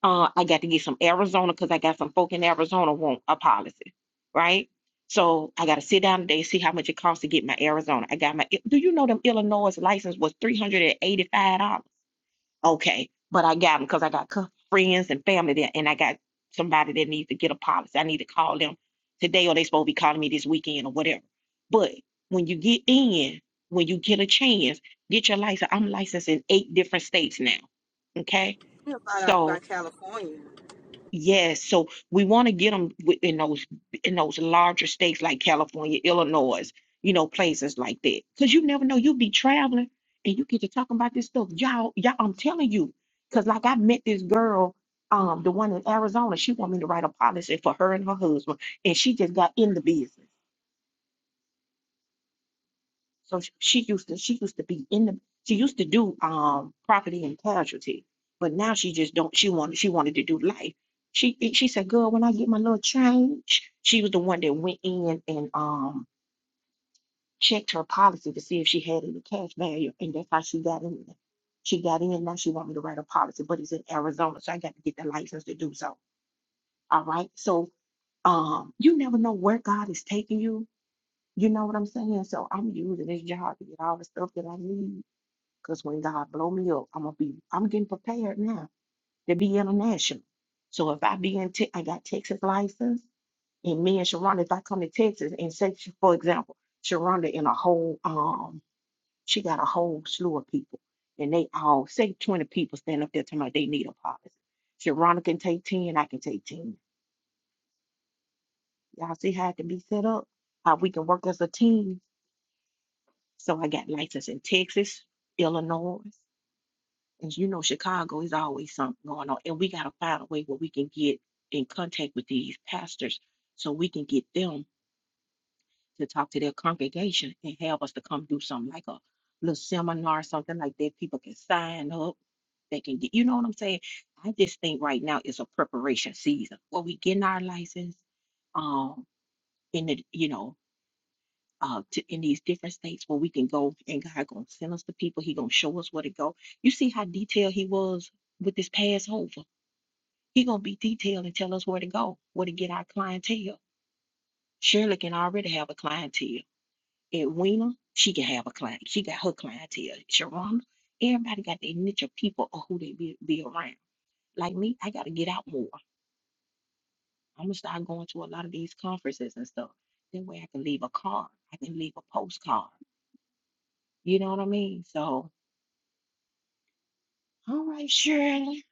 S1: uh, I got to get some Arizona because I got some folk in Arizona want a policy, right? So I got to sit down today see how much it costs to get my Arizona. I got my. Do you know them Illinois license was three hundred and eighty five dollars? Okay, but I got them because I got cou- friends and family there, and I got somebody that needs to get a policy. I need to call them today, or they supposed to be calling me this weekend or whatever. But when you get in, when you get a chance, get your license. I'm licensed in eight different states now. Okay,
S3: You know, About like
S1: so
S3: by California.
S1: Yes, so we want to get them in those in those larger states like California, Illinois, you know, places like that. Because you never know, you'll be traveling and you get to talking about this stuff. Y'all, y'all, I'm telling you, because like I met this girl, um, the one in Arizona, she wanted me to write a policy for her and her husband, and she just got in the business. So sh- she used to she used to be in the she used to do um property and casualty, but now she just don't she wanted she wanted to do life. She and she said, "Girl, when I get my little change," she was the one that went in and um checked her policy to see if she had any cash value, and that's how she got in. She got in. Now she want me to write a policy, but it's in Arizona, so I got to get the license to do so. All right. So um, you never know where God is taking you. You know what I'm saying? So I'm using this job to get all the stuff that I need because when God blow me up, I'm gonna be I'm getting prepared now to be international. So if I be in Te- I got Texas license and me and Sharonda, if I come to Texas and say sh- for example, Sharonda and a whole um she got a whole slew of people and they all say 20 people stand up there talking about they need a policy. Sharonda can take 10, I can take 10. Y'all see how it can be set up? How we can work as a team. So I got license in Texas, Illinois. And you know, Chicago is always something going on. And we got to find a way where we can get in contact with these pastors so we can get them to talk to their congregation and have us to come do something like a little seminar or something like that. People can sign up. They can get, you know what I'm saying? I just think right now is a preparation season where we getting our license. Um, in the, you know, uh to in these different states where we can go and God gonna send us the people. He gonna show us where to go. You see how detailed he was with this Passover. He gonna be detailed and tell us where to go, where to get our clientele. Shirley can already have a clientele. Edwina, she can have a client. She got her clientele. Sharonda, everybody got their niche of people or who they be, be around. Like me, I gotta get out more. I'm gonna start going to a lot of these conferences and stuff. That way I can leave a card. I can leave a postcard. You know what I mean? So All right, Shirley.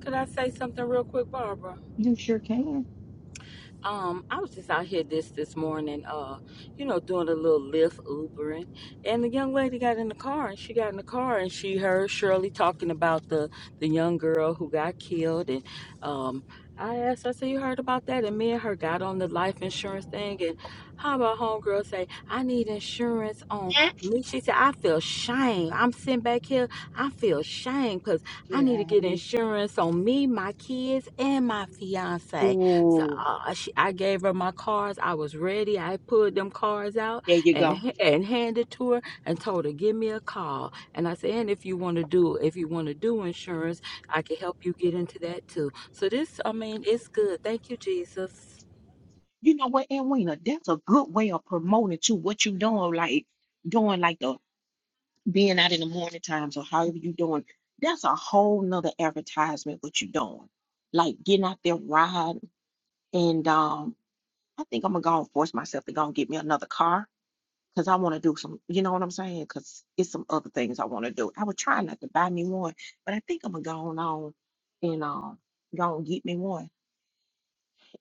S2: Could I say something real quick, Barbara?
S1: You sure can.
S2: Um, I was just out here this this morning, uh, you know, doing a little Lyft Ubering, and the young lady got in the car, and she got in the car, and she heard Shirley talking about the the young girl who got killed, and um, I asked, her, I said, you heard about that? And me and her got on the life insurance thing, and how about homegirl say, I need insurance on
S1: Hmm?
S2: me? She said, I feel shame. I'm sitting back here, I feel shame because I need to get
S1: Shirley.
S2: insurance on me, my kids, and my fiance. So
S1: Ooh,
S2: uh, she, I gave her my cards. I was ready. I pulled them cards out
S1: there you
S2: and
S1: go.
S2: and handed to her and told her, "Give me a call." And I said, "And if you want to do if you want to do insurance, I can help you get into that too." So this, I mean, it's good. Thank you, Jesus.
S1: You know what, Edwina? That's a good way of promoting to what you doing, like doing like the being out in the morning times or however you doing. That's a whole nother advertisement what you doing. Like getting out there ride and um I think I'm gonna go and force myself to go and get me another car because I want to do some, you know what I'm saying? Because it's some other things I want to do. I would try not to buy me one, but I think I'm gonna go on on and um go and get me one,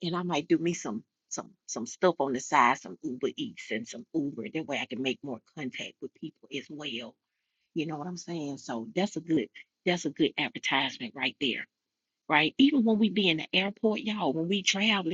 S1: and I might do me some some some stuff on the side, some Uber Eats and some Uber. That way I can make more contact with people as well. You know what I'm saying? So that's a good that's a good advertisement right there, right? Even when we be in the airport, y'all, when we travel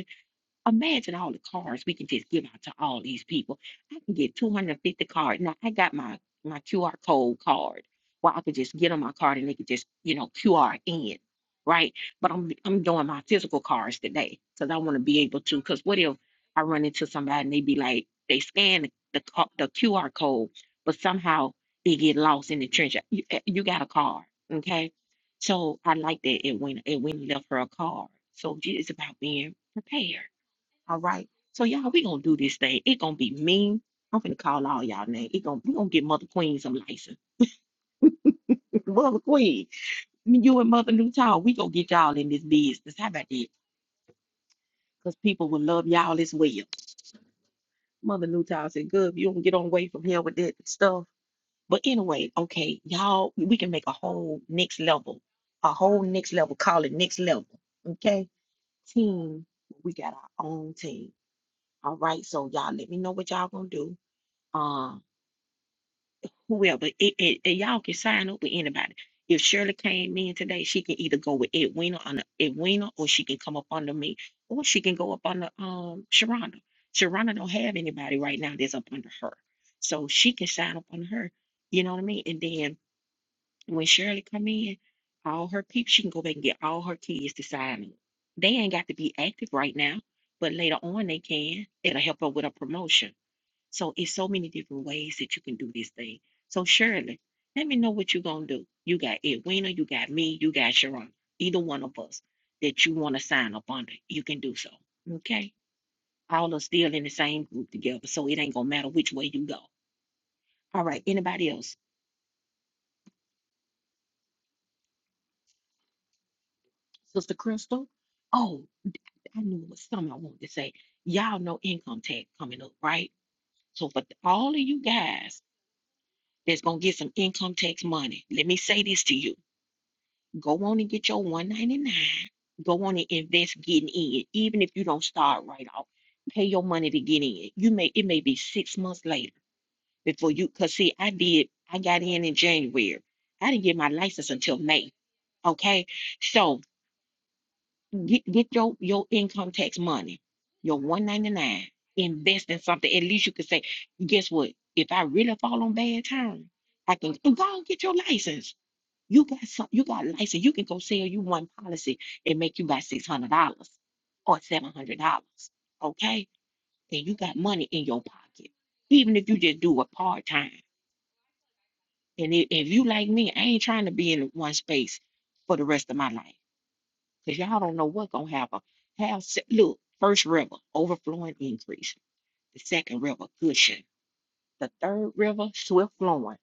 S1: Imagine all the cards we can just give out to all these people. I can get 250 cards. Now I got my my QR code card where I could just get on my card and they could just, you know, QR in, right? But I'm I'm doing my physical cards today because I want to be able to. Because what if I run into somebody and they be like, they scan the the, co- the QR code, but somehow they get lost in the trench. You, eh, you got a card, okay? So I like that it went it went left her a card. So it's about being prepared. All right. So y'all, we gonna do this thing. It gonna be mean. I'm finna call all y'all name. It gonna we gonna get Mother Queen some license. Mother Queen, me, you and Mother Newtown, we gonna get y'all in this business. How about that? Cause people will love y'all as well. Mother Newtown said, "Good, you don't get on away from here with that stuff." But anyway, okay, y'all, we can make a whole next level, a whole next level. Call it next level. Okay, team, we got our own team. All right, so y'all, let me know what y'all gonna do. Um. whoever. It, it, and y'all can sign up with anybody. If Shirley came in today, she can either go with Edwina on Edwina, or she can come up under me, or she can go up under um Sharonda. Sharonda don't have anybody right now that's up under her, so she can sign up under her. You know what I mean? And then when Shirley come in, all her people, she can go back and get all her kids to sign up. They ain't got to be active right now, but later on they can. It'll help her with a promotion. So it's so many different ways that you can do this thing. So Shirley, let me know what you're gonna do. You got Edwina, you got me, you got Sharon. Either one of us that you want to sign up under, you can do so. Okay. All are still in the same group together, so it ain't gonna matter which way you go. All right. Anybody else? Sister Crystal? Oh, d- I knew it was something I wanted to say. Y'all know income tax coming up, right? So for th- all of you guys that's gonna get some income tax money, let me say this to you. Go on and get your 199. Go on and invest getting in. Even if you don't start right off, pay your money to get in. You may it may be six months later before you cause see, I did I got in in January. I didn't get my license until May. Okay. So get get your, your income tax money, your 199, invest in something. At least you could say, guess what? If I really fall on bad time, I can go and get your license you got some, you got a license. You can go sell you one policy and make you about six hundred dollars or seven hundred dollars. Okay, and you got money in your pocket, even if you just do it part time. And if, if you like me, I ain't trying to be in one space for the rest of my life because y'all don't know what gonna happen. Have se- look, first river overflowing increase, the second river cushion, the third river swift flowing.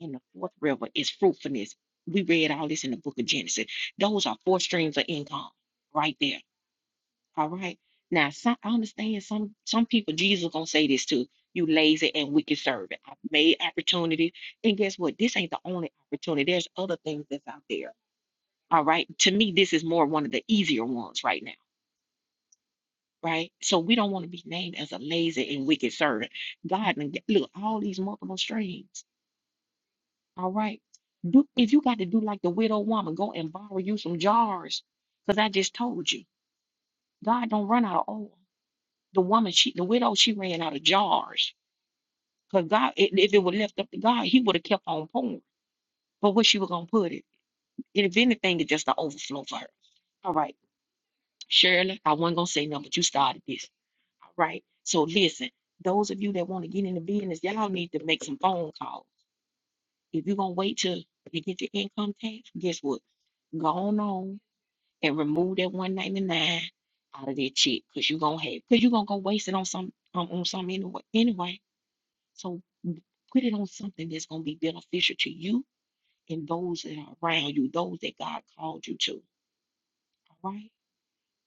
S1: And the fourth river is fruitfulness. We read all this in the book of Genesis. Those are four streams of income right there. All right. Now, some, I understand some some people, Jesus gonna say this too. You lazy and wicked servant. i made opportunity. And guess what? This ain't the only opportunity. There's other things that's out there. All right. To me, this is more one of the easier ones right now. Right. So we don't want to be named as a lazy and wicked servant. God, done g- look, all these multiple streams. All right. Do if you got to do like the widow woman, go and borrow you some jars. Because I just told you, God don't run out of oil. The woman, she the widow, she ran out of jars. Because God, i- if it were left up to God, he would have kept on pouring. But what she was gonna put it? And if anything, it's just an overflow for her. All right. Shirley, I wasn't gonna say nothing, but you started this. All right. So listen, those of you that want to get in the business, y'all need to make some phone calls. If you're gonna wait till you get your income tax, guess what? Go on. on. and remove that 199 out of that check because you're gonna have because you're gonna go waste it on some um, on something anyway anyway. So m- put it on something that's gonna be beneficial to you and those that are around you, those that God called you to. All right.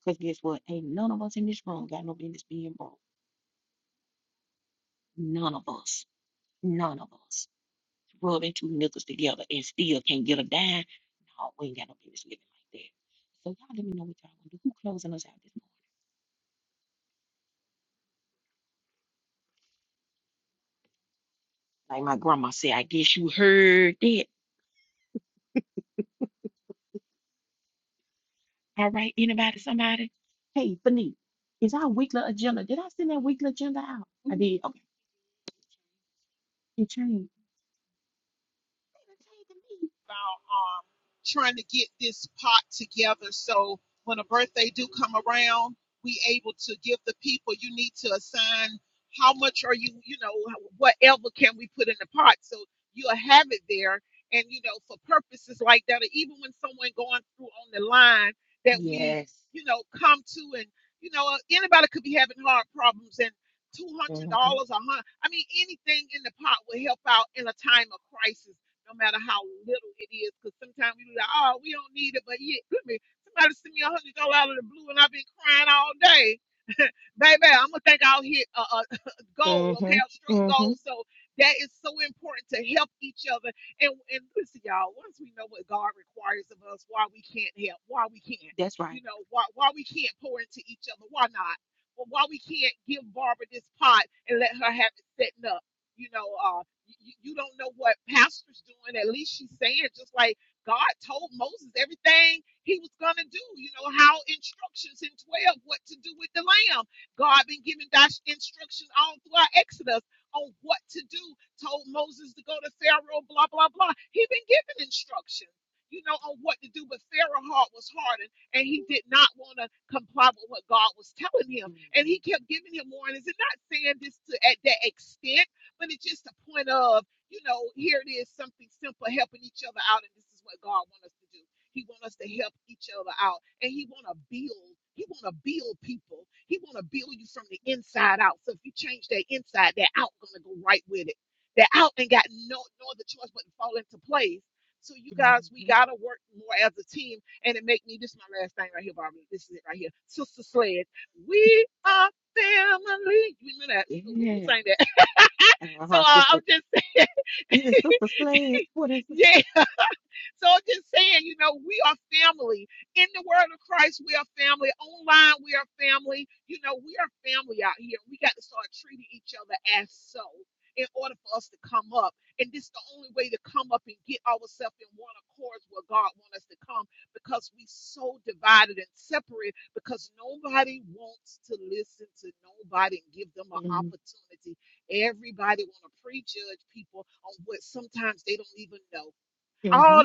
S1: Because guess what? Ain't none of us in this room got no business being broke. None of us. None of us. Rubbing two nickels together and still can't get a dime. No, we ain't got no business living like that. So y'all let me know what y'all want to do. Who closing us out this morning? Like my grandma said, I guess you heard that. All right, anybody, somebody? Hey, Fanique, is our weekly agenda? Did I send that weekly agenda out? I did. Okay, it changed. It changed to me. Yes. Mm-hmm. Mm-hmm. Mm-hmm. That's right. Mm-hmm. Mm-hmm. Yes. Uh-huh, sister. Is it Sister Sledge? What is it? Mm-hmm. Mm-hmm.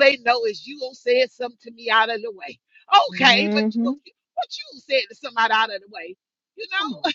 S1: mm-hmm, Come on.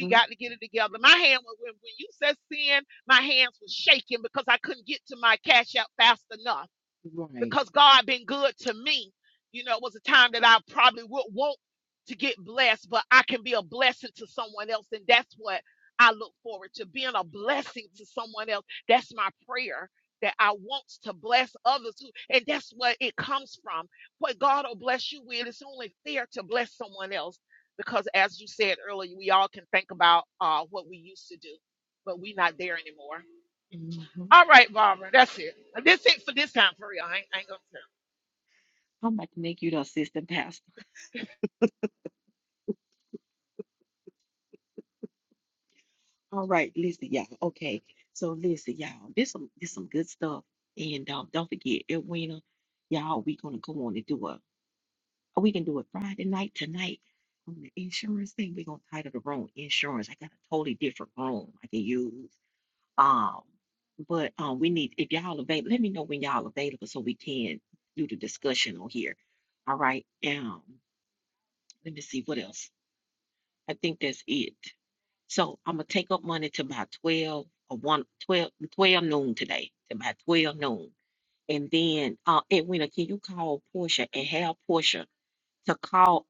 S1: Mm-hmm. Right. Mhm. I'm about to make you the assistant pastor. All right, listen, y'all. Okay, so listen, y'all. This some this some good stuff, and um, don't forget, Edwina, y'all. We gonna go on and do a. We can do it Friday night tonight on the insurance thing. We are gonna title the room insurance. I got a totally different room I can use. Um, but um, we need if y'all available, let me know when y'all available so we can do the discussion on here. All right. Um, let me see what else. I think that's it. So I'm gonna take up money to about 12 or one 12 12 noon today, to about 12 noon. And then uh Edwina, can you call Portia and have Portia to call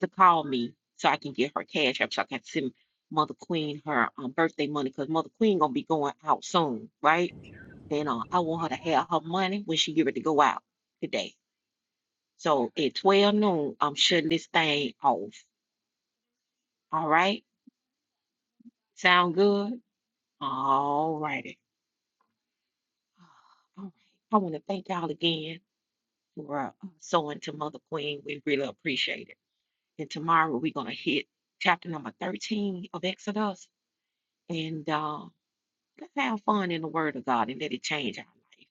S1: to call me so I can get her cash up so I can send Mother Queen her um, birthday money because Mother Queen gonna be going out soon, right? And uh, I want her to have her money when she get ready to go out today. So at 12 noon, I'm shutting this thing off. All right? Sound good? All righty. All right. I want to thank y'all again for uh, sewing to Mother Queen. We really appreciate it. And tomorrow we're going to hit chapter number 13 of Exodus. And uh, let's have fun in the Word of God and let it change our life.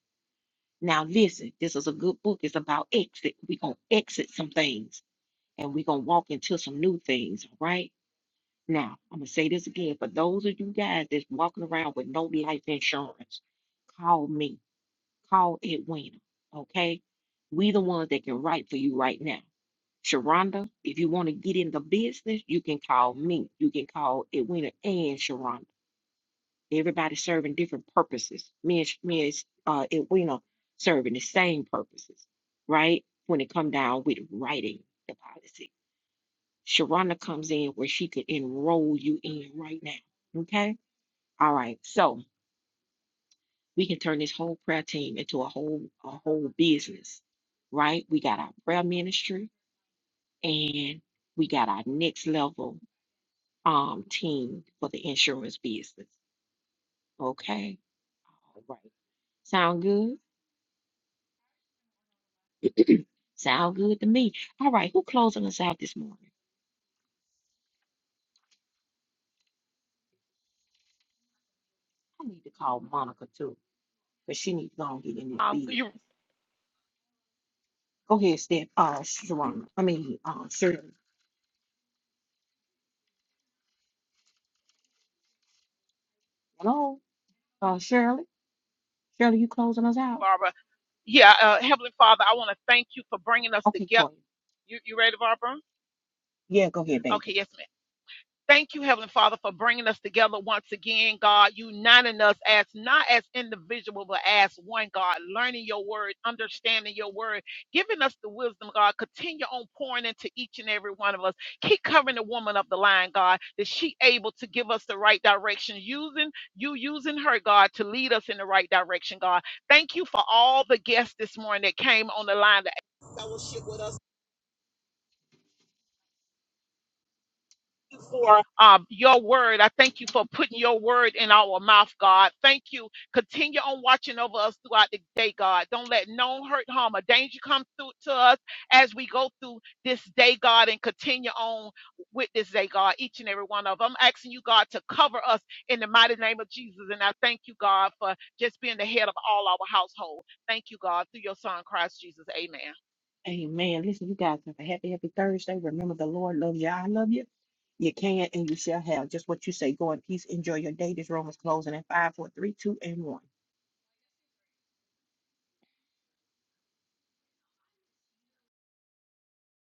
S1: Now, listen, this is a good book. It's about exit. We're going to exit some things. and we're going to walk into some new things, all right? Now, I'm going to say this again for those of you guys that's walking around with no life insurance, call me, call Edwina, okay? We the ones that can write for you right now. Sharonda, if you want to get in the business, you can call me. You can call Edwina and Sharonda. Everybody serving different purposes. Me and Sh- me and uh, Edwina serving the same purposes, right? When it come down with writing the policy. Sharana comes in where she could enroll you in right now. Okay? All right. So we can turn this whole prayer team into a whole a whole business, right? We got our prayer ministry and we got our next level um team for the insurance business. Okay? All right. Sound good? Sound good to me. All right, who closing us out this morning? I need to call Monica too, because she needs to go and get in this business. Go ahead, Steph. Uh, Sharonda. I mean, uh, Shirley. Hello, uh, Shirley. Shirley, you closing us out? Okay, Toya. Yeah, go ahead, baby. Amen. Listen, you guys have a happy, happy Thursday. Remember, the Lord loves you. I love you. You can and you shall have just what you say. Go in peace. Enjoy your day. This room is closing at five, four, three, two, and 1.